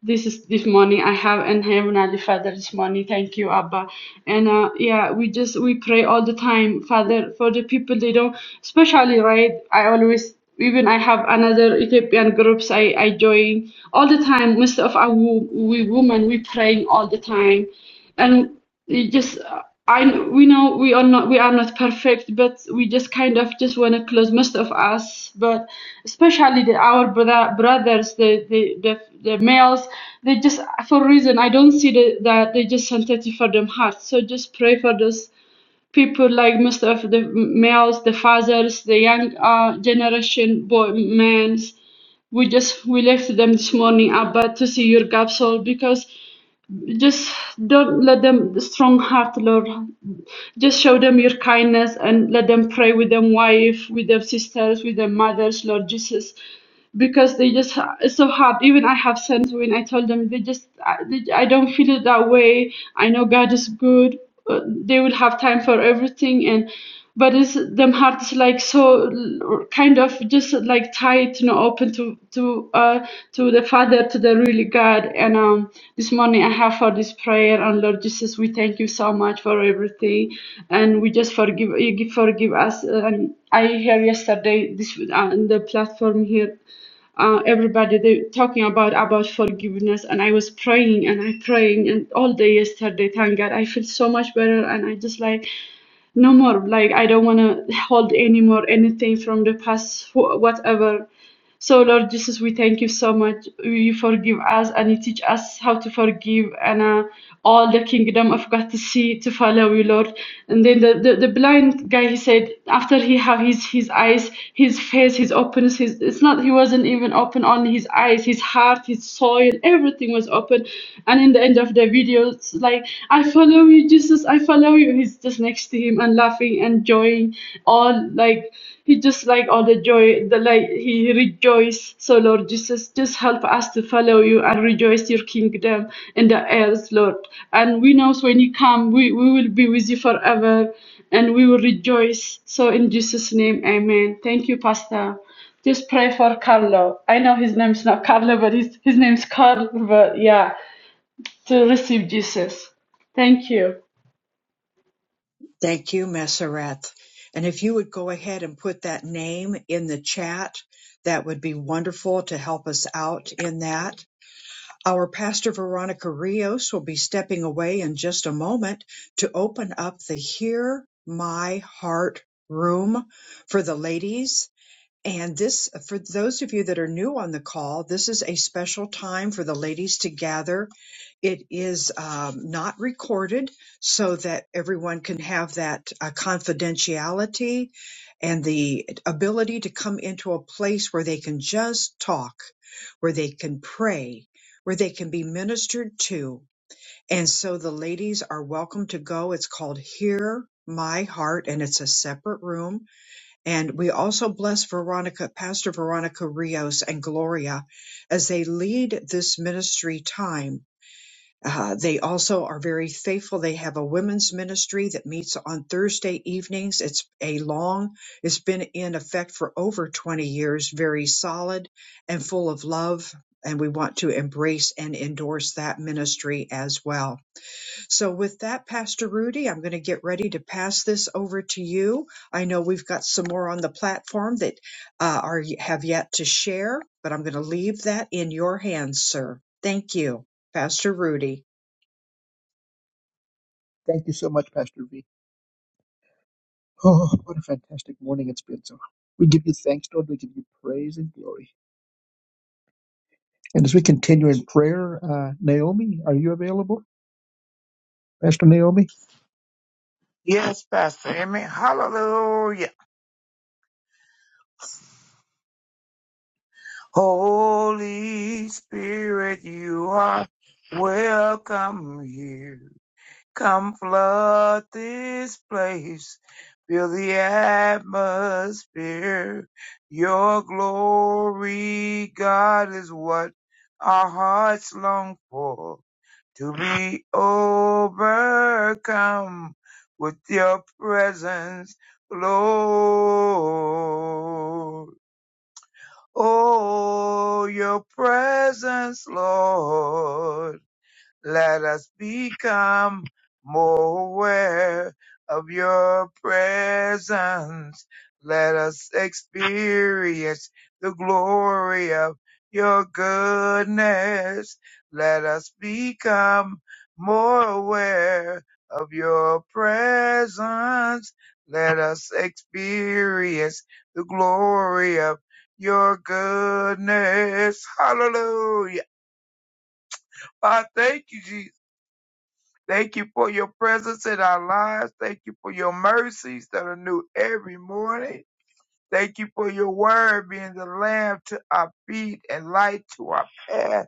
This is this morning I have in Heavenly Father's money. Thank you, Abba. And uh, yeah, we just we pray all the time, Father, for the people they don't, especially right. I always even I have another Ethiopian groups I I join all the time. Most of our wo- we women we praying all the time and it just I we know we are not we are not perfect, but we just kind of just want to close most of us, but especially the, our brother, brothers, the, the the the males, they just for reason I don't see the, that they just sensitive for them heart. So just pray for those people like most of the males, the fathers, the young uh, generation boy men. We just we left them this morning, Abba, to see your gap soul because just don't let them the strong heart lord just show them your kindness and let them pray with them wife with their sisters with their mothers lord jesus because they just ha- it's so hard even i have sons when i told them they just i, they, I don't feel it that way i know god is good uh, they will have time for everything and but it's them heart is like so l- kind of just like tight you know open to to uh to the father to the really god and um this morning i have for this prayer and lord jesus we thank you so much for everything and we just forgive you give- forgive us uh, and i hear yesterday this uh, on the platform here uh, everybody they talking about about forgiveness and i was praying and i praying and all day yesterday thank god i feel so much better and i just like no more like i don't want to hold anymore anything from the past wh- whatever so, Lord Jesus, we thank you so much. You forgive us and you teach us how to forgive and uh, all the kingdom of God to see, to follow you, Lord. And then the, the, the blind guy, he said, after he have his, his eyes, his face, his openness, his, it's not, he wasn't even open, only his eyes, his heart, his soul, everything was open. And in the end of the video, it's like, I follow you, Jesus, I follow you. He's just next to him and laughing and enjoying all like, he just like all the joy, the like he rejoiced. So Lord Jesus, just help us to follow you and rejoice your kingdom in the earth, Lord. And we know when you come, we, we will be with you forever and we will rejoice. So in Jesus' name, amen. Thank you, Pastor. Just pray for Carlo. I know his name is not Carlo, but his, his name is Carl, but yeah, to receive Jesus. Thank you. Thank you, Messereth. And if you would go ahead and put that name in the chat, that would be wonderful to help us out in that. Our pastor Veronica Rios will be stepping away in just a moment to open up the Hear My Heart room for the ladies and this, for those of you that are new on the call, this is a special time for the ladies to gather. It is um, not recorded so that everyone can have that uh, confidentiality and the ability to come into a place where they can just talk, where they can pray, where they can be ministered to. And so the ladies are welcome to go. It's called Hear My Heart, and it's a separate room and we also bless Veronica, Pastor Veronica Rios and Gloria as they lead this ministry time. Uh, they also are very faithful. They have a women's ministry that meets on Thursday evenings. It's a long, it's been in effect for over 20 years, very solid and full of love. And we want to embrace and endorse that ministry as well. So with that, Pastor Rudy, I'm going to get ready to pass this over to you. I know we've got some more on the platform that uh, are have yet to share, but I'm going to leave that in your hands, sir. Thank you, Pastor Rudy. Thank you so much, Pastor V. Oh, what a fantastic morning it's been. So we give you thanks, Lord. We give you praise and glory. And as we continue in prayer, uh, Naomi, are you available? Pastor Naomi? Yes, Pastor. Amy. Hallelujah. Holy Spirit, you are welcome here. Come flood this place. Fill the atmosphere. Your glory, God, is what our hearts long for. to be overcome with your presence, Lord. Oh, your presence, Lord let us become more aware of your presence. Let us experience the glory of your goodness. Let us become more aware of your presence. Let us experience the glory of your goodness. Hallelujah. I thank you, Jesus. Thank you for your presence in our lives. Thank you for your mercies that are new every morning. Thank you for your word being the lamp to our feet and light to our path.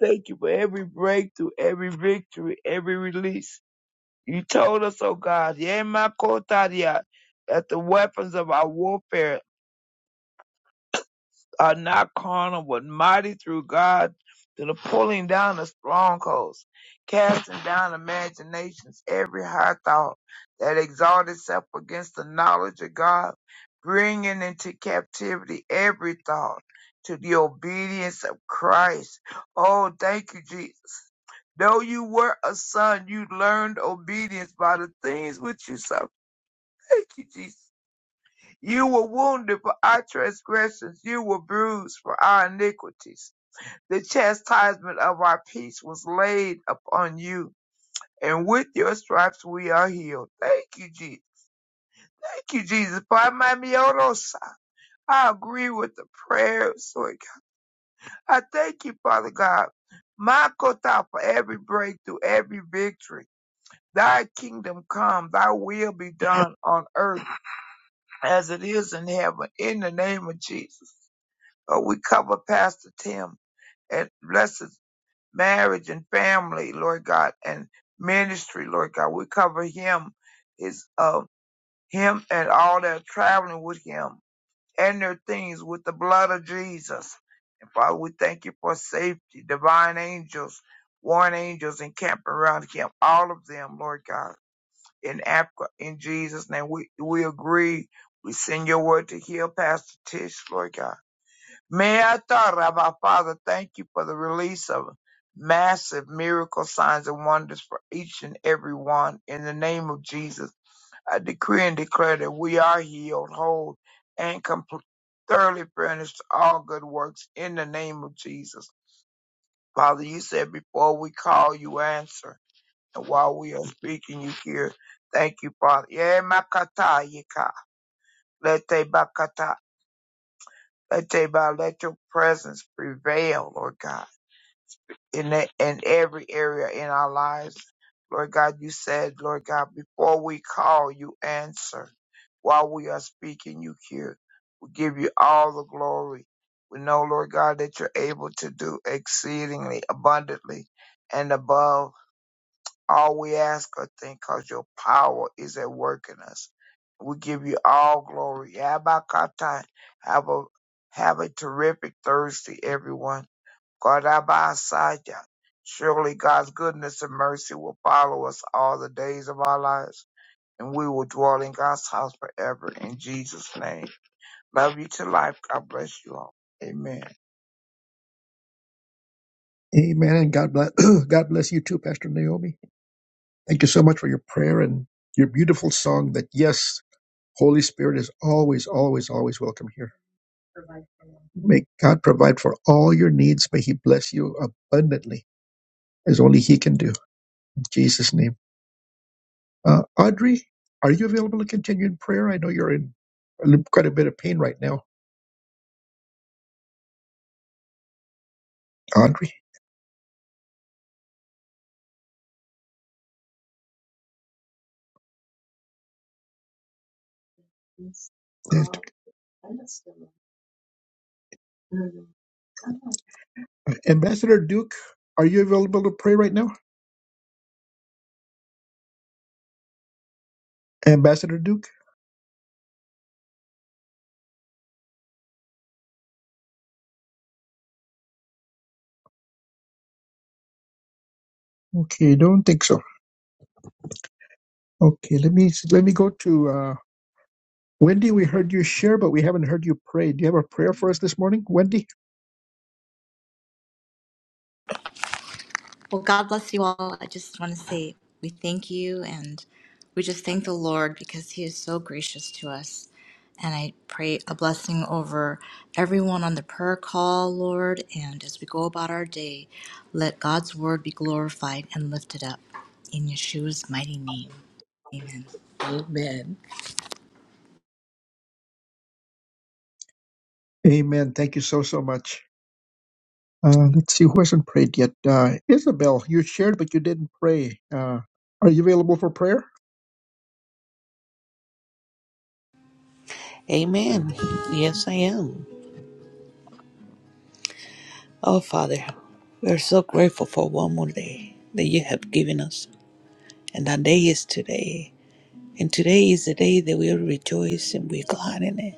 Thank you for every breakthrough, every victory, every release. You told us, oh God, "Yea, my kotadia," that the weapons of our warfare are not carnal, but mighty through God to the pulling down of strongholds, casting down imaginations, every high thought that exalts itself against the knowledge of God, bringing into captivity every thought to the obedience of Christ. Oh, thank you, Jesus. Though you were a son, you learned obedience by the things which you suffered. Thank you, Jesus. You were wounded for our transgressions, you were bruised for our iniquities. The chastisement of our peace was laid upon you, and with your stripes we are healed. Thank you, Jesus. Thank you, Jesus. Father, my me, oh, no, I agree with the prayers. Lord I thank you, Father God. My kota for every breakthrough, every victory. Thy kingdom come, thy will be done on earth as it is in heaven, in the name of Jesus. Uh, we cover Pastor Tim and bless his marriage and family, Lord God, and ministry, Lord God. We cover him, his uh, him and all that are traveling with him and their things with the blood of Jesus. And Father, we thank you for safety, divine angels, warring angels encamped around him, all of them, Lord God, in Africa, in Jesus' name. We we agree. We send your word to heal Pastor Tish, Lord God. Meata Rabbi Father, thank you for the release of massive miracle signs and wonders for each and every one. In the name of Jesus, I decree and declare that we are healed, whole, and complete, thoroughly furnished to all good works in the name of Jesus. Father, you said before we call, you answer. And while we are speaking, you hear. Thank you, Father. Yeah, makata yika. Lete bakata. Lete ba. Let your presence prevail, Lord God in, e- in every area in our lives. Lord God, you said, Lord God, before we call, you answer. While we are speaking, you hear. We give you all the glory. We know, Lord God, that you're able to do exceedingly abundantly and above all we ask or think because your power is at work in us. We give you all glory. Abba Kata, Have a, have a terrific Thursday, everyone. God, by Kodabasaya. Surely God's goodness and mercy will follow us all the days of our lives, and we will dwell in God's house forever. In Jesus' name. Love you to life. God bless you all. Amen. Amen. And God bless, God bless you too, Pastor Naomi. Thank you so much for your prayer and your beautiful song that, yes, Holy Spirit is always, always, always welcome here. May God provide for all your needs. May He bless you abundantly, as only He can do. In Jesus' name. Uh, Audrey, are you available to continue in prayer? I know you're in quite a bit of pain right now. Audrey. Yes. Ambassador Duke, are you available to pray right now? Ambassador Duke? Okay, don't think so. Okay, let me let me go to uh, Wendy. We heard you share, but we haven't heard you pray. Do you have a prayer for us this morning, Wendy? Well, God bless you all. I just want to say we thank you and we just thank the Lord because He is so gracious to us. And I pray a blessing over everyone on the prayer call, Lord. And as we go about our day, let God's word be glorified and lifted up. In Yeshua's mighty name. Amen. Amen. Amen. Thank you so so much. Uh, let's see who hasn't prayed yet. Uh, Isabel, you shared, but you didn't pray. Uh, are you available for prayer? Amen. Yes, I am. Oh, Father, we are so grateful for one more day that you have given us. And that day is today. And today is the day that we will rejoice and be glad in it.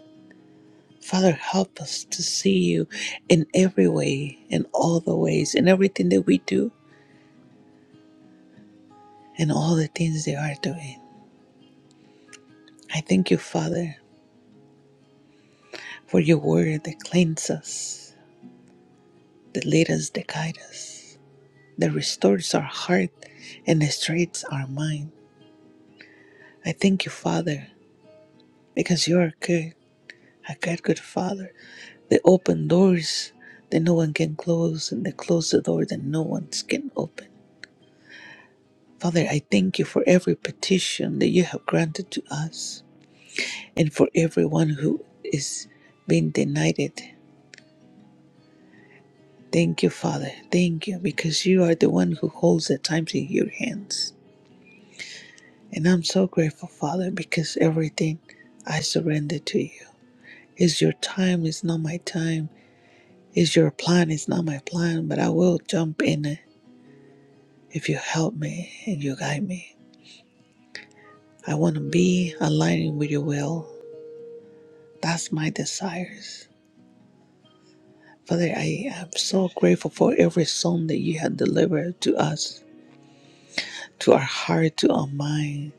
Father, help us to see you in every way, in all the ways, in everything that we do, and all the things they are doing. I thank you, Father, for your word that cleanses us, that leads us, that guides us. that restores our heart and straightens our mind. I thank you, Father, because you are good, a good, good Father. They open doors that no one can close, and they close the door that no one can open. Father, I thank you for every petition that you have granted to us and for everyone who is being denied it. Thank you, Father. Thank you, because you are the one who holds the times in your hands. And I'm so grateful, Father, because everything I surrender to you. Is your time is not my time. Is your plan is not my plan, but I will jump in it if you help me and you guide me. I want to be aligning with your will. That's my desires. Father, I am so grateful for every song that you have delivered to us, to our heart, to our mind,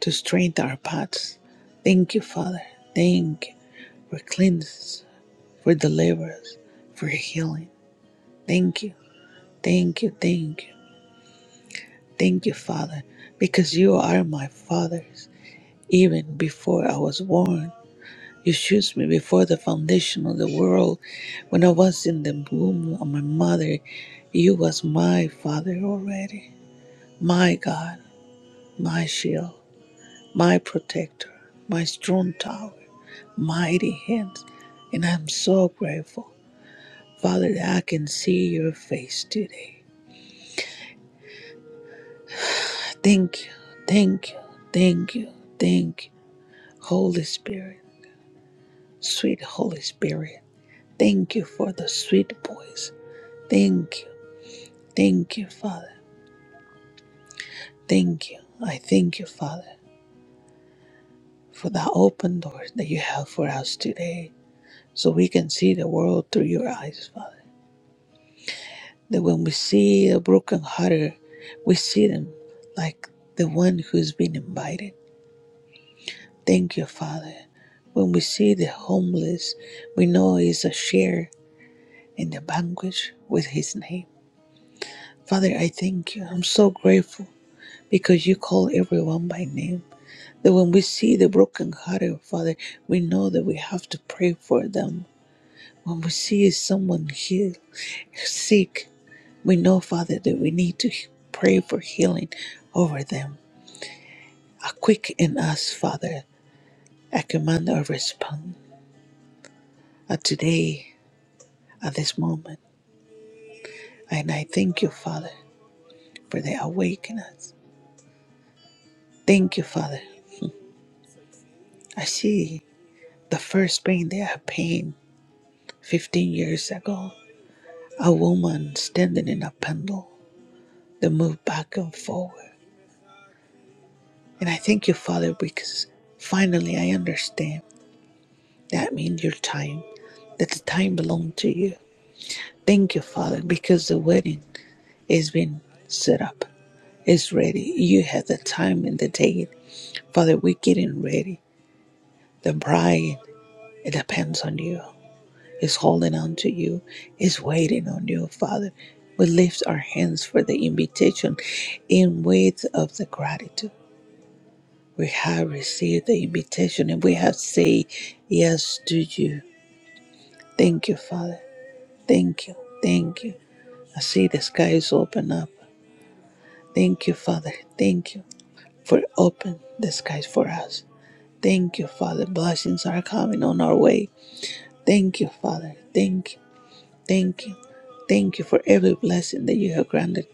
to strengthen our paths. Thank you, Father. Thank you for cleansing. for deliverance, for healing. Thank you, thank you, thank you, thank you, Father, because you are my fathers. Even before I was born, you chose me before the foundation of the world. When I was in the womb of my mother, you was my father already. My God, my shield, my protector, my strong tower, mighty hands. And I'm so grateful, Father, that I can see your face today. Thank you, thank you, thank you, thank you, Holy Spirit, sweet Holy Spirit. Thank you for the sweet voice. Thank you, thank you, Father. Thank you. I thank you, Father, for the open doors that you have for us today so we can see the world through your eyes, Father. That when we see a broken hearted, we see them like the one who's been invited. Thank you, Father. When we see the homeless, we know it's a share in the banquet with his name. Father, I thank you. I'm so grateful because you call everyone by name. That when we see the brokenhearted, Father, we know that we have to pray for them. When we see someone healed, sick, we know, Father, that we need to pray for healing over them. A quick in us, Father, I command our response at today, at this moment. And I thank you, Father, for the awakeness. Thank you, Father. I see. The first pain that I pain 15 years ago, a woman standing in a pendulum that moved back and forward. And I thank you, Father, because finally I understand that means your time, that the time belongs to you. Thank you, Father, because the wedding has been set up, it's ready. You have the time and the date. Father, we're getting ready. The bride, it depends on you. is holding on to you, is waiting on you, Father. We lift our hands for the invitation in with of the gratitude. We have received the invitation and we have said yes to you. Thank you, Father. Thank you. Thank you. I see the skies open up. Thank you, Father. Thank you for open the skies for us. Thank you, Father. Blessings are coming on our way. Thank you, Father. Thank you. Thank you. Thank you for every blessing that you have granted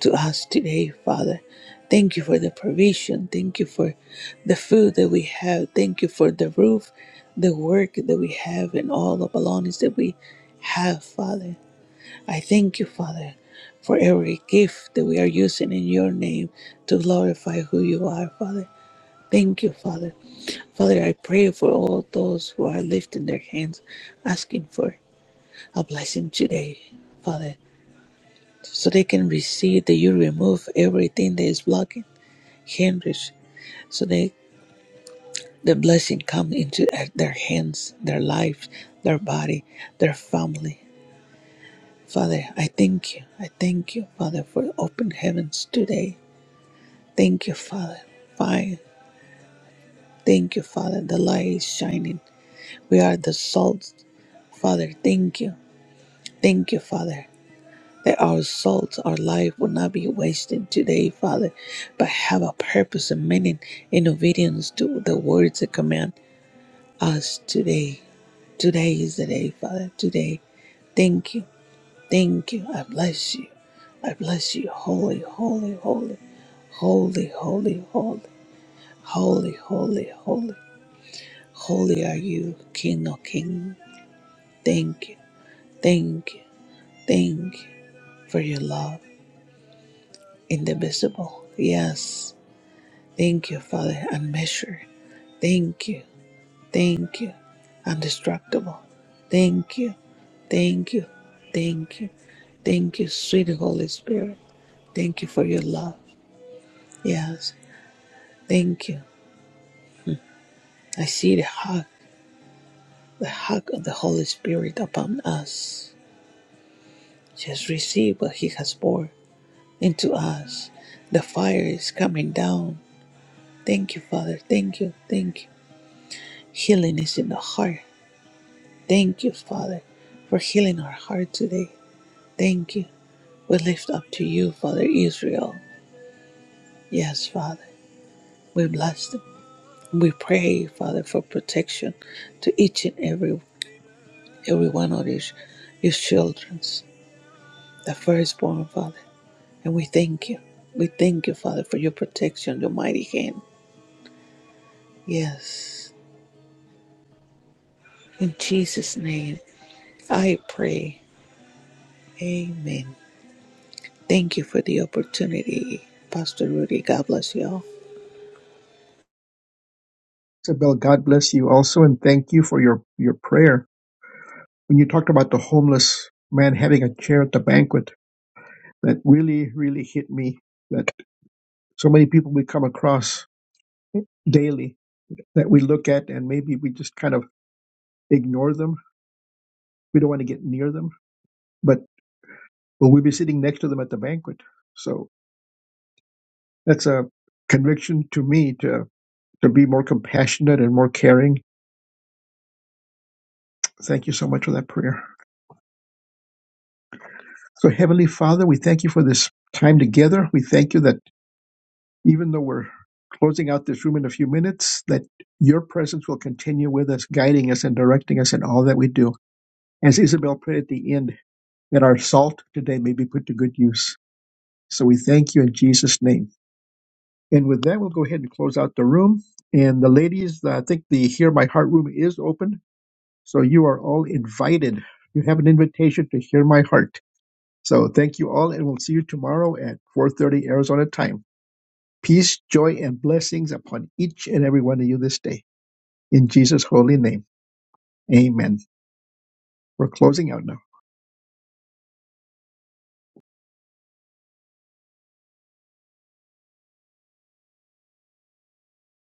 to us today, Father. Thank you for the provision. Thank you for the food that we have. Thank you for the roof, the work that we have, and all the belongings that we have, Father. I thank you, Father, for every gift that we are using in your name to glorify who you are, Father. Thank you, Father. Father, I pray for all those who are lifting their hands, asking for a blessing today, Father so they can receive that you remove everything that is blocking, hindrance, so they the blessing come into their hands, their life, their body, their family. Father, I thank you. I thank you, Father, for open heavens today. Thank you, Father. Fire. Thank you, Father. The light is shining. We are the salt. Father, thank you. Thank you, Father. that our souls, our life will not be wasted today, Father, but have a purpose and meaning in obedience to the words that command us today. Today is the day, Father. Today. Thank you. Thank you. I bless you. I bless you. Holy, holy, holy, holy, holy, holy, holy, holy, holy. Holy are you, King of King. Thank you. Thank you. Thank you for your love. Indivisible. Yes. Thank you, Father, unmeasured. Thank you. Thank you. Indestructible. Thank you. Thank you. Thank you. Thank you, sweet Holy Spirit. Thank you for your love. Yes. Thank you. I see the hug, the hug of the Holy Spirit upon us. Just receive what He has poured into us. The fire is coming down. Thank you, Father. Thank you. Thank you. Healing is in the heart. Thank you, Father, for healing our heart today. Thank you. We lift up to you, Father Israel. Yes, Father. We bless them. We pray, Father, for protection to each and every every one of these your children's, the firstborn, Father. And we thank you. We thank you, Father, for your protection, your mighty hand. Yes. In Jesus' name, I pray. Amen. Thank you for the opportunity, Pastor Rudy. God bless you all. Isabel, God bless you also, and thank you for your your prayer. When you talked about the homeless man having a chair at the banquet, that really really hit me. That so many people we come across daily that we look at, and maybe we just kind of ignore them We don't want to get near them, but will we be sitting next to them at the banquet? So that's a conviction to me to, to be more compassionate and more caring. Thank you so much for that prayer. So, Heavenly Father, we thank you for this time together. We thank you that even though we're closing out this room in a few minutes, that your presence will continue with us, guiding us and directing us in all that we do. As Isabel prayed at the end, that our salt today may be put to good use. So we thank you in Jesus' name. And with that, we'll go ahead and close out the room. And the ladies, uh, I think the Hear My Heart room is open. So you are all invited. You have an invitation to Hear My Heart. So thank you all, and we'll see you tomorrow at 4.30 Arizona time. Peace, joy, and blessings upon each and every one of you this day. In Jesus' holy name, amen. We're closing out now.